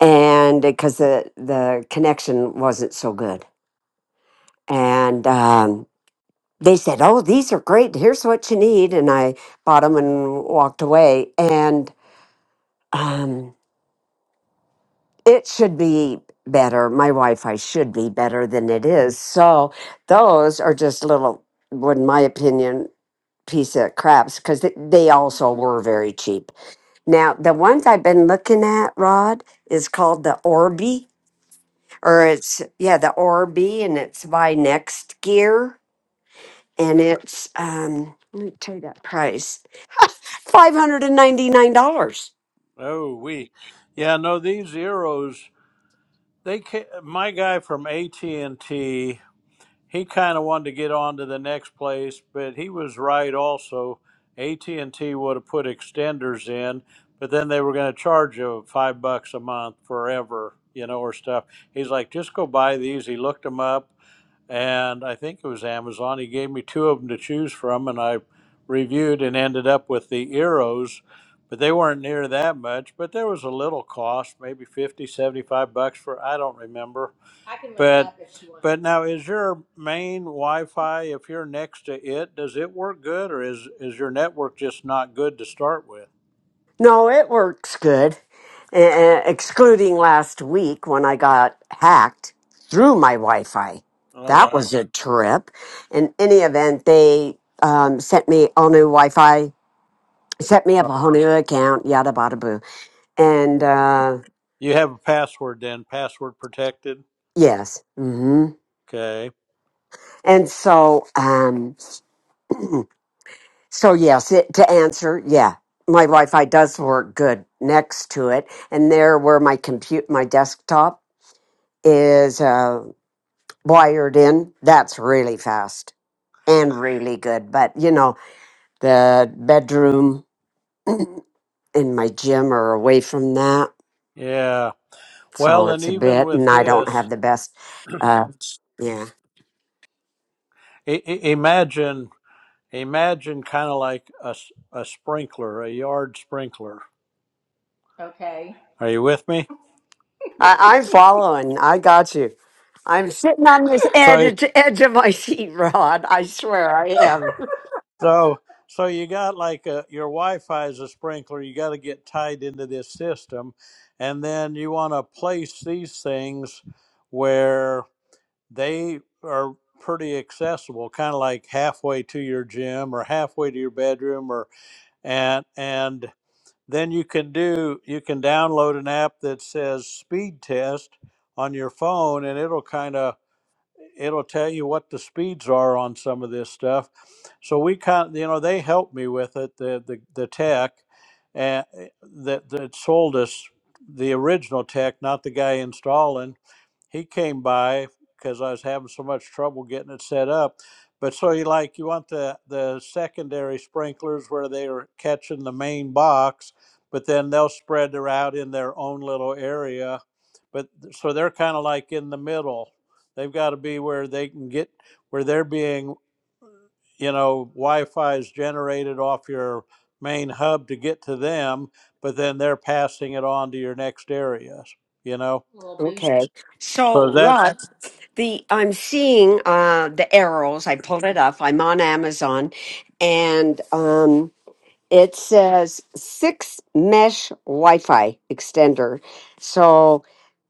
Speaker 17: and because the the connection wasn't so good. And um, they said, "Oh, these are great. Here's what you need." And I bought them and walked away. And um, it should be better. My Wi-Fi should be better than it is. So those are just little, in my opinion. piece of crabs because they, they also were very cheap. Now, the ones I've been looking at, Rod, is called the Orby, or it's, yeah, the Orby, and it's by Next Gear. And it's, um, let me tell you that price $599.
Speaker 15: oh we yeah no these zeros they ca- my guy from at&t he kind of wanted to get on to the next place but he was right also at&t would have put extenders in but then they were going to charge you five bucks a month forever you know or stuff he's like just go buy these he looked them up and I think it was Amazon. He gave me two of them to choose from, and I reviewed and ended up with the Eros, but they weren't near that much. But there was a little cost, maybe 50, 75 bucks for I don't remember. I can look it But up if you want. but now is your main Wi-Fi if you're next to it, does it work good, or is is your network just not good to start with?
Speaker 17: No, it works good, uh, excluding last week when I got hacked through my Wi Fi.
Speaker 15: Oh
Speaker 17: That was
Speaker 15: wow!
Speaker 17: a trip. In any event, they um, sent me all new Wi Fi set me up
Speaker 15: Oh.
Speaker 17: a whole new account, yada bada boo. And uh
Speaker 15: You have a password then, password protected.
Speaker 17: yes. hmm
Speaker 15: Okay.
Speaker 17: And so um so yes, it, to answer, yeah. My Wi-Fi does work good next to it. And there where my compute my desktop is uh wired in, that's really fast and really good. But you know, the bedroom and my gym are away from that.
Speaker 15: Yeah.
Speaker 17: So
Speaker 15: Well, and
Speaker 17: it's a
Speaker 15: even
Speaker 17: bit and
Speaker 15: with
Speaker 17: I don't
Speaker 15: this.
Speaker 17: have the best uh yeah.
Speaker 15: I- I- imagine imagine kind of like a, s- a sprinkler a yard sprinkler Okay. are you with me
Speaker 17: I, I'm following. I got you. I'm sitting on this
Speaker 15: so
Speaker 17: edge edge of my seat, Rod. I swear I am.
Speaker 15: so so you got like a, your wi-fi is a sprinkler you got to get tied into this system and then you want to place these things where they are pretty accessible kind of like halfway to your gym or halfway to your bedroom or and and then you can do you can download an app that says speed test on your phone and it'll kind of it'll tell you what the speeds are on some of this stuff. So we kind of, you know, they helped me with it, the the, the tech and that that sold us the original tech, not the guy installing. He came by because I was having so much trouble getting it set up. But so you like you want the the secondary sprinklers where they are catching the main box, but then they'll spread their out in their own little area. But th- so they're kind of like in the middle They've got to be where they can get where they're being, you know, Wi-Fi is generated off your main hub to get to them, but then they're passing it on to your next areas. You know, Little booster.
Speaker 17: Okay.
Speaker 15: so
Speaker 17: So,
Speaker 15: that's
Speaker 17: Rod, the I'm seeing uh, the arrows. I pulled it up. I'm on Amazon, and um, it says six mesh Wi-Fi extender. So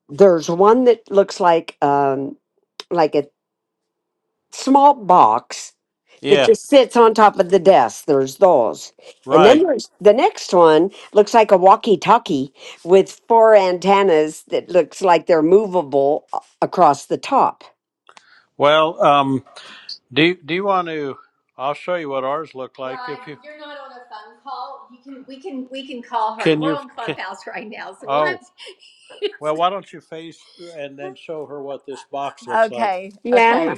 Speaker 17: there's one that looks like um, like a small box that
Speaker 15: yeah,
Speaker 17: just sits on top of the desk. There's those. And then
Speaker 15: right.
Speaker 17: there's the next one looks like a walkie-talkie with four antennas that looks like they're movable a- across the top.
Speaker 15: Well, um, do do you want to? I'll show you what ours look like Ryan, if you you're not on a phone call. You can we can we can call her. can We're you. on Clubhouse Can, right now, so we'll have oh, have to. well, why don't you face and then show her what this box looks like? Okay, okay.
Speaker 17: Yeah.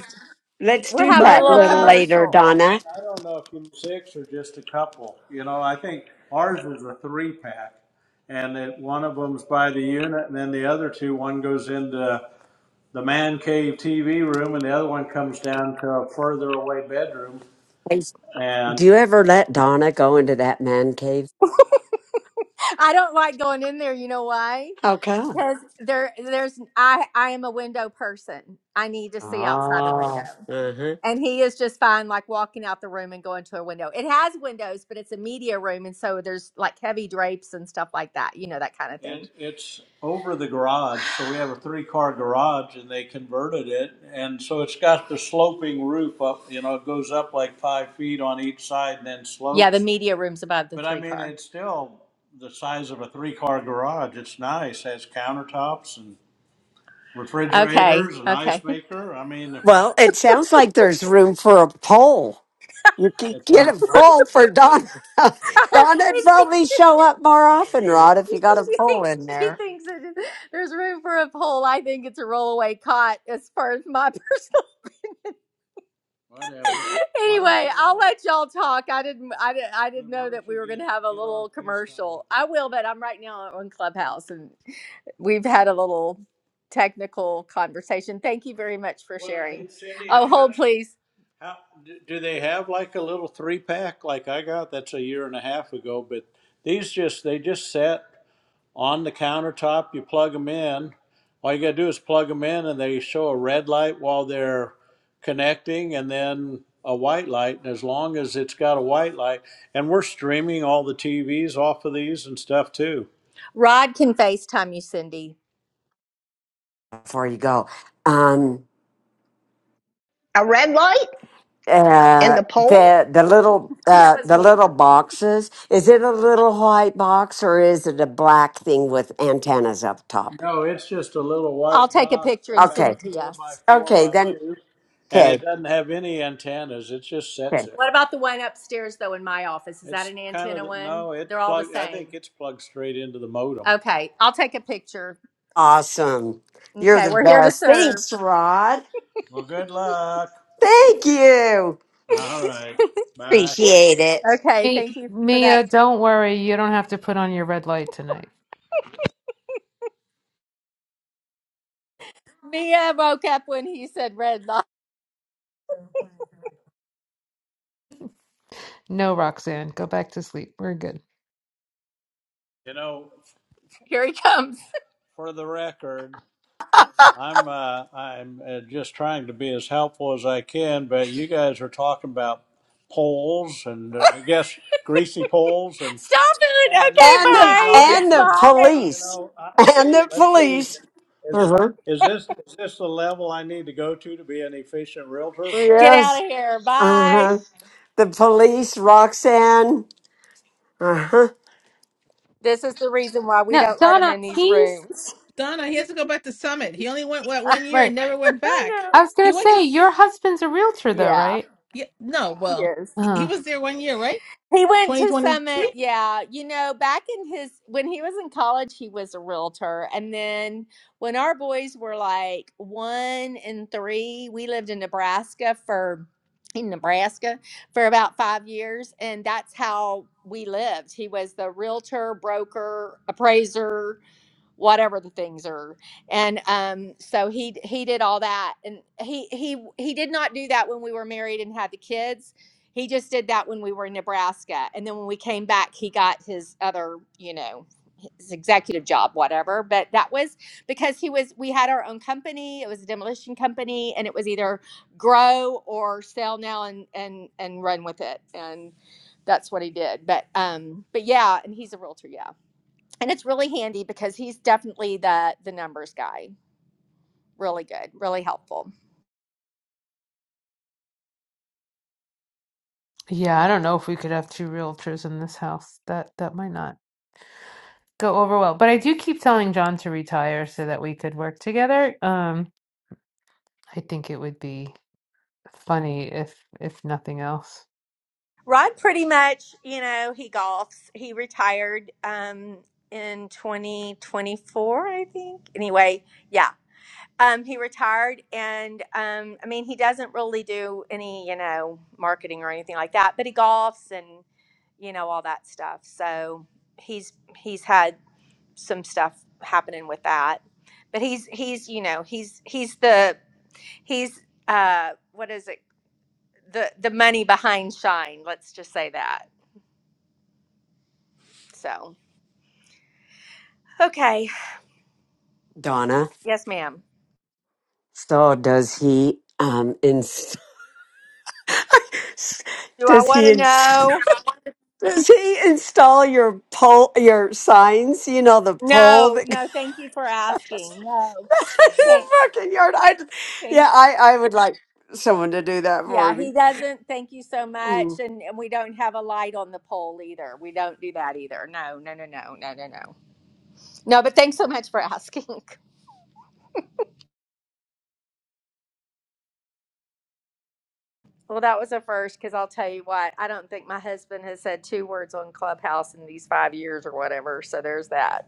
Speaker 17: Let's
Speaker 15: We're
Speaker 17: do
Speaker 15: having a
Speaker 17: that a
Speaker 15: little
Speaker 17: little later,
Speaker 15: commercial. And, and
Speaker 17: Donna.
Speaker 15: I don't know if you six or just a couple. You know, I think ours is a three pack, and it, one of them's by the unit, and then the other two, one goes into the man cave TV room, and the other one comes down to a further away bedroom.
Speaker 17: Hey,
Speaker 15: And
Speaker 17: Do you ever let Donna go into that man cave?
Speaker 15: I don't like going in there. You know why?
Speaker 17: How come?
Speaker 15: Because there, there's I. I am a window person. I need to see outside the
Speaker 17: Oh.
Speaker 15: window.
Speaker 17: Uh-huh.
Speaker 15: And he is just fine, like walking out the room and going to a window. It has windows, but it's a media room. And so there's like heavy drapes and stuff like that, you know, that kind of thing. And it's over the garage, so we have a three car garage and they converted it. And so it's got the sloping roof up, you know, it goes up like five feet on each side and then Yeah, the slopes. media room's above the But I three mean, car. it's still the size of a three car garage. It's nice, has countertops and Okay, refrigerators and ice okay. maker. I mean,
Speaker 17: Well, it sounds like there's room for a poll. You can
Speaker 15: it's
Speaker 17: get
Speaker 15: not.
Speaker 17: a poll for Donna.
Speaker 15: I
Speaker 17: Donna would
Speaker 15: think-
Speaker 17: probably show up more often, Rod, if you got a
Speaker 15: she
Speaker 17: poll in
Speaker 15: thinks she
Speaker 17: there.
Speaker 15: thinks it is, there's room for a poll. I think it's a rollaway cot as far as my personal. Whatever. anyway, I'll let y'all talk. I didn't I didn't I didn't know that we were going to have a little commercial. I will, but I'm right now on Clubhouse and we've had a little technical conversation. Thank you very much for Well, sharing. Oh, hold please. How do do they have like a little three pack like I got? That's a year and a half ago, but these just they just sat. on the countertop. You plug them in. All you got to do is plug them in, and they show a red light while they're connecting, and then a white light. And as long as it's got a white light, and we're streaming all the TVs off of these and stuff too. Rod can FaceTime you, Cindy.
Speaker 17: Before you go, um,
Speaker 3: A red light in
Speaker 17: Uh,
Speaker 3: the poll?
Speaker 17: the the little
Speaker 15: That
Speaker 17: uh
Speaker 15: was
Speaker 17: the
Speaker 15: me.
Speaker 17: little boxes. Is it a little white box or is it a black thing with antennas up top?
Speaker 15: No, it's just a little white I'll take a box picture and send about
Speaker 17: Okay.
Speaker 15: it to four you. by four
Speaker 17: Okay,
Speaker 15: by
Speaker 17: then
Speaker 15: two, and it
Speaker 17: okay.
Speaker 15: doesn't have any antennas. It just sits
Speaker 17: Okay.
Speaker 15: there. What about the one upstairs though in my office? Is that It's an kind antenna of the, one? no. It's They're all the plugged. I same. think it's plugged straight into the modem. Okay, I'll take a picture.
Speaker 17: Awesome. You're
Speaker 15: Okay,
Speaker 17: the
Speaker 15: we're here to
Speaker 17: best.
Speaker 15: serve.
Speaker 17: Thanks, Rod.
Speaker 15: Well, good luck.
Speaker 17: Thank you.
Speaker 15: All right. Bye.
Speaker 17: Appreciate it.
Speaker 15: Okay,
Speaker 2: Hey,
Speaker 15: thank you for that.
Speaker 2: Mia, don't worry. You don't have to put on your red light tonight.
Speaker 15: Mia woke up when he said red light.
Speaker 2: No, Roxanne, go back to sleep. We're good.
Speaker 15: You know, Here he comes. for the record, I'm uh, I'm uh, just trying to be as helpful as I can, but you guys are talking about poles and uh, I guess greasy poles and Stop it. and Okay, red
Speaker 17: And the
Speaker 15: bye.
Speaker 17: and
Speaker 15: lights and
Speaker 17: the
Speaker 15: Bye. you
Speaker 17: police.
Speaker 15: know I,
Speaker 17: And the
Speaker 15: let's see
Speaker 17: police.
Speaker 15: is,
Speaker 17: Uh-huh.
Speaker 15: is this is this the level I need to go to to be an efficient realtor? Get out
Speaker 17: Yes.
Speaker 15: of here. Bye.
Speaker 17: Uh-huh. The police, Roxanne. Uh-huh.
Speaker 15: This is the reason why we
Speaker 2: Now,
Speaker 15: don't let him
Speaker 2: Donna,
Speaker 15: in these
Speaker 2: he's
Speaker 15: rooms.
Speaker 5: Donna, he has to go back to Summit. He only went what one year
Speaker 2: right.
Speaker 5: and never went
Speaker 15: I know.
Speaker 5: back.
Speaker 2: I was
Speaker 5: He
Speaker 2: gonna
Speaker 5: went to
Speaker 2: say
Speaker 5: s-
Speaker 2: your husband's a realtor, though,
Speaker 15: Yeah.
Speaker 2: right?
Speaker 5: yeah, no, well,
Speaker 15: Yes.
Speaker 5: he, he
Speaker 2: Uh,
Speaker 5: was there one year, right?
Speaker 15: He went to Summit.
Speaker 5: 2022.
Speaker 15: Yeah. You know, back in his, when he was in college, he was a realtor. And then when our boys were like one and three, we lived in Nebraska for, in Nebraska for about five years. And that's how we lived. He was the realtor, broker, appraiser, whatever the things are and um so he he did all that and he he he did not do that when we were married and had the kids he just did that when we were in nebraska and then when we came back he got his other you know his executive job whatever but that was because he was we had our own company it was a demolition company and it was either grow or sell now and and and run with it and that's what he did but um but yeah and he's a realtor yeah and it's really handy because he's definitely the the numbers guy really good really helpful
Speaker 2: yeah, I don't know if we could have two realtors in this house. That that might not go over well. But I do keep telling John to retire so that we could work together. Um, I think it would be funny if if nothing else.
Speaker 15: rod pretty much you know he golfs he retired um in 2024 i think anyway yeah um he retired and um i mean he doesn't really do any you know marketing or anything like that but he golfs and you know all that stuff so he's he's had some stuff happening with that. But he's he's you know he's he's the he's uh what is it the the money behind Shine. Let's just say that. So okay,
Speaker 17: Donna.
Speaker 15: yes, ma'am.
Speaker 17: So does he um ins-
Speaker 15: Do I
Speaker 17: does
Speaker 15: want
Speaker 17: he
Speaker 15: to
Speaker 17: ins-
Speaker 15: know?
Speaker 17: does he install your pole your signs? You know the pole
Speaker 15: No,
Speaker 17: that goes
Speaker 15: no.
Speaker 17: in
Speaker 15: Thank you for asking. No,
Speaker 17: the
Speaker 15: thank.
Speaker 17: fucking yard. I
Speaker 15: thank-
Speaker 17: yeah, I I would like someone to do that for
Speaker 15: Yeah,
Speaker 17: me.
Speaker 15: he doesn't. Thank you so
Speaker 17: Mm.
Speaker 15: much. And, and we don't have a light on the pole either. We don't do that either. No, no, no, no, no, no, no. No, but thanks so much for asking. Well, that was a first because I'll tell you what, I don't think my husband has said two words on Clubhouse in these five years or whatever. So there's that.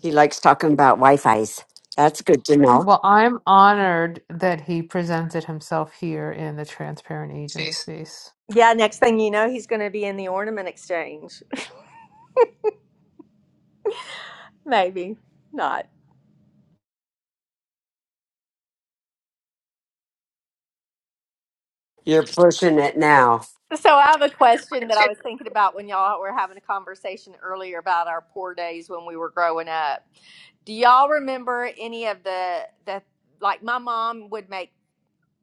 Speaker 17: He likes talking about Wi-Fi's. That's good to know.
Speaker 2: Well, I'm honored that he presented himself here in the transparent agent space.
Speaker 15: Yeah, next thing you know, he's going to be in the ornament exchange. Maybe not.
Speaker 17: You're pushing it now.
Speaker 15: So I have a question that I was thinking about when y'all were having a conversation earlier about our poor days when we were growing up. Do y'all remember any of the the like my mom would make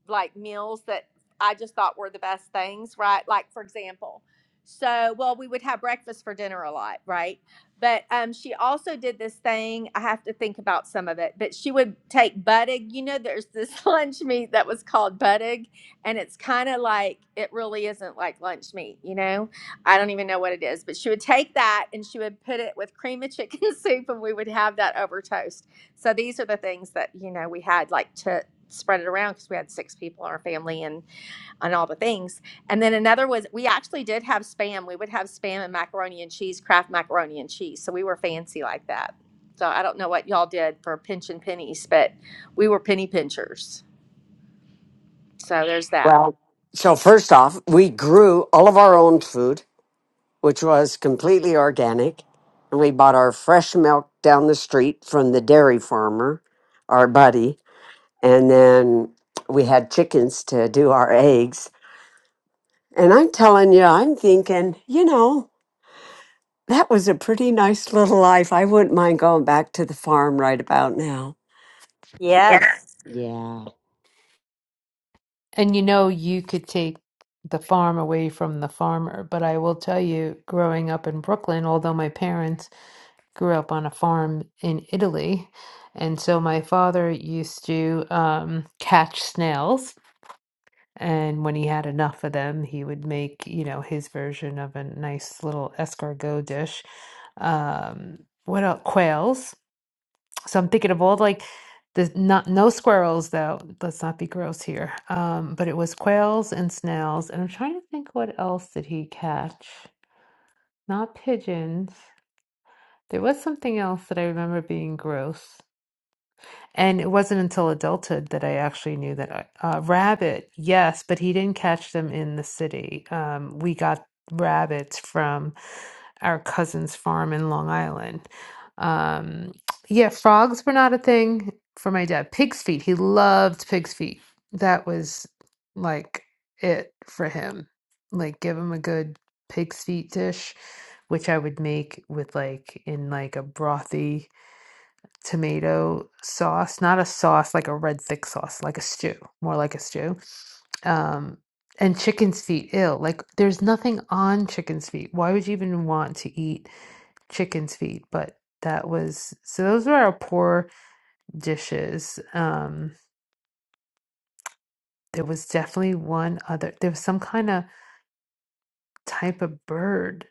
Speaker 15: like meals that I just thought were the best things, right? Like for example, so well we would have breakfast for dinner a lot, right? But um, she also did this thing. I have to think about some of it, but she would take budig. You know, there's this lunch meat that was called budig, and it's kind of like it really isn't like lunch meat. You know, I don't even know what it is, but she would take that and she would put it with cream of chicken soup, and we would have that over toast. So these are the things that you know we had like to spread it around because we had six people in our family and on all the things. And then another was we actually did have spam. We would have spam and macaroni and cheese, Kraft macaroni and cheese. So we were fancy like that. So I don't know what y'all did for pinching pennies, but we were penny pinchers. So there's that.
Speaker 17: Well, so first off, we grew all of our own food. which was completely organic. And we bought our fresh milk down the street from the dairy farmer, our buddy. And then we had chickens to do our eggs. And I'm telling you, I'm thinking, you know, that was a pretty nice little life. I wouldn't mind going back to the farm right about now.
Speaker 15: Yes.
Speaker 17: Yeah.
Speaker 2: And you know, you could take the farm away from the farmer, but I will tell you, growing up in Brooklyn, although my parents grew up on a farm in Italy, and so my father used to um, catch snails. And when he had enough of them, he would make, you know, his version of a nice little escargot dish. Um, what else? Quails. So I'm thinking of all like the not no squirrels though. Let's not be gross here. Um, but it was quails and snails, and I'm trying to think what else did he catch? Not pigeons. There was something else that I remember being gross. And it wasn't until adulthood that I actually knew that uh, rabbit, yes, but he didn't catch them in the city. Um, we got rabbits from our cousin's farm in Long Island. Um, yeah, frogs were not a thing for my dad. Pig's feet, he loved pig's feet. That was like it for him. Like, give him a good pig's feet dish, which I would make with like in like a brothy tomato sauce, not a sauce like a red thick sauce, like a stew, more like a stew. Um, and chicken's feet, ill. Like there's nothing on chicken's feet. Why would you even want to eat chicken's feet? But that was so those were our poor dishes. Um, there was definitely one other there was some kind of type of bird.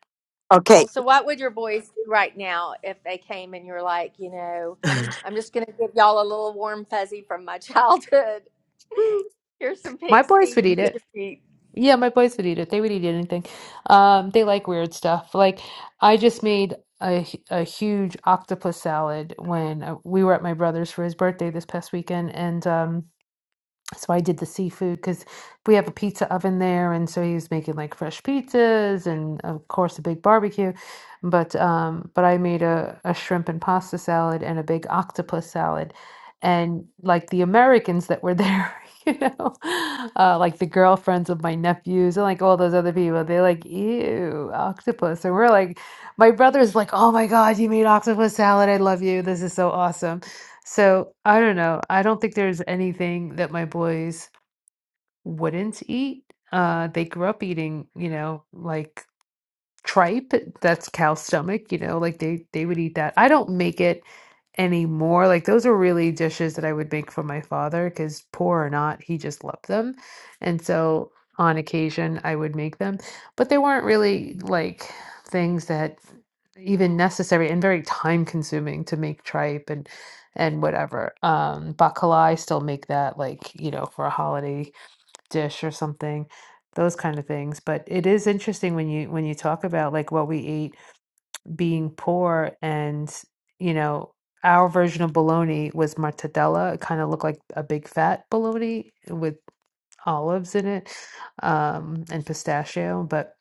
Speaker 17: Okay.
Speaker 15: So what would your boys do right now if they came and you're like, you know,
Speaker 17: you
Speaker 15: I'm just going to give y'all a little warm fuzzy from my childhood. Here's some
Speaker 2: My
Speaker 15: pig's
Speaker 2: boys
Speaker 15: feet
Speaker 2: would
Speaker 15: and
Speaker 2: eat it
Speaker 15: pig's feet.
Speaker 2: Yeah, my boys would eat it. They would eat anything. Um, they like weird stuff. Like I just made a hu- a huge octopus salad when uh, we were at my brother's for his birthday this past weekend, and um so I did the seafood because we have a pizza oven there, and so he was making like fresh pizzas and of course a big barbecue. But um, but I made a, a shrimp and pasta salad and a big octopus salad, and like the Americans that were there, you know, uh, like the girlfriends of my nephews and like all those other people, they're like, "Ew, octopus," and we're like, my brother's like, "Oh my God, you made octopus salad! I love you. This is so awesome." So, I don't know. I don't think there's anything that my boys wouldn't eat. Uh, they grew up eating, you know, like tripe that's cow stomach you know like they they would eat that i don't make it anymore like those are really dishes that i would make for my father because poor or not he just loved them and so on occasion i would make them but they weren't really like things that even necessary and very time consuming to make tripe and and whatever um baklava i still make that like you know for a holiday dish or something, those kind of things. But it is interesting when you when you talk about like what we ate being poor and you know our version of bologna was mortadella. It kind of looked like a big fat bologna with olives in it um, and pistachio, but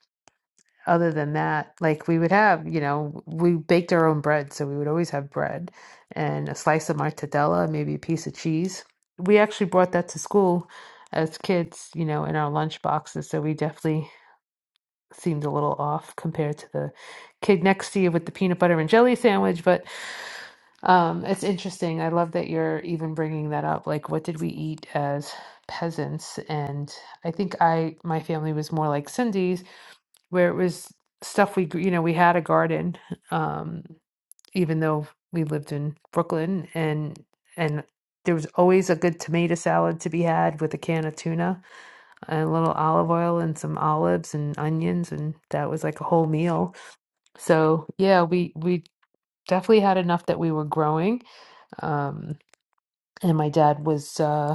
Speaker 2: other than that, like we would have, you know, we baked our own bread, so we would always have bread and a slice of mortadella, maybe a piece of cheese. We actually brought that to school as kids, you know, in our lunch boxes, so we definitely seemed a little off compared to the kid next to you with the peanut butter and jelly sandwich, but um, it's interesting. I love that you're even bringing that up. Like, what did we eat as peasants? And I think I, my family was more like Cindy's where it was stuff we gr- you know we had a garden um even though we lived in Brooklyn and and there was always a good tomato salad to be had with a can of tuna and a little olive oil and some olives and onions and that was like a whole meal. So yeah, we we definitely had enough that we were growing. Um and my dad was uh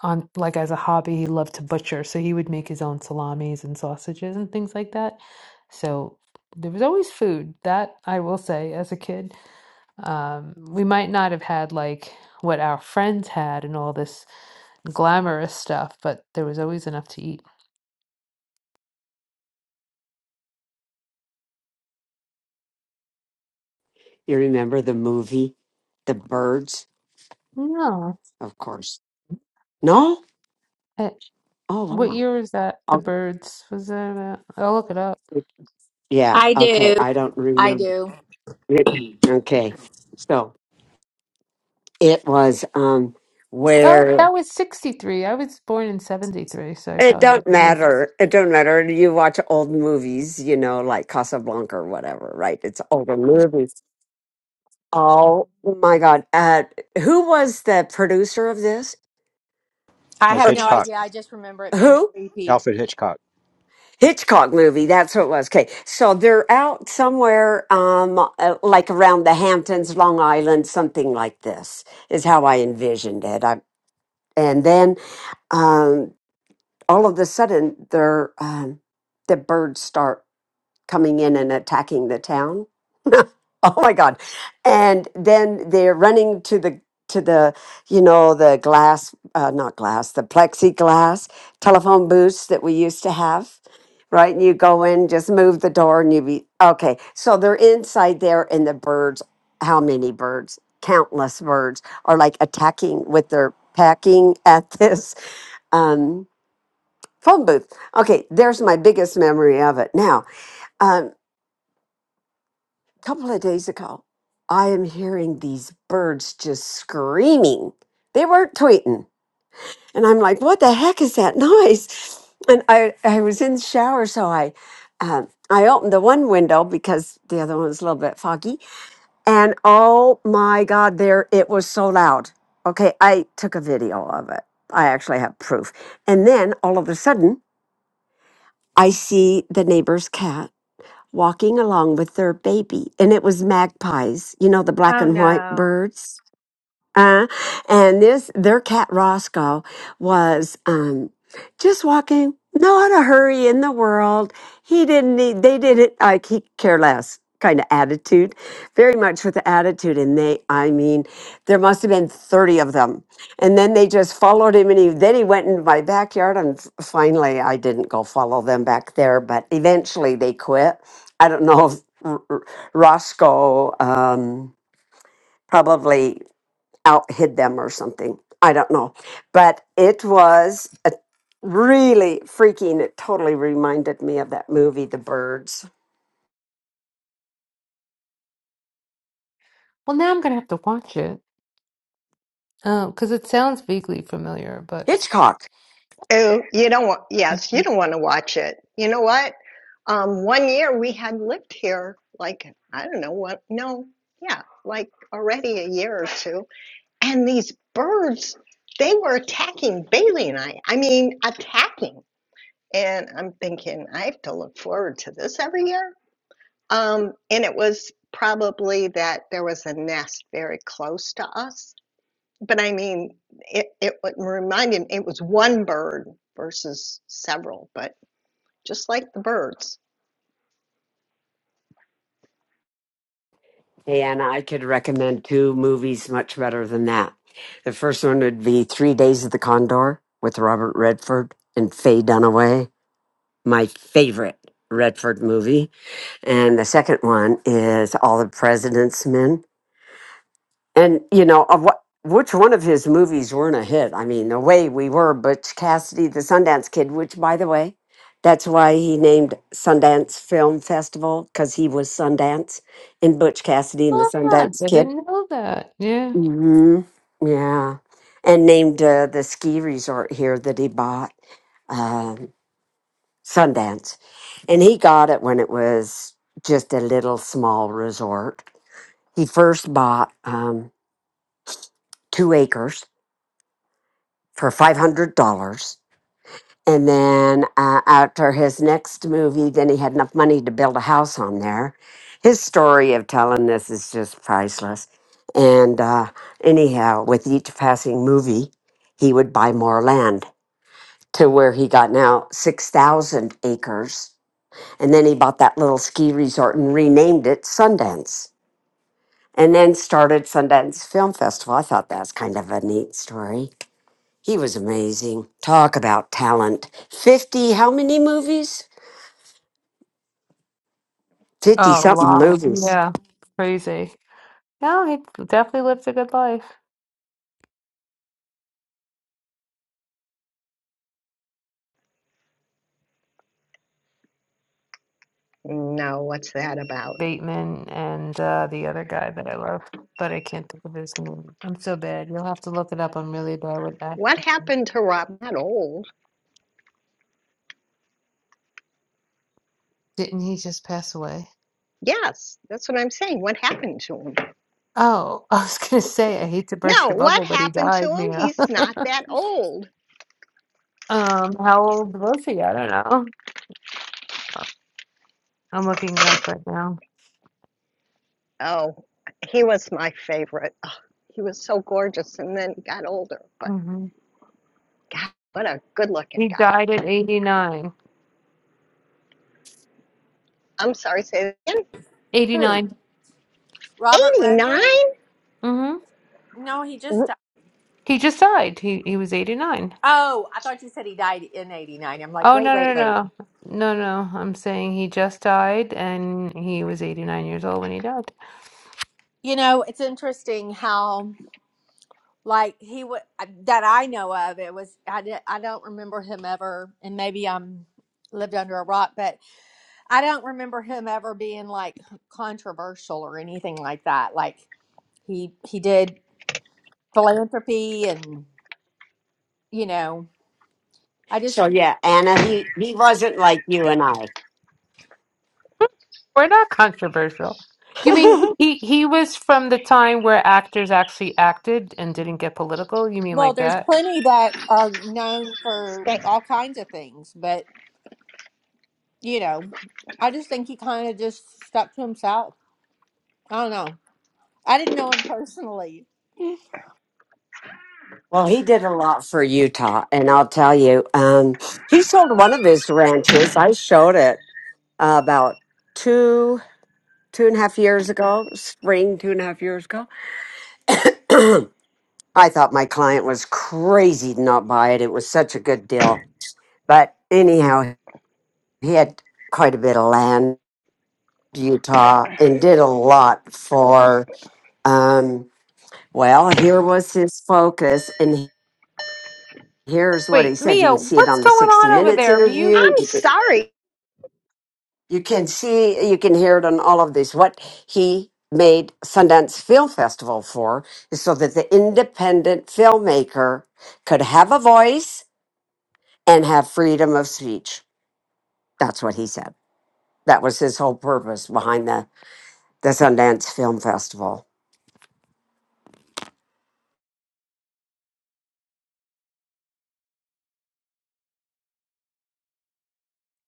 Speaker 2: on like as a hobby he loved to butcher so he would make his own salamis and sausages and things like that so there was always food that i will say as a kid um, we might not have had like what our friends had and all this glamorous stuff but there was always enough to eat
Speaker 17: remember the movie, The Birds?
Speaker 2: no
Speaker 17: Of course. No?
Speaker 2: Eh,
Speaker 17: Oh,
Speaker 2: what
Speaker 17: wow.
Speaker 2: year was that the
Speaker 17: Oh,
Speaker 2: birds was that about? i'll look it up
Speaker 17: yeah.
Speaker 15: I
Speaker 17: Okay.
Speaker 15: do.
Speaker 17: I don't
Speaker 15: I
Speaker 17: remember.
Speaker 15: do.
Speaker 17: It- Okay, so it was um
Speaker 2: oh
Speaker 17: where
Speaker 2: that was 63 i was born in 73 so i
Speaker 17: it
Speaker 2: probably
Speaker 17: don't
Speaker 2: yes
Speaker 17: matter. It don't matter. You watch old movies, you know, like Casablanca or whatever, right? It's older movies. Oh my God! Uh, who was the producer of this?
Speaker 18: It
Speaker 15: I
Speaker 18: was
Speaker 15: have
Speaker 17: Er,
Speaker 15: no
Speaker 18: Hitchcock,
Speaker 15: idea. I just remember it being
Speaker 17: Who?
Speaker 15: creepy.
Speaker 18: Alfred Hitchcock.
Speaker 17: Hitchcock movie. That's what it was. Okay, so they're out somewhere, um, uh, like around the Hamptons, Long Island, something like this is how I envisioned it. I, and then um, all of a sudden they're um, the birds start coming in and attacking the town oh my god and then they're running to the to the you know the glass uh, not glass the plexiglass telephone booths that we used to have right and you go in just move the door and you be okay so they're inside there and the birds how many birds countless birds are like attacking with their packing at this Um, phone booth. Okay, there's my biggest memory of it. Now, um, a couple of days ago, I am hearing these birds just screaming. They weren't tweeting. And I'm like, what the heck is that noise? And I, I was in the shower, so I, um, I opened the one window because the other one was a little bit foggy. And oh my God, there it was so loud. Okay, I took a video of it. I actually have proof. And then all of a sudden, I see the neighbor's cat walking along with their baby. And it was magpies, you know, the black
Speaker 15: Oh
Speaker 17: and white
Speaker 15: no.
Speaker 17: birds. Uh, and this, their cat Roscoe was, um, just walking, not a hurry in the world. He didn't need, they didn't, like, he care less kind of attitude, very much with the attitude. And they, I mean, there must have been 30 of them. And then they just followed him and he, then he went into my backyard. And f- finally, I didn't go follow them back there, but eventually they quit. I don't know if R- R- Roscoe, um, probably out hid them or something. I don't know. But it was a really freaking, it totally reminded me of that movie, The Birds,
Speaker 2: well now i'm gonna have to watch it Oh, because it sounds vaguely familiar, but
Speaker 17: Hitchcock.
Speaker 3: Oh, you don't want, yes, you
Speaker 2: Mhm.
Speaker 3: don't want to watch it. You know what? Um, one year we had lived here, like, I don't know what, no, yeah, like already a year or two. And these birds, they were attacking Bailey and I. I mean, attacking. And I'm thinking, I have to look forward to this every year. Um, and it was probably that there was a nest very close to us but I mean, it, it would remind it was one bird versus several, but just like the birds.
Speaker 17: And I could recommend two movies much better than that. The first one would be Three Days of the Condor with Robert Redford and Faye Dunaway, my favorite Redford movie. And the second one is All the President's Men And you know, of what which one of his movies weren't a hit? I mean, the way we were Butch Cassidy, the Sundance Kid, which by the way, that's why he named Sundance Film Festival because he was Sundance in Butch Cassidy and the
Speaker 2: ah,
Speaker 17: Sundance
Speaker 2: I
Speaker 17: Kid.
Speaker 2: didn't know that. Yeah.
Speaker 17: hmm Yeah, and named uh, the ski resort here that he bought um, Sundance, and he got it when it was just a little small resort. He first bought um, two acres for five hundred dollars. And then uh, after his next movie, then he had enough money to build a house on there. His story of telling this is just priceless. And uh, anyhow, with each passing movie, he would buy more land to where he got now six thousand acres. And then he bought that little ski resort and renamed it Sundance. And then started Sundance Film Festival. I thought that was kind of a neat story. He was amazing. Talk about talent. 50, how many movies? 50
Speaker 2: oh, A
Speaker 17: something
Speaker 2: lot.
Speaker 17: movies.
Speaker 2: Yeah. Crazy. No, he definitely lived a good life.
Speaker 3: No, what's that about?
Speaker 2: Bateman and uh, the other guy that I love, but I can't think of his name. I'm so bad. You'll have to look it up. I'm really bad with that.
Speaker 3: What happened to Rob? Not old.
Speaker 2: Didn't he just pass away?
Speaker 3: Yes, that's what I'm saying. What happened to him?
Speaker 2: Oh, I was gonna say, I hate to burst
Speaker 3: No,
Speaker 2: your
Speaker 3: what
Speaker 2: bubble, but he
Speaker 3: happened to
Speaker 2: died,
Speaker 3: him?
Speaker 2: Mia.
Speaker 3: He's not that old.
Speaker 2: Um, how old was he? I don't know. I'm looking it up right now.
Speaker 3: Oh, he was my favorite. Ugh, he was so gorgeous and then got older, but
Speaker 2: Mm-hmm.
Speaker 3: God, what a good looking
Speaker 2: He
Speaker 3: guy.
Speaker 2: died at 89.
Speaker 3: I'm sorry, say that again.
Speaker 15: Who?
Speaker 2: 89.
Speaker 15: Robert
Speaker 3: 89?
Speaker 15: Redford?
Speaker 2: Mm-hmm.
Speaker 15: No, he just died.
Speaker 2: He just died. He he was 89.
Speaker 15: Oh, I thought you said he died in 89. I'm like,
Speaker 2: Oh,
Speaker 15: wait,
Speaker 2: no,
Speaker 15: wait,
Speaker 2: no,
Speaker 15: wait.
Speaker 2: no. No, no. no. I'm saying he just died and he was 89 years old when he died.
Speaker 15: You know, it's interesting how like he would that I know of. It was I di- I don't remember him ever and maybe I'm lived under a rock, but I don't remember him ever being like controversial or anything like that. Like he he did philanthropy and you know, I just
Speaker 17: So, yeah, Anna, he, he wasn't like you and I.
Speaker 2: Hmm. We're not controversial. You mean he he was from the time where actors actually acted and didn't get political? You mean
Speaker 15: Well,
Speaker 2: like
Speaker 15: there's
Speaker 2: that?
Speaker 15: plenty that are known for all kinds of things, but you know, I just think he kind of just stuck to himself. I don't know. I didn't know him personally.
Speaker 17: well, he did a lot for Utah. And I'll tell you, um, he sold one of his ranches. I showed it uh, about two, two and a half years ago, spring, two and a half years ago. I thought my client was crazy to not buy it. It was such a good deal. But anyhow, he had quite a bit of land Utah and did a lot for, um, well, here was his focus. And here's what he
Speaker 2: Wait,
Speaker 17: said. You
Speaker 2: Mia,
Speaker 17: can see it
Speaker 2: what's
Speaker 17: on the
Speaker 2: going
Speaker 17: 60
Speaker 2: on over
Speaker 17: Minutes
Speaker 2: there? Mute
Speaker 17: interview.
Speaker 3: I'm
Speaker 17: You can
Speaker 3: sorry.
Speaker 17: you can see, you can hear it on all of this. What he made Sundance Film Festival for is so that the independent filmmaker could have a voice and have freedom of speech. That's what he said. That was his whole purpose behind the, the Sundance Film Festival.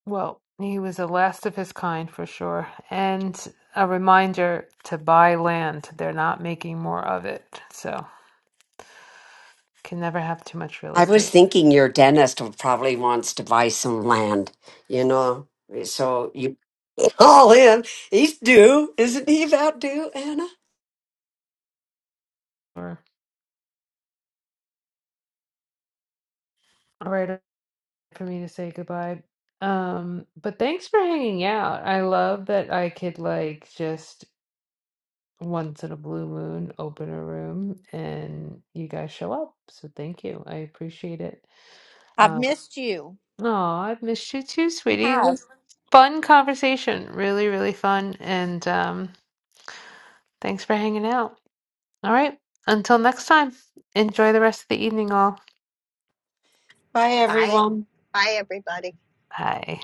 Speaker 2: Well, he was the last of his kind for sure. And a reminder to buy land. They're not making more of it. So can never have too much real
Speaker 17: I was
Speaker 2: estate.
Speaker 17: thinking your dentist would probably wants to buy some land, you know. So you call him. He's due, isn't he? About due, Anna.
Speaker 2: Or all right for me to say goodbye. Um, but thanks for hanging out. I love that I could like just once in a blue moon open a room and you guys show up. So thank you. I appreciate it.
Speaker 15: I've
Speaker 2: Um
Speaker 15: missed you.
Speaker 2: Oh, I've missed you too,
Speaker 15: I
Speaker 2: sweetie. It
Speaker 15: have.
Speaker 2: was fun conversation. Really, really fun. And um, thanks for hanging out. All right. Until next time, enjoy the rest of the evening, all.
Speaker 17: Bye,
Speaker 3: Bye.
Speaker 17: everyone.
Speaker 3: Bye, everybody.
Speaker 2: Bye.